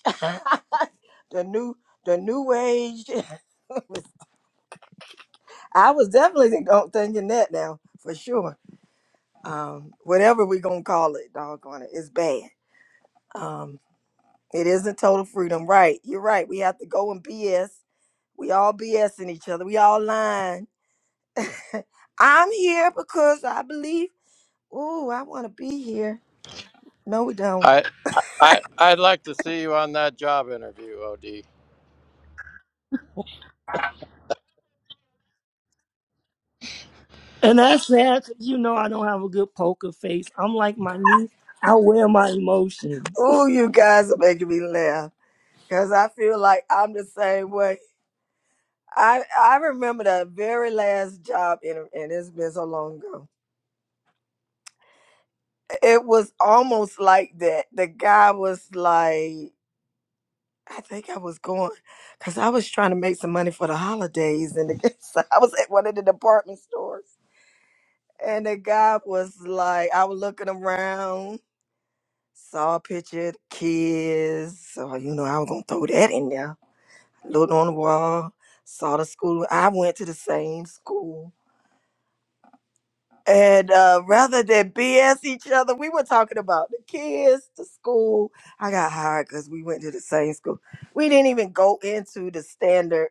Speaker 1: the new, the new age. I was definitely don't thinking that now for sure. Um, whatever we gonna call it, doggone it, it's bad. Um, it isn't total freedom, right? You're right. We have to go and BS. We all BSing each other. We all lying. I'm here because I believe. Ooh, I want to be here. No, we don't.
Speaker 2: I I I'd like to see you on that job interview, Od.
Speaker 4: And that's sad 'cause you know I don't have a good poker face. I'm like my niece, I wear my emotions.
Speaker 1: Ooh, you guys are making me laugh because I feel like I'm the same way. I I remember that very last job, and, and it's been so long ago. It was almost like that. The guy was like, I think I was going because I was trying to make some money for the holidays, and the, so I was at one of the department stores, and the guy was like, I was looking around, saw a picture, of kids, so you know I was gonna throw that in there. Looked on the wall, saw the school. I went to the same school And uh, rather than BS each other, we were talking about the kids, the school. I got hired because we went to the same school. We didn't even go into the standard,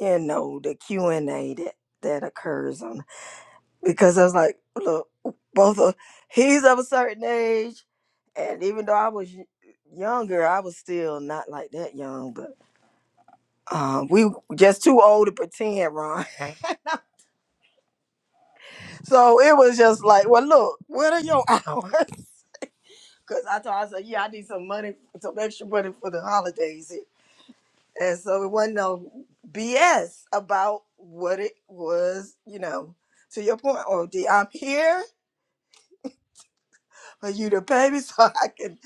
Speaker 1: you know, the Q and A that that occurs on because I was like, look, both of he's of a certain age, and even though I was y- younger, I was still not like that young, but um, we were just too old to pretend, Ron. So it was just like, well, look, what are your hours? Cause I told her, I said, yeah, I need some money, some extra money for the holidays. And so it wasn't no BS about what it was, you know. To your point, O am here for you to pay me so I can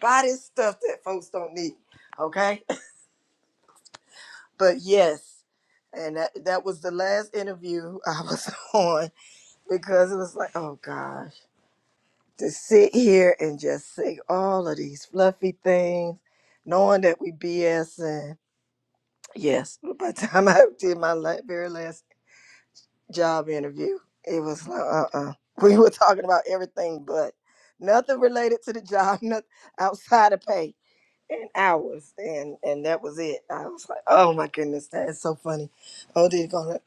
Speaker 1: buy this stuff that folks don't need. Okay. But yes, and that, that was the last interview I was on because it was like, oh gosh, to sit here and just say all of these fluffy things, knowing that we BSing Yes. By the time I did my la- very last job interview, it was like, uh uh We were talking about everything but nothing related to the job, nothing outside of pay and hours. And and that was it. I was like, oh my goodness, that is so funny. OD gonna,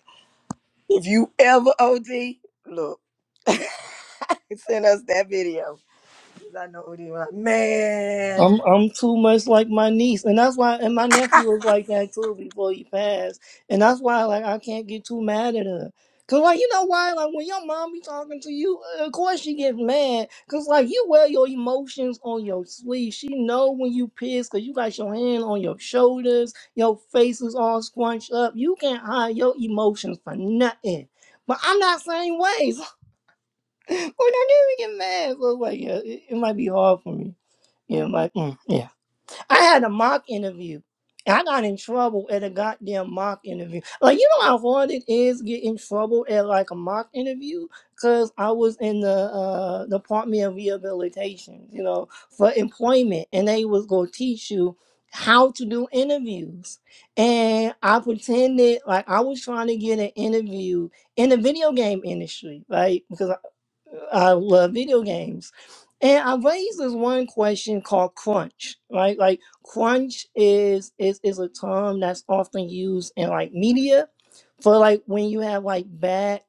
Speaker 1: if you ever OD, look, send us that video. 'Cause I know OD was like, man,
Speaker 4: I'm I'm too much like my niece, and that's why. And my nephew was like that too before he passed, and that's why like I can't get too mad at her. Cause like you know why like when your mom be talking to you, uh, of course she gets mad. Cause like you wear your emotions on your sleeve. She know when you piss, cause you got your hand on your shoulders, your face is all scrunched up. You can't hide your emotions for nothing. But I'm not same ways. when I do get mad, so like yeah, it, it might be hard for me. Yeah, like mm, yeah. I had a mock interview. and I got in trouble at a goddamn mock interview. Like, you know how hard it is get in trouble at like a mock interview? Cause I was in the uh, Department of Rehabilitation, you know, for employment, and they was gonna teach you how to do interviews. And I pretended like I was trying to get an interview in the video game industry, right? Because I love video games. And I raised this one question called crunch, right? Like crunch is is is a term that's often used in like media for like when you have like bad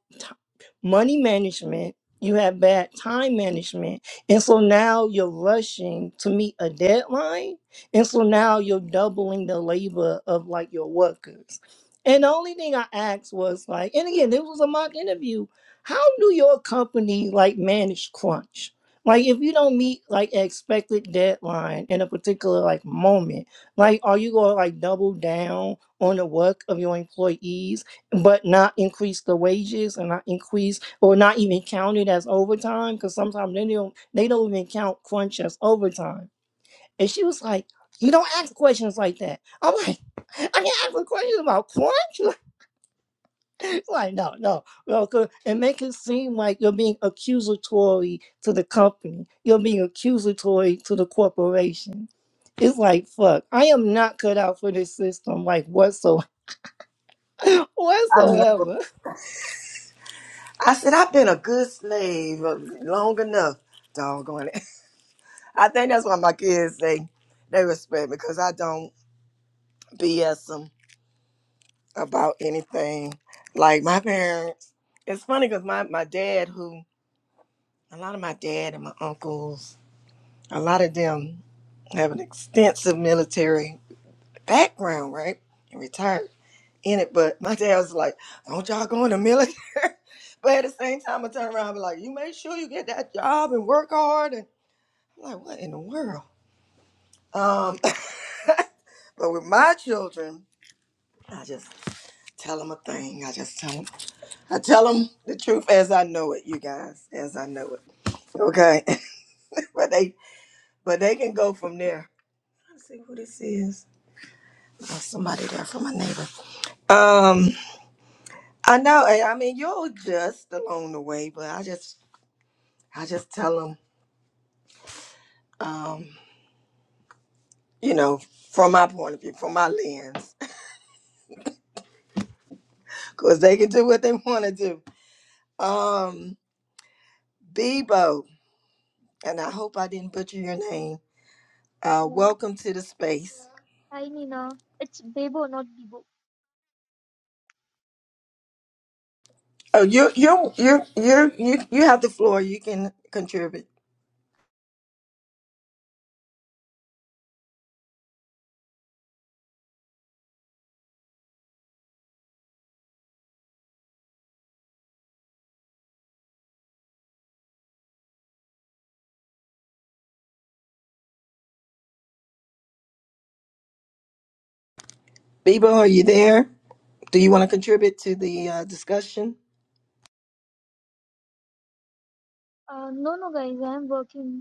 Speaker 4: money management, you have bad time management. And so now you're rushing to meet a deadline. And so now you're doubling the labor of like your workers. And the only thing I asked was like, and again, this was a mock interview. How do your company like manage crunch? Like if you don't meet like an expected deadline in a particular like moment, like are you gonna like double down on the work of your employees? but not increase the wages and not increase or not even count it as overtime because sometimes they don't they don't even count crunch as overtime. And she was like, "You don't ask questions like that." I'm like, "I can't ask a question about crunch." It's like, no, no, no, 'cause it make it seem like you're being accusatory to the company. You're being accusatory to the corporation. It's like, fuck, I am not cut out for this system, like whatso
Speaker 1: I know.
Speaker 4: whatsoever.
Speaker 1: I said, I've been a good slave uh, long enough. Doggone it. I think that's why my kids they they respect me because I don't BS them about anything. Like my parents, it's funny because my my dad, who a lot of my dad and my uncles, a lot of them have an extensive military background, right, and retired in it. But my dad was like, "Don't y'all go in the military." But at the same time, I turn around and be like, you make sure you get that job and work hard. And I'm like, what in the world? Um, but with my children, I just tell them a thing. I just tell them. I tell them the truth as I know it, you guys, as I know it. Okay, but they but they can go from there. Let's see who this is. Oh, somebody there from my neighbor. Um, I know. I I mean, you'll adjust along the way, but I just I just tell them. Um, you know, from my point of view, from my lens, because they can do what they want to do. Um, Bebo, and I hope I didn't butcher your name. Uh,
Speaker 5: Uh,
Speaker 1: welcome to the space.
Speaker 5: hi Nina, it's Bebo, not Bibo.
Speaker 1: Oh, you you you you you you have the floor. You can contribute. Bebo, are you there? Do you want to contribute to the uh, discussion?
Speaker 5: Uh, no, no, guys, I am working.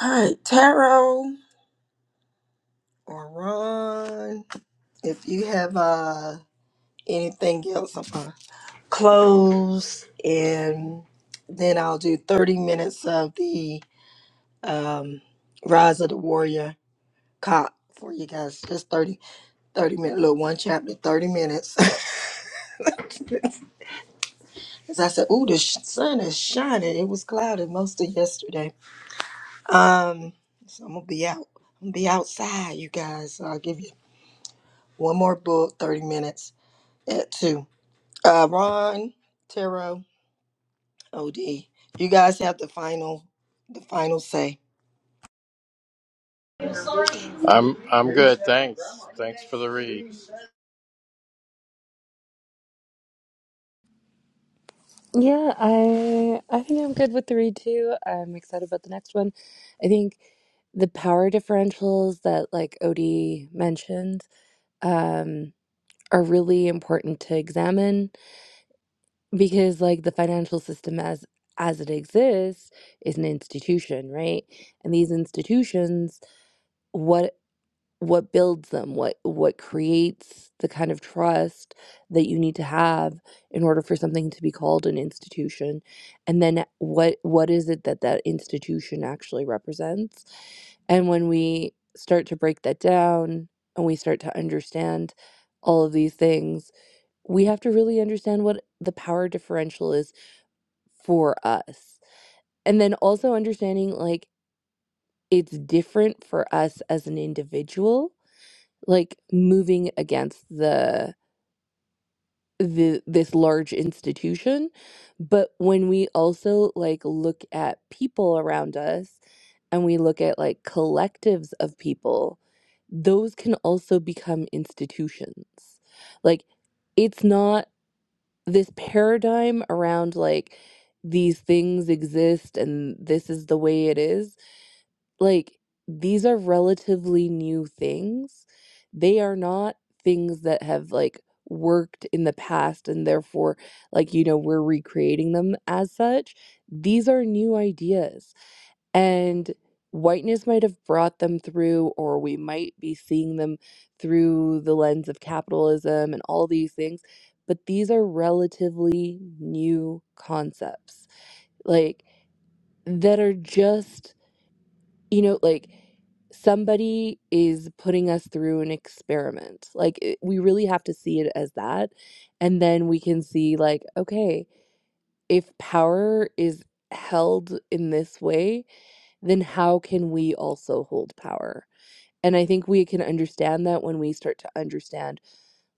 Speaker 1: All right, Taro or Ron, if you have uh, anything else, I'm gonna close, and then I'll do 30 minutes of the um, Rise of the Warrior Cop for you guys. Just 30, 30 minutes, little one chapter, 30 minutes. Because I said, "Ooh, the sh- sun is shining. It was cloudy most of yesterday. Um, so I'm gonna be out. I'm gonna be outside, you guys. So I'll give you one more book, 30 minutes at two. Uh, Ron, Taro, Od, you guys have the final, the final say.
Speaker 2: I'm I'm good. Thanks. Thanks for the read.
Speaker 3: Yeah, I I think I'm good with the read too. I'm excited about the next one. I think the power differentials that like Odie mentioned um, are really important to examine because like the financial system as as it exists is an institution, right? And these institutions, what? what builds them what what creates the kind of trust that you need to have in order for something to be called an institution and then what what is it that that institution actually represents and when we start to break that down and we start to understand all of these things we have to really understand what the power differential is for us and then also understanding like it's different for us as an individual like moving against the the this large institution but when we also like look at people around us and we look at like collectives of people those can also become institutions like it's not this paradigm around like these things exist and this is the way it is like these are relatively new things. They are not things that have like worked in the past and therefore like you know we're recreating them as such. These are new ideas and whiteness might have brought them through or we might be seeing them through the lens of capitalism and all these things, but these are relatively new concepts. Like that are just you know, like somebody is putting us through an experiment. Like it, we really have to see it as that. And then we can see, like, okay, if power is held in this way, then how can we also hold power? And I think we can understand that when we start to understand,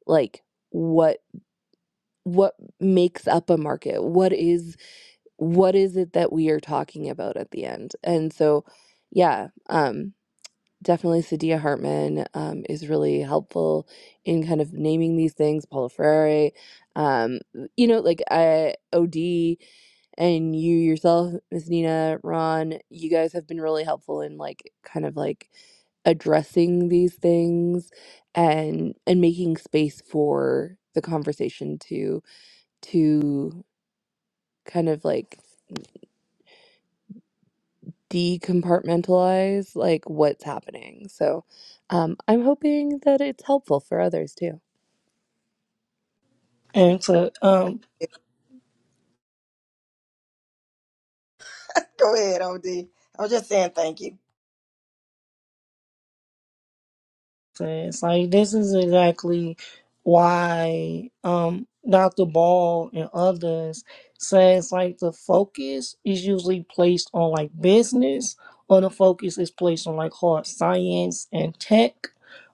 Speaker 3: like, what what makes up a market what is what is it that we are talking about at the end and so yeah um Definitely Sadia Hartman um, is really helpful in kind of naming these things. Paulo Freire, um, you know, like I, OD and you yourself, Miss Nina, Ron, you guys have been really helpful in like kind of like addressing these things and and making space for the conversation to to kind of like decompartmentalize like what's happening. So um, I'm hoping that it's helpful for others too.
Speaker 4: And to um
Speaker 1: Go ahead, Od. I was just saying thank you.
Speaker 4: sense. Like this is exactly why um Dr. Ball and others says like the focus is usually placed on like business or the focus is placed on like hard science and tech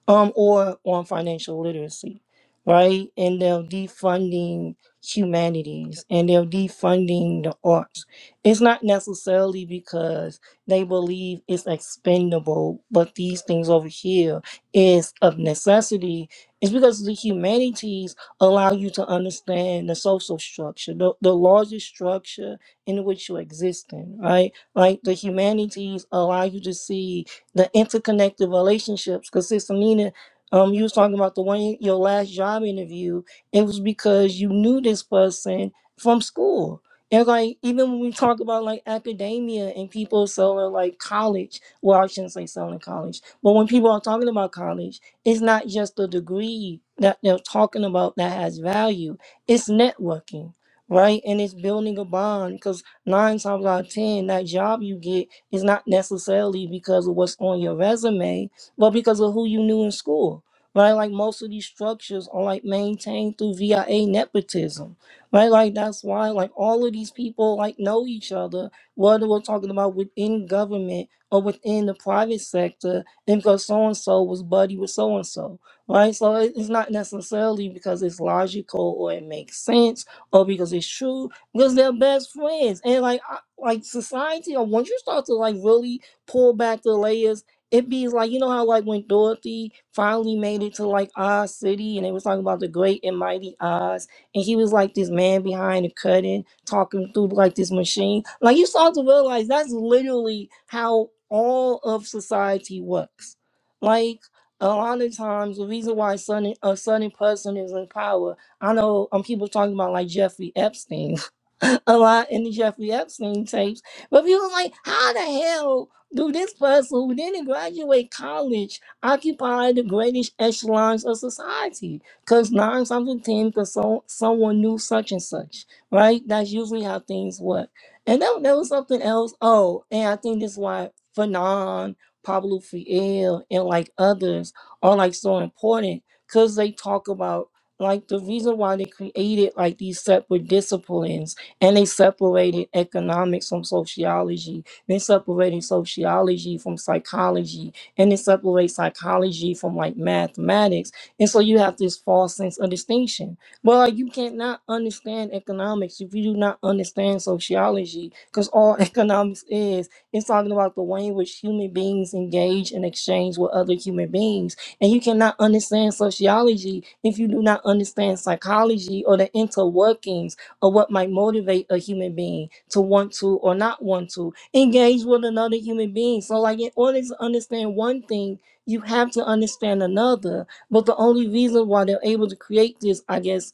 Speaker 4: um or on financial literacy, right? And they're defunding humanities and they're defunding the arts. It's not necessarily because they believe it's expendable, but these things over here is of necessity is because the humanities allow you to understand the social structure, the, the larger structure in which you exist in, right? Like the humanities allow you to see the interconnected relationships. Because Sister Nina, um, you was talking about the one your last job interview, it was because you knew this person from school and like even when we talk about like academia and people selling like college, well I shouldn't say selling college, but when people are talking about college, it's not just the degree that they're talking about that has value. It's networking, right? And it's building a bond because nine times out of ten, that job you get is not necessarily because of what's on your resume, but because of who you knew in school. Right? Like most of these structures are like maintained through VIA nepotism right? Like that's why like all of these people like know each other, whether we're talking about within government or within the private sector, and because so and so was buddy with so and so, right? So it- it's not necessarily because it's logical or it makes sense or because it's true, because they're best friends, and like I, like society, or once you start to like really pull back the layers. It be like you know how like when Dorothy finally made it to like Oz City and they was talking about the great and mighty Oz and he was like this man behind the curtain talking through like this machine. Like you start to realize that's literally how all of society works. Like a lot of times, the reason why certain, a certain person is in power, I know um, people talking about like Jeffrey Epstein a lot in the Jeffrey Epstein tapes, but people like, how the hell do this person who didn't graduate college occupy the greatest echelons of society? Because nine times out of ten, because so, someone knew such and such, right? That's usually how things work. And then there was something else. Oh, and I think this is why Fanon, Pablo Fiel, and like others are like so important because they talk about like the reason why they created like these separate disciplines and they separated economics from sociology, they separated sociology from psychology, and they separate psychology from like mathematics and so you have this false sense of distinction. Well, like, you cannot understand economics if you do not understand sociology, because all economics is it's talking about the way in which human beings engage and exchange with other human beings. And you cannot understand sociology if you do not understand psychology or the interworkings of what might motivate a human being to want to or not want to engage with another human being. So, like in order to understand one thing, you have to understand another but the only reason why they're able to create this, I guess,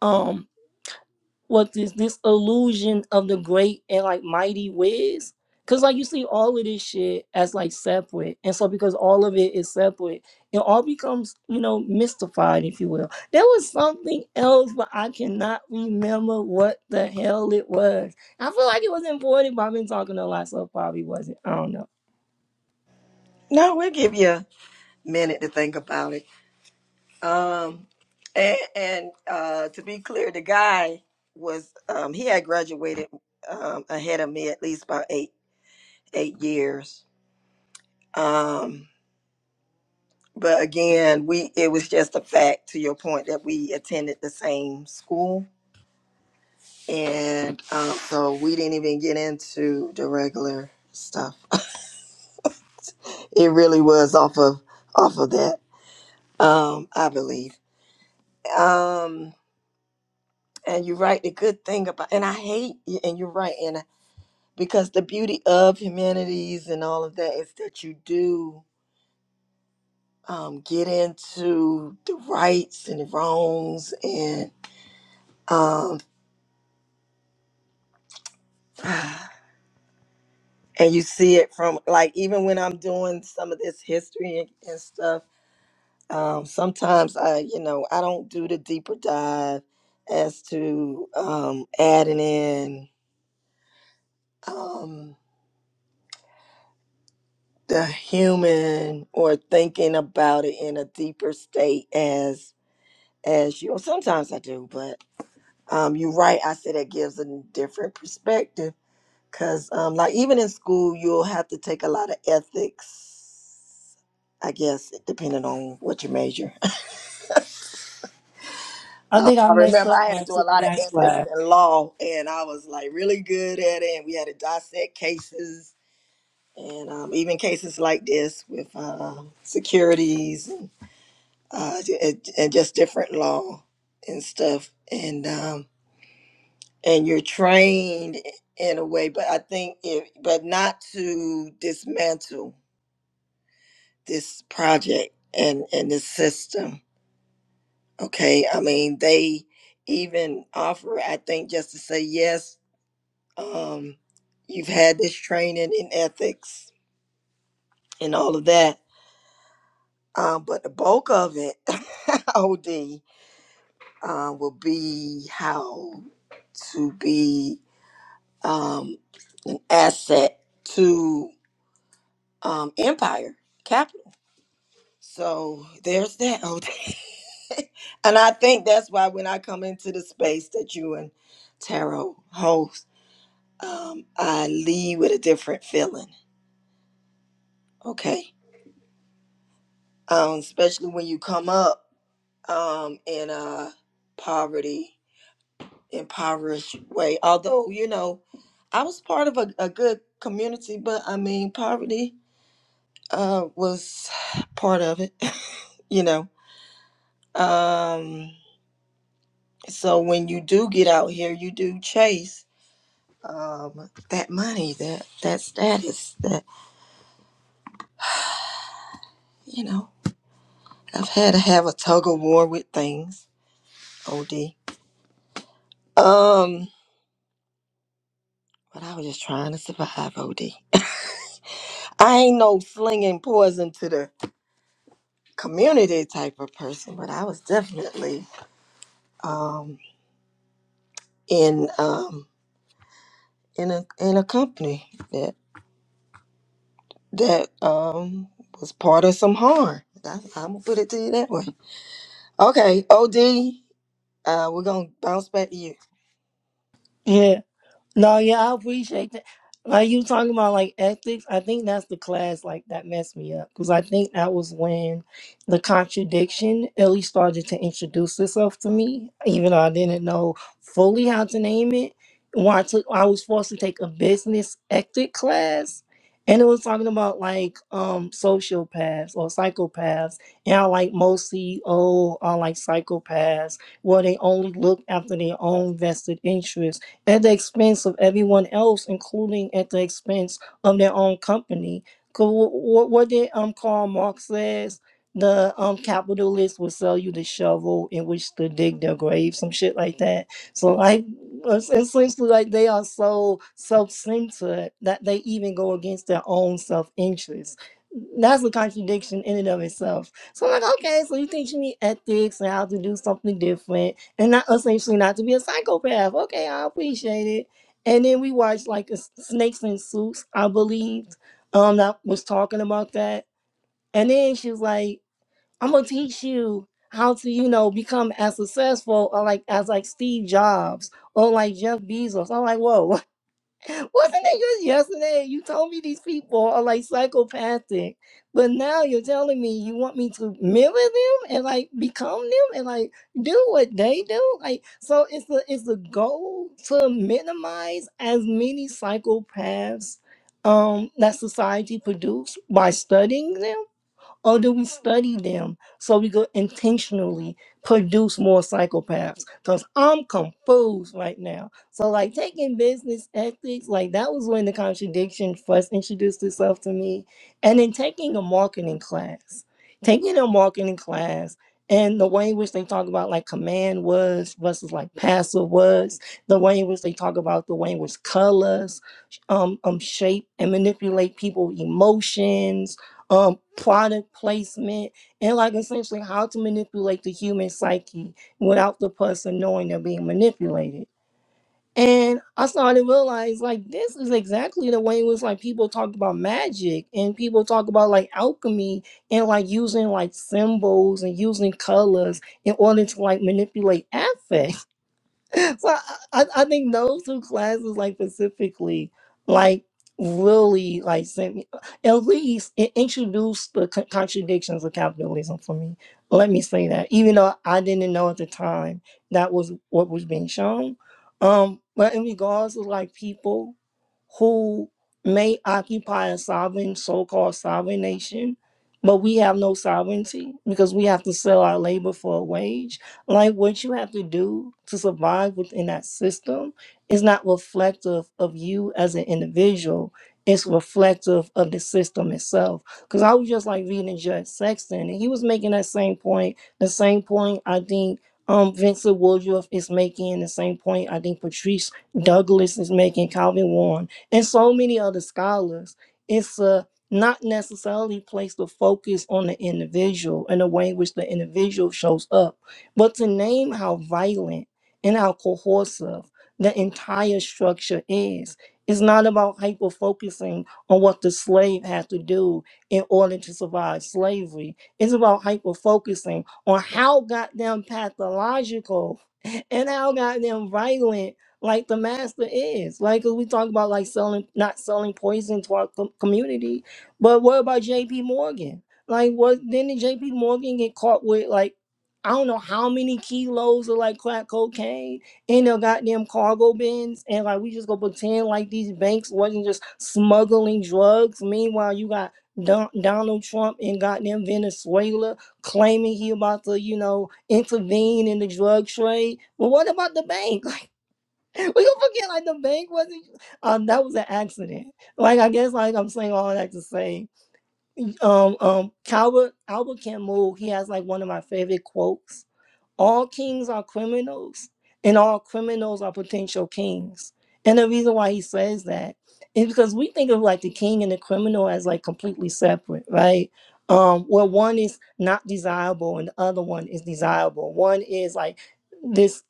Speaker 4: um, what this this illusion of the great and like mighty wiz. Cause like you see all of this shit as like separate. And so because all of it is separate, it all becomes, you know, mystified, if you will. There was something else, but I cannot remember what the hell it was. I feel like it was important, but I've been talking to a lot, so it probably wasn't. I don't know.
Speaker 1: No, we'll give you a minute to think about it. Um, and, and uh, to be clear, the guy was um, he had graduated um, ahead of me at least by eight eight years. Um, but again, we it was just a fact to your point that we attended the same school, and um, so we didn't even get into the regular stuff. it really was off of off of that, um, I believe. Um, and you're right. The good thing about and I hate and you're right. And because the beauty of humanities and all of that is that you do um, get into the rights and the wrongs and um, and you see it from like even when I'm doing some of this history and, and stuff um, sometimes I you know I don't do the deeper dive as to um, adding in um, the human or thinking about it in a deeper state as. as you. Well, sometimes I do, but um, you're right. I said that gives a different perspective because, um, like, even in school, you'll have to take a lot of ethics. I guess depending on what you major.
Speaker 4: I think I
Speaker 1: I
Speaker 4: messed
Speaker 1: remember
Speaker 4: up
Speaker 1: I had
Speaker 4: when
Speaker 1: to
Speaker 4: I
Speaker 1: do a
Speaker 4: took
Speaker 1: lot of
Speaker 4: backslash.
Speaker 1: ethics and law, and I was like really good at it. And we had to dissect cases, and um, even cases like this with um, securities and, uh, and and just different law and stuff. And um, and you're trained in a way but i think it but not to dismantle this project and and this system okay i mean they even offer i think just to say yes um you've had this training in ethics and all of that um but the bulk of it od um, will be how to be um an asset to um, empire capital. So there's that. OT. and I think that's why when I come into the space that you and Tarot host, um, I leave with a different feeling. Okay, um, especially when you come up um, in a poverty, impoverished way. Although you know, I was part of a, a good community, but I mean, poverty uh, was part of it. you know. Um So when you do get out here, you do chase um, that money, that that status, that you know. I've had to have a tug of war with things, OD. Um, but I was just trying to survive, OD. I ain't no slinging poison to the community type of person, but I was definitely um in um in a in a company that that um was part of some harm. I, I'm gonna put it to you that way. Okay, OD. Uh, we're gonna bounce back to you.
Speaker 4: Yeah. No, yeah, I appreciate that. Like you talking about like ethics, I think that's the class like that messed me up because I think that was when the contradiction really started to introduce itself to me, even though I didn't know fully how to name it. When I took, I was forced to take a business ethic class, and it was talking about like um sociopaths or psychopaths, and how like most CEO are like psychopaths, where they only look after their own vested interests at the expense of everyone else, including at the expense of their own company. Because what, what did um Karl Marx says? The um capitalists will sell you the shovel in which to dig their grave, some shit like that. So like es- essentially like they are so self-centered that they even go against their own self-interest. That's a contradiction in and of itself. So I'm like, okay, so you think you need ethics and how to do something different and not essentially not to be a psychopath. Okay, I appreciate it. And then we watched like a s- Snakes and Suits, I believe, um, that was talking about that. And then she was like, "I'm gonna teach you how to, you know, become as successful or like as like Steve Jobs or like Jeff Bezos." I'm like, "Whoa, Wasn't it just yesterday? You told me these people are like psychopathic, but now you're telling me you want me to mirror them and like become them and like do what they do. Like so, it's the it's the goal to minimize as many psychopaths um that society produce by studying them or do we study them so we could intentionally produce more psychopaths? Because I'm confused right now. So, like, taking business ethics, like, that was when the contradiction first introduced itself to me. And then taking a marketing class, taking a marketing class, and the way in which they talk about like command words versus like passive words, the way in which they talk about the way in which colors um, um shape and manipulate people's emotions um product placement and like essentially how to manipulate the human psyche without the person knowing they're being manipulated and i started to realize like this is exactly the way it was like people talk about magic and people talk about like alchemy and like using like symbols and using colors in order to like manipulate affect so I, I I think those two classes, like specifically, like really like sent me at least it introduced the co- contradictions of capitalism for me. Let me say that, even though I didn't know at the time that was what was being shown. Um, but in regards to like people who may occupy a sovereign, so-called sovereign nation, but we have no sovereignty because we have to sell our labor for a wage like what you have to do to survive within that system is not reflective of you as an individual. It's reflective of the system itself. Because I was just like reading Judge Sexton, and he was making that same point. The same point I think um, Vincent Woodruff is making, the same point I think Patrice Douglas is making, Calvin Warren, and so many other scholars. It's a not necessarily place the focus on the individual and the way in which the individual shows up but to name how violent and how coercive the entire structure is, is not about hyper focusing on what the slave had to do in order to survive slavery. It's about hyper focusing on how goddamn pathological and how goddamn violent like the master is. Like we talk about like selling not selling poison to our com- community, but what about JP Morgan? Like what didn't JP Morgan get caught with like I don't know how many kilos of like crack cocaine in their goddamn cargo bins, and like we just go pretend like these banks wasn't just smuggling drugs. Meanwhile, you got Don- Donald Trump in goddamn Venezuela claiming he about to, you know, intervene in the drug trade. But what about the bank? Like we don't forget, like the bank wasn't. Um, that was an accident. Like I guess, like I'm saying all that to say, um, um, Calvert Albert Camus, he has like one of my favorite quotes all kings are criminals and all criminals are potential kings and the reason why he says that is because we think of like the king and the criminal as like completely separate right um where one is not desirable and the other one is desirable one is like this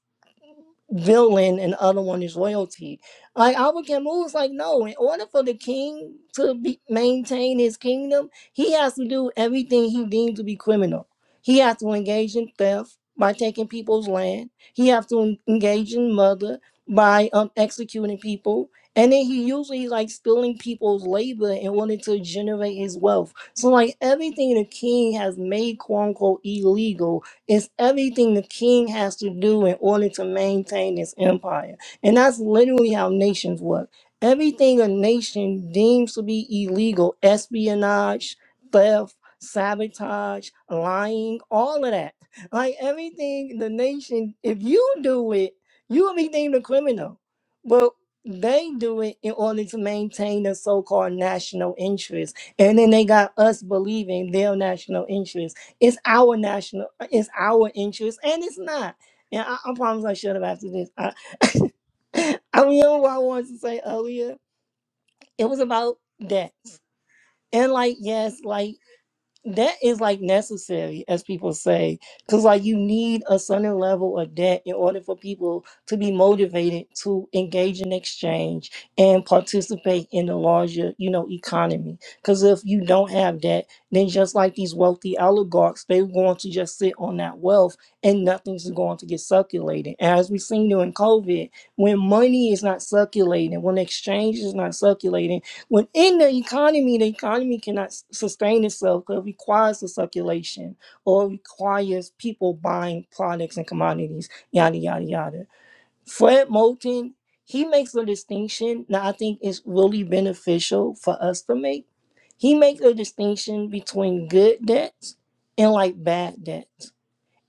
Speaker 4: villain and the other one is royalty. Like Abba Camus was like, no, in order for the king to be, maintain his kingdom, he has to do everything he deemed to be criminal. He has to engage in theft by taking people's land. He has to en- engage in murder by um, executing people. And then he usually like stealing people's labor in order to generate his wealth. So like everything the king has made quote unquote illegal it's everything the king has to do in order to maintain his empire. And that's literally how nations work. Everything a nation deems to be illegal, espionage, theft, sabotage, lying, all of that. Like everything the nation, if you do it, you will be deemed a criminal. But they do it in order to maintain the so-called national interest. And then they got us believing their national interest it's our national, uh, it's our interest, and it's not. And I, I promise I shut up after this. I, I remember what I wanted to say earlier. It was about debts. And like, yes, like that is like necessary, as people say, because like you need a certain level of debt in order for people to be motivated to engage in exchange and participate in the larger, you know, economy. Because if you don't have debt, then just like these wealthy oligarchs, they're going to just sit on that wealth and nothing's going to get circulated. And as we've seen during COVID, when money is not circulating, when exchange is not circulating Within the economy, the economy cannot s- sustain itself because it requires the circulation or it requires people buying products and commodities, yada, yada, yada. Fred Moulton, he makes a distinction that I think is really beneficial for us to make. He makes a distinction between good debts and like bad debts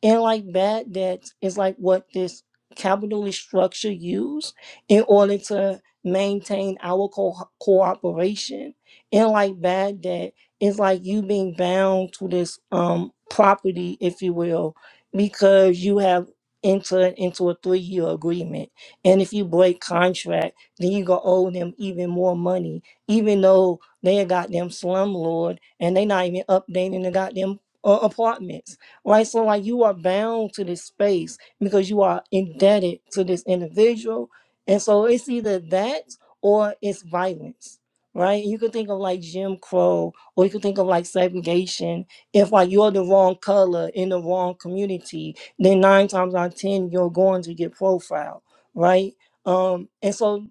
Speaker 4: and like that that is like what this capitalist structure use in order to maintain our co- cooperation and like that that is like you being bound to this um property if you will because you have entered into a three-year agreement and if you break contract then you gonna owe them even more money even though they a goddamn slumlord and they not even updating the goddamn uh, apartments right? So, like, you are bound to this space because you are indebted to this individual. And so, it's either that or it's violence, right? You could think of like Jim Crow, or you could think of like segregation. If, like, you're the wrong color in the wrong community, then nine times out of 10, you're going to get profiled, right? Um, and so,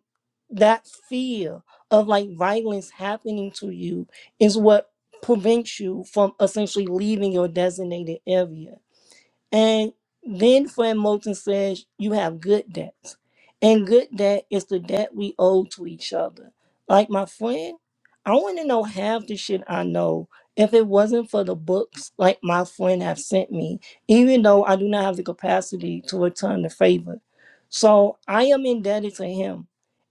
Speaker 4: that fear of like violence happening to you is what prevents you from essentially leaving your designated area. And then Fred Moulton says, You have good debts. And good debt is the debt we owe to each other. Like my friend, I wouldn't know half the shit I know if it wasn't for the books like my friend have sent me, even though I do not have the capacity to return the favor. So I am indebted to him.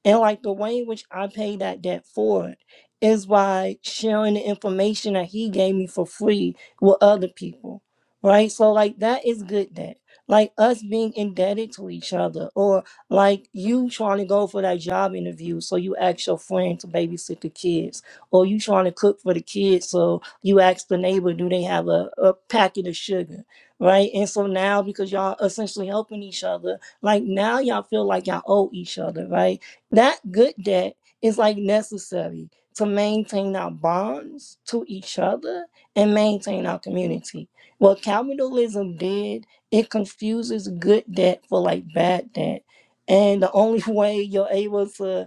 Speaker 4: And like the way in which I pay that debt forward is by sharing the information that he gave me for free with other people right? So like that is good debt. Like us being indebted to each other, or like you trying to go for that job interview, so you ask your friend to babysit the kids, or you trying to cook for the kids, so you ask the neighbor, do they have a, a packet of sugar, right? And so now because y'all essentially helping each other, like now y'all feel like y'all owe each other, right? That good debt is like necessary to maintain our bonds to each other and maintain our community what Calvinism did, it confuses good debt for like bad debt. And the only way you're able to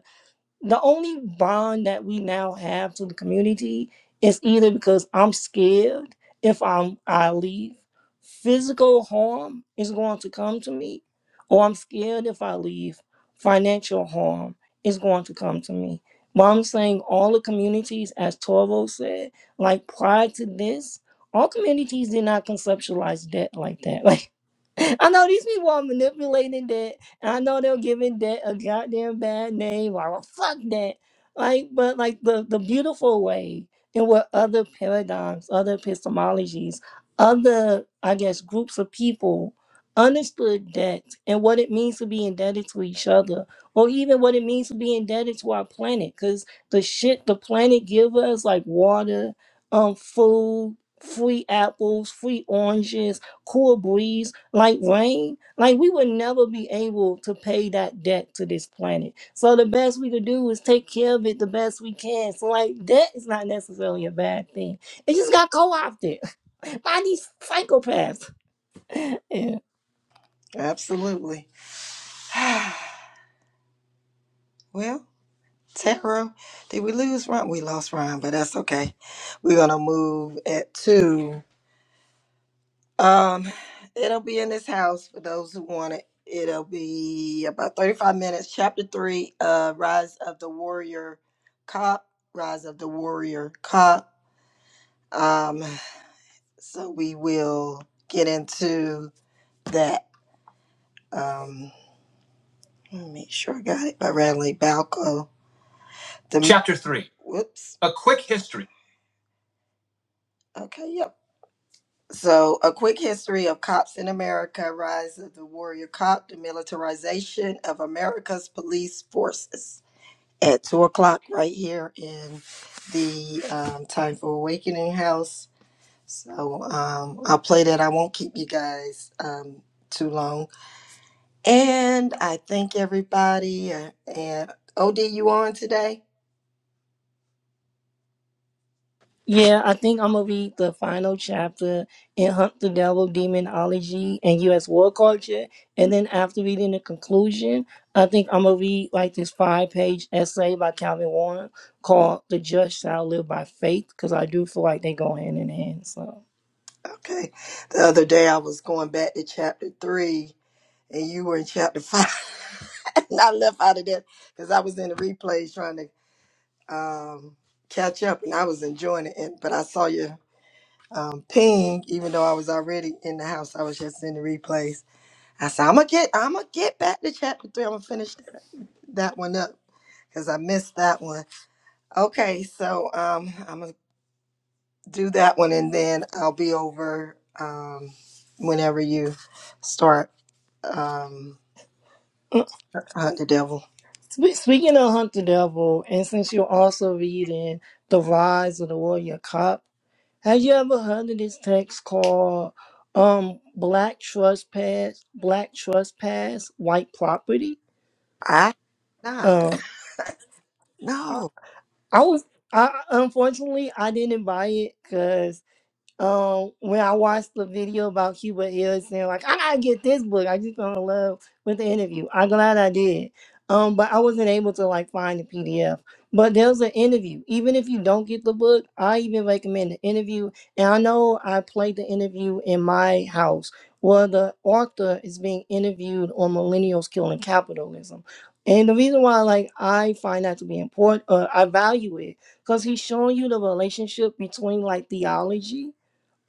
Speaker 4: the only bond that we now have to the community is either because I'm scared if I'm I leave, physical harm is going to come to me, or I'm scared if I leave, financial harm is going to come to me. But I'm saying all the communities, as Toro said, like prior to this, all communities did not conceptualize debt like that. Like I know these people are manipulating debt. And I know they're giving that a goddamn bad name or fuck that. Like, but like the, the beautiful way in what other paradigms, other epistemologies, other, I guess, groups of people understood debt and what it means to be indebted to each other, or even what it means to be indebted to our planet. Because the shit the planet gives us, like water, um, food, free apples, free oranges, cool breeze like rain like we would never be able to pay that debt to this planet so the best we could do is take care of it the best we can so like debt is not necessarily a bad thing it just got co-opted by these psychopaths
Speaker 1: Absolutely. Well, Tara, did we lose Ron? We lost Ron, but that's okay. We're gonna move at two. Um, it'll be in this house for those who want it. It'll be about 35 minutes. Chapter three, uh, Rise of the Warrior Cop. Rise of the Warrior Cop. Um, so we will get into that. Um, let me make sure I got it by Radley Balco. The Chapter 3. whoops. Uh, 3. Okay, yep. So, a quick history of cops in America, rise of the warrior cop, the militarization of America's police forces. At two o'clock, right here in the um, Time for Awakening house. So, um, I'll play that. I won't keep you guys um, too long. And I thank everybody. uh, And OD, you on today?
Speaker 4: Yeah, I think I'm gonna read the final chapter in Hunt the Devil Demonology and US War Culture. And then after reading the conclusion, I think I'm gonna read like this five page essay by Calvin Warren called The Just Shall Live by Faith, because I do feel like they go hand in hand. So
Speaker 1: Okay. The other day I was going back to chapter three and you were in chapter five. and I left out of that because I was in the replays trying to um, catch up and I was enjoying it. And, but I saw your um, ping, even though I was already in the house, I was just in the replays. I said, I'm gonna get, I'm gonna get back to chapter three. I'm gonna finish that, that one up because I missed that one. Okay, so um, I'm gonna do that one, and then I'll be over um whenever you start um hunt the devil.
Speaker 4: Spe- speaking of Hunt the Devil, and since you're also reading The Rise of the Warrior Cop, Have you ever heard of this text called um Black Trespass Black Trespass White Property?
Speaker 1: I not
Speaker 4: Um I,
Speaker 1: no.
Speaker 4: I was I unfortunately I didn't buy it because. um when I watched the video about Cuba Hill saying like I gotta get this book. I just fell in love with the interview. I'm glad I did. Um, but I wasn't able to like find the PDF. But there's an interview. Even if you don't get the book, I even recommend the interview. And I know I played the interview in my house where the author is being interviewed on millennials killing capitalism. And the reason why like I find that to be important, uh, I value it, because he's showing you the relationship between like theology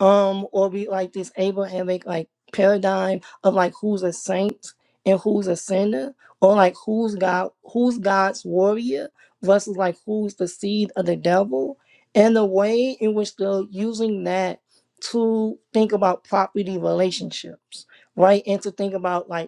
Speaker 4: um or we like disable and make like paradigm of like who's a saint and who's a sinner or like who's god who's god's warrior versus like who's the seed of the devil and the way in which they're using that to think about property relationships right and to think about like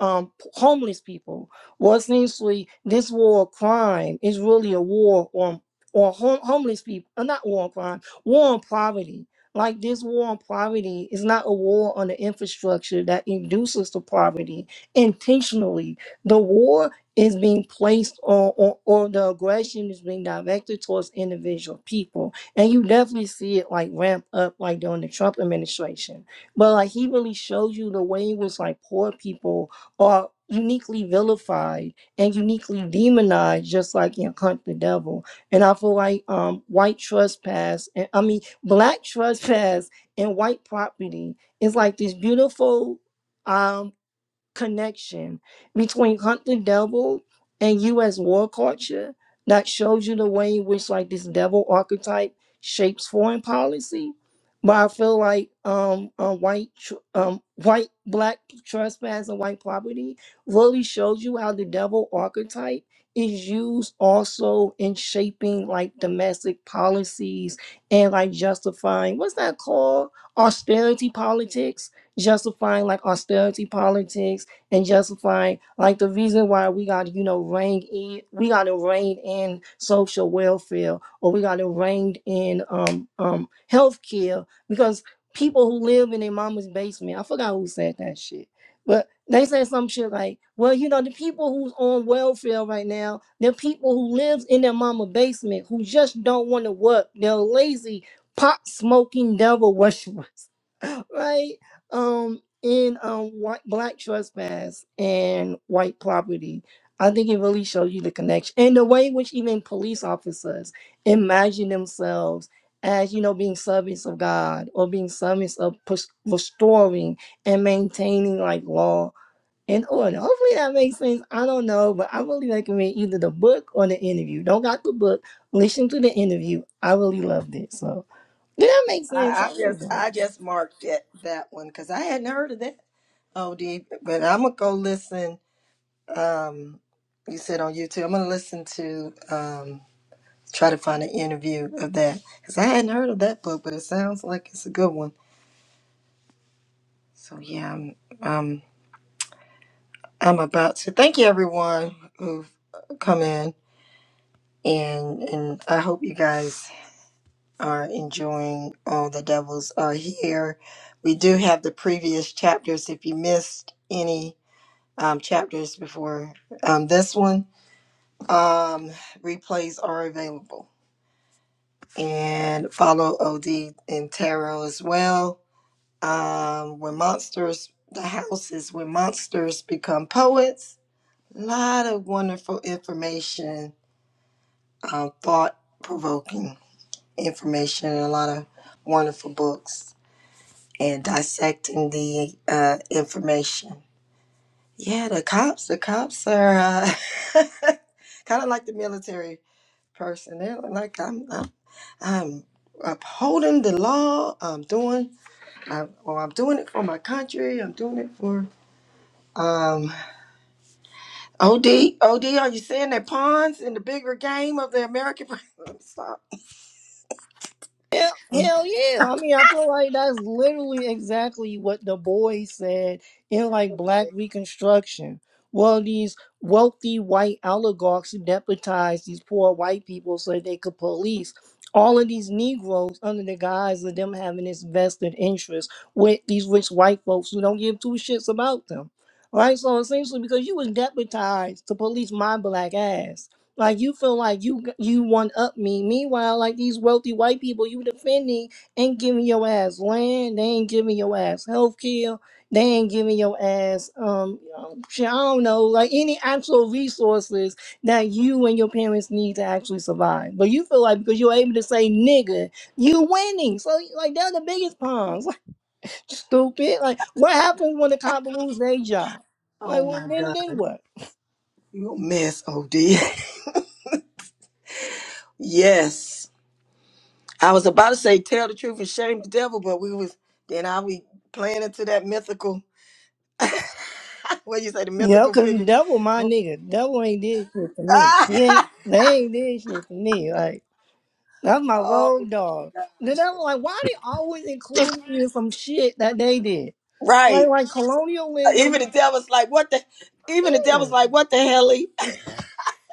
Speaker 4: um, homeless people. Well, essentially, this war of crime is really a war on on hom- homeless people, uh, not war on crime, war on poverty. Like this war on poverty is not a war on the infrastructure that induces the poverty intentionally. The war is being placed on, on or the aggression is being directed towards individual people. And you definitely see it like ramp up like during the Trump administration. But like he really shows you the way in which like poor people are uniquely vilified and uniquely demonized just like in hunt the devil and i feel like um white trespass and i mean black trespass and white property is like this beautiful um connection between Hunt the Devil and U.S. war culture that shows you the way in which like this devil archetype shapes foreign policy. But I feel like um, uh, white, tr- um, white, black trespass and white property really shows you how the devil archetype is used also in shaping like domestic policies and like justifying what's that called austerity politics, justifying like austerity politics and justifying like the reason why we got to you know rein in we got to rein in social welfare or we got to rein in um um health care because people who live in their mama's basement i forgot who said that shit but they said some shit like well you know the people who's on welfare right now they're people who lives in their mama basement who just don't want to work they're lazy pot smoking devil worshippers right um in um white black trespass and white property. I think it really shows you the connection and the way in which even police officers imagine themselves as you know being servants of God or being servants of pres- restoring and maintaining like law and order. Hopefully that makes sense. I don't know, but I really recommend either the book or the interview. Don't got the book, listen to the interview. I really loved it. So did that make
Speaker 1: I,
Speaker 4: sense?
Speaker 1: I
Speaker 4: Hopefully
Speaker 1: just
Speaker 4: it does.
Speaker 1: I just marked it that one because I hadn't heard of that. OD, but I'm gonna go listen. Um, you said on YouTube, I'm gonna listen to. Um, Try to find an interview of that because I hadn't heard of that book, but it sounds like it's a good one. So yeah, I'm um, I'm about to thank you everyone who've come in and and I hope you guys are enjoying all the devils are here. We do have the previous chapters if you missed any um, chapters before um, this one. Um, replays are available and follow OD and Tarot as well um, when monsters, the houses when monsters become poets. A lot of wonderful information, um, thought provoking information, and a lot of wonderful books and dissecting the uh, information. Yeah, the cops, the cops are uh, kind of like the military person. They're like, I'm, I'm, I'm upholding the law. I'm doing, I, or I'm doing it for my country. I'm doing it for. um, OD, OD, are you saying that pawns in the bigger game of the American? Stop.
Speaker 4: Hell, hell yeah. I mean, I feel like that's literally exactly what the boy said in like Black Reconstruction. Well, these wealthy white oligarchs who deputized these poor white people so they could police all of these Negroes under the guise of them having this vested interest with these rich white folks who don't give two shits about them. Right? So essentially, because you was deputized to police my black ass like you feel like you you one up me. Meanwhile, like these wealthy white people, you defending ain't giving your ass land. They ain't giving your ass health care. They ain't giving your ass um um, shit. I don't know, like any actual resources that you and your parents need to actually survive. But you feel like because you're able to say nigga, you winning. So like they're the biggest pawns. Like stupid. Like what happens when the cop lose their job? Like
Speaker 1: Oh
Speaker 4: well,
Speaker 1: my
Speaker 4: then
Speaker 1: God.
Speaker 4: then what?
Speaker 1: You a mess, OD. yes. I was about to say tell the truth and shame the devil, but we was then I we playing into that mythical what you say, the
Speaker 4: Yeah,
Speaker 1: mythical
Speaker 4: cause the
Speaker 1: figure.
Speaker 4: devil, my
Speaker 1: oh
Speaker 4: nigga, devil ain't did shit to me. He ain't, they ain't did shit to me. Like that's my
Speaker 1: oh my
Speaker 4: road dog. The devil, like, why they always
Speaker 1: God.
Speaker 4: include me in some shit that they did? Like,
Speaker 1: Right.
Speaker 4: like colonialism.
Speaker 1: Even the devil's like, what the even the
Speaker 4: Yeah,
Speaker 1: devil's like, what the hell? Lee?"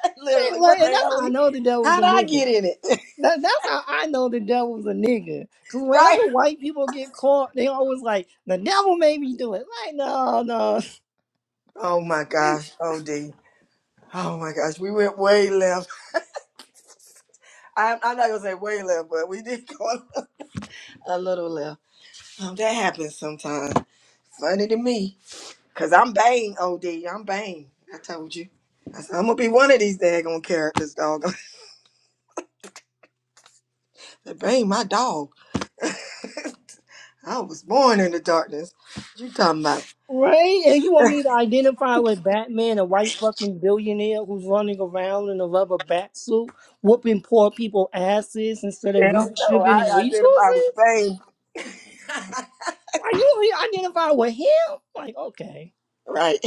Speaker 4: Man,
Speaker 1: Literally, what
Speaker 4: like,
Speaker 1: the
Speaker 4: and that's
Speaker 1: hell?
Speaker 4: how I
Speaker 1: Lee?
Speaker 4: know the devil's a
Speaker 1: How'd I
Speaker 4: nigga.
Speaker 1: get in it?
Speaker 4: That, that's how I know the devil's a nigga. Cause
Speaker 1: right?
Speaker 4: whenever white people get caught, they always like the devil made me do it. Like, no, no.
Speaker 1: Oh my gosh, OD. Oh my gosh, we went way left. I, I'm not gonna say way left, but we did go a little left. Um, that happens sometimes. Funny to me, cause I'm Bane, OD. I'm Bane. I told you. I said, I'm gonna be one of these daggone characters, dog. That Bane, my dog. I was born in the darkness. You talking about?
Speaker 4: Right? And you want me to identify with Batman, a white fucking billionaire who's running around in a rubber bat suit, whooping poor people asses instead of
Speaker 1: Hell no,
Speaker 4: redistributing
Speaker 1: I identify with
Speaker 4: resources?
Speaker 1: Bane.
Speaker 4: Are you want me to identify with him? Like, okay.
Speaker 1: Right.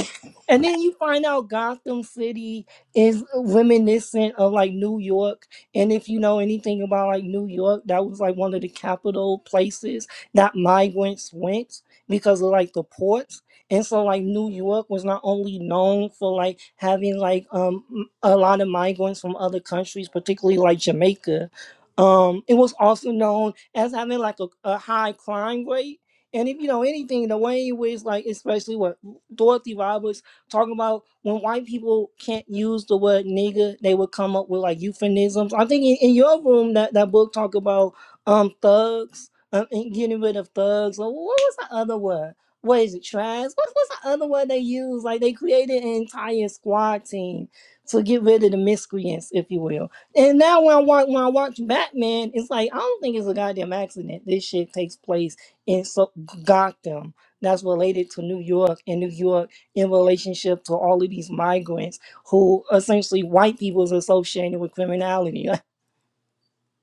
Speaker 4: And then you find out Gotham City is reminiscent of like New York. And if you know anything about like New York, that was like one of the capital places that migrants went because of like the ports. And so like New York was not only known for like having like um m- a lot of migrants from other countries, particularly like Jamaica. Um, it was also known as having like a, a high crime rate. And if you know anything, the way in which like especially what Dorothy Roberts talking about when white people can't use the word nigger, they would come up with like euphemisms. I think in, in your room that, that book talk about um thugs um, and getting rid of thugs. Or what was the other word? What is it, trash? What, what's the other word they use? Like they created an entire squad team to get rid of the miscreants, if you will. And now when I watch when I watch Batman, it's like I don't think it's a goddamn accident. This shit takes place in so Gotham that's related to New York and New York in relationship to all of these migrants who essentially white people is associated with criminality.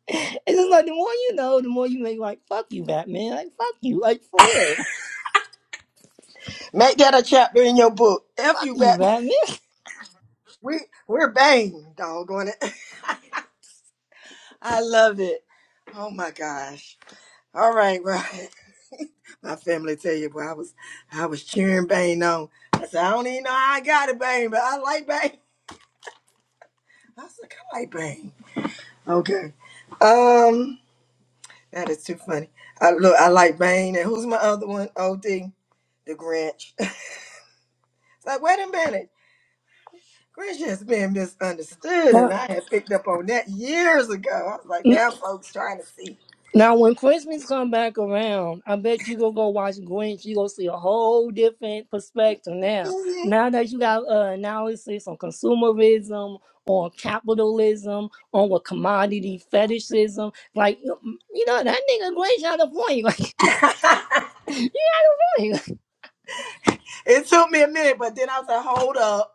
Speaker 4: Like, it's just like the more you know, the more you make like, fuck you, Batman. Like, fuck you. Like, for real.
Speaker 1: Make that a chapter in your book. F
Speaker 4: Fuck
Speaker 1: you,
Speaker 4: you,
Speaker 1: Batman.
Speaker 4: Batman.
Speaker 1: We we're Bane, doggone it. I love it. Oh my gosh. All right, right. my family tell you, boy, I was I was cheering Bane on. I said, I don't even know how I got it, Bane, but I like Bane. I said, I like Bane. Okay. Um, that is too funny. I look, I like Bane, and who's my other one? OD, the Grinch. it's like, wait a minute. Grinch has been misunderstood,
Speaker 4: Now,
Speaker 1: and I had picked up on that years ago. I was like,
Speaker 4: n-
Speaker 1: now folks trying to see.
Speaker 4: now when Christmas come back around, I bet you gonna go watch Grinch. You gonna see a whole different perspective now. Now that you got uh, analysis on consumerism, on capitalism, on what commodity fetishism, like you you know that nigga Grinch had a point. doing?
Speaker 1: It took me a minute, but then I was like, hold up.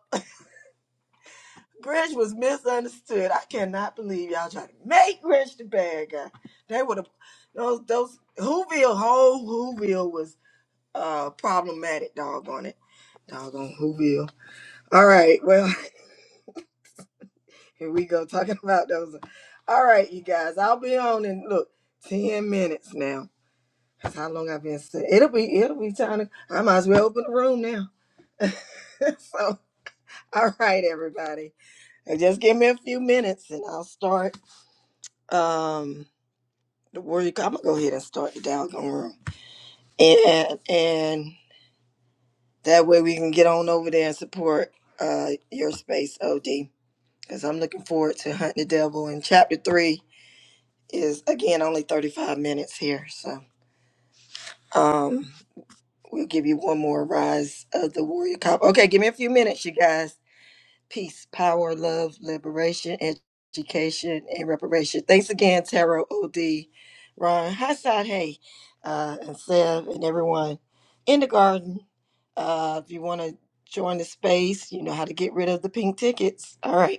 Speaker 1: Grinch was misunderstood. I cannot believe y'all trying to make Grinch the bad guy. They would have those those Whoville whole Whoville was uh problematic, doggone it. Doggone Whoville. All right, well, here we go talking about those. All right, you guys. I'll be on in look, ten minutes now. That's how long I've been sitting. It'll be it'll be time to I might as well open the room now. so all right, everybody. Uh, Just give me a few minutes and I'll start. Um, the word I'm gonna go ahead and start the doggone room, and and that way we can get on over there and support uh your space, OD. Because I'm looking forward to hunting the devil. And chapter three is again only 35 minutes here, so um, we'll give you one more rise of the warrior cop. Okay, give me a few minutes, you guys. peace, power, love, liberation, education, and reparation. Thanks again, Taro OD, Ron, High Side Hey, uh, and Sev, and everyone in the garden. Uh, if you want to join the space, you know how to get rid of the pink tickets. All right.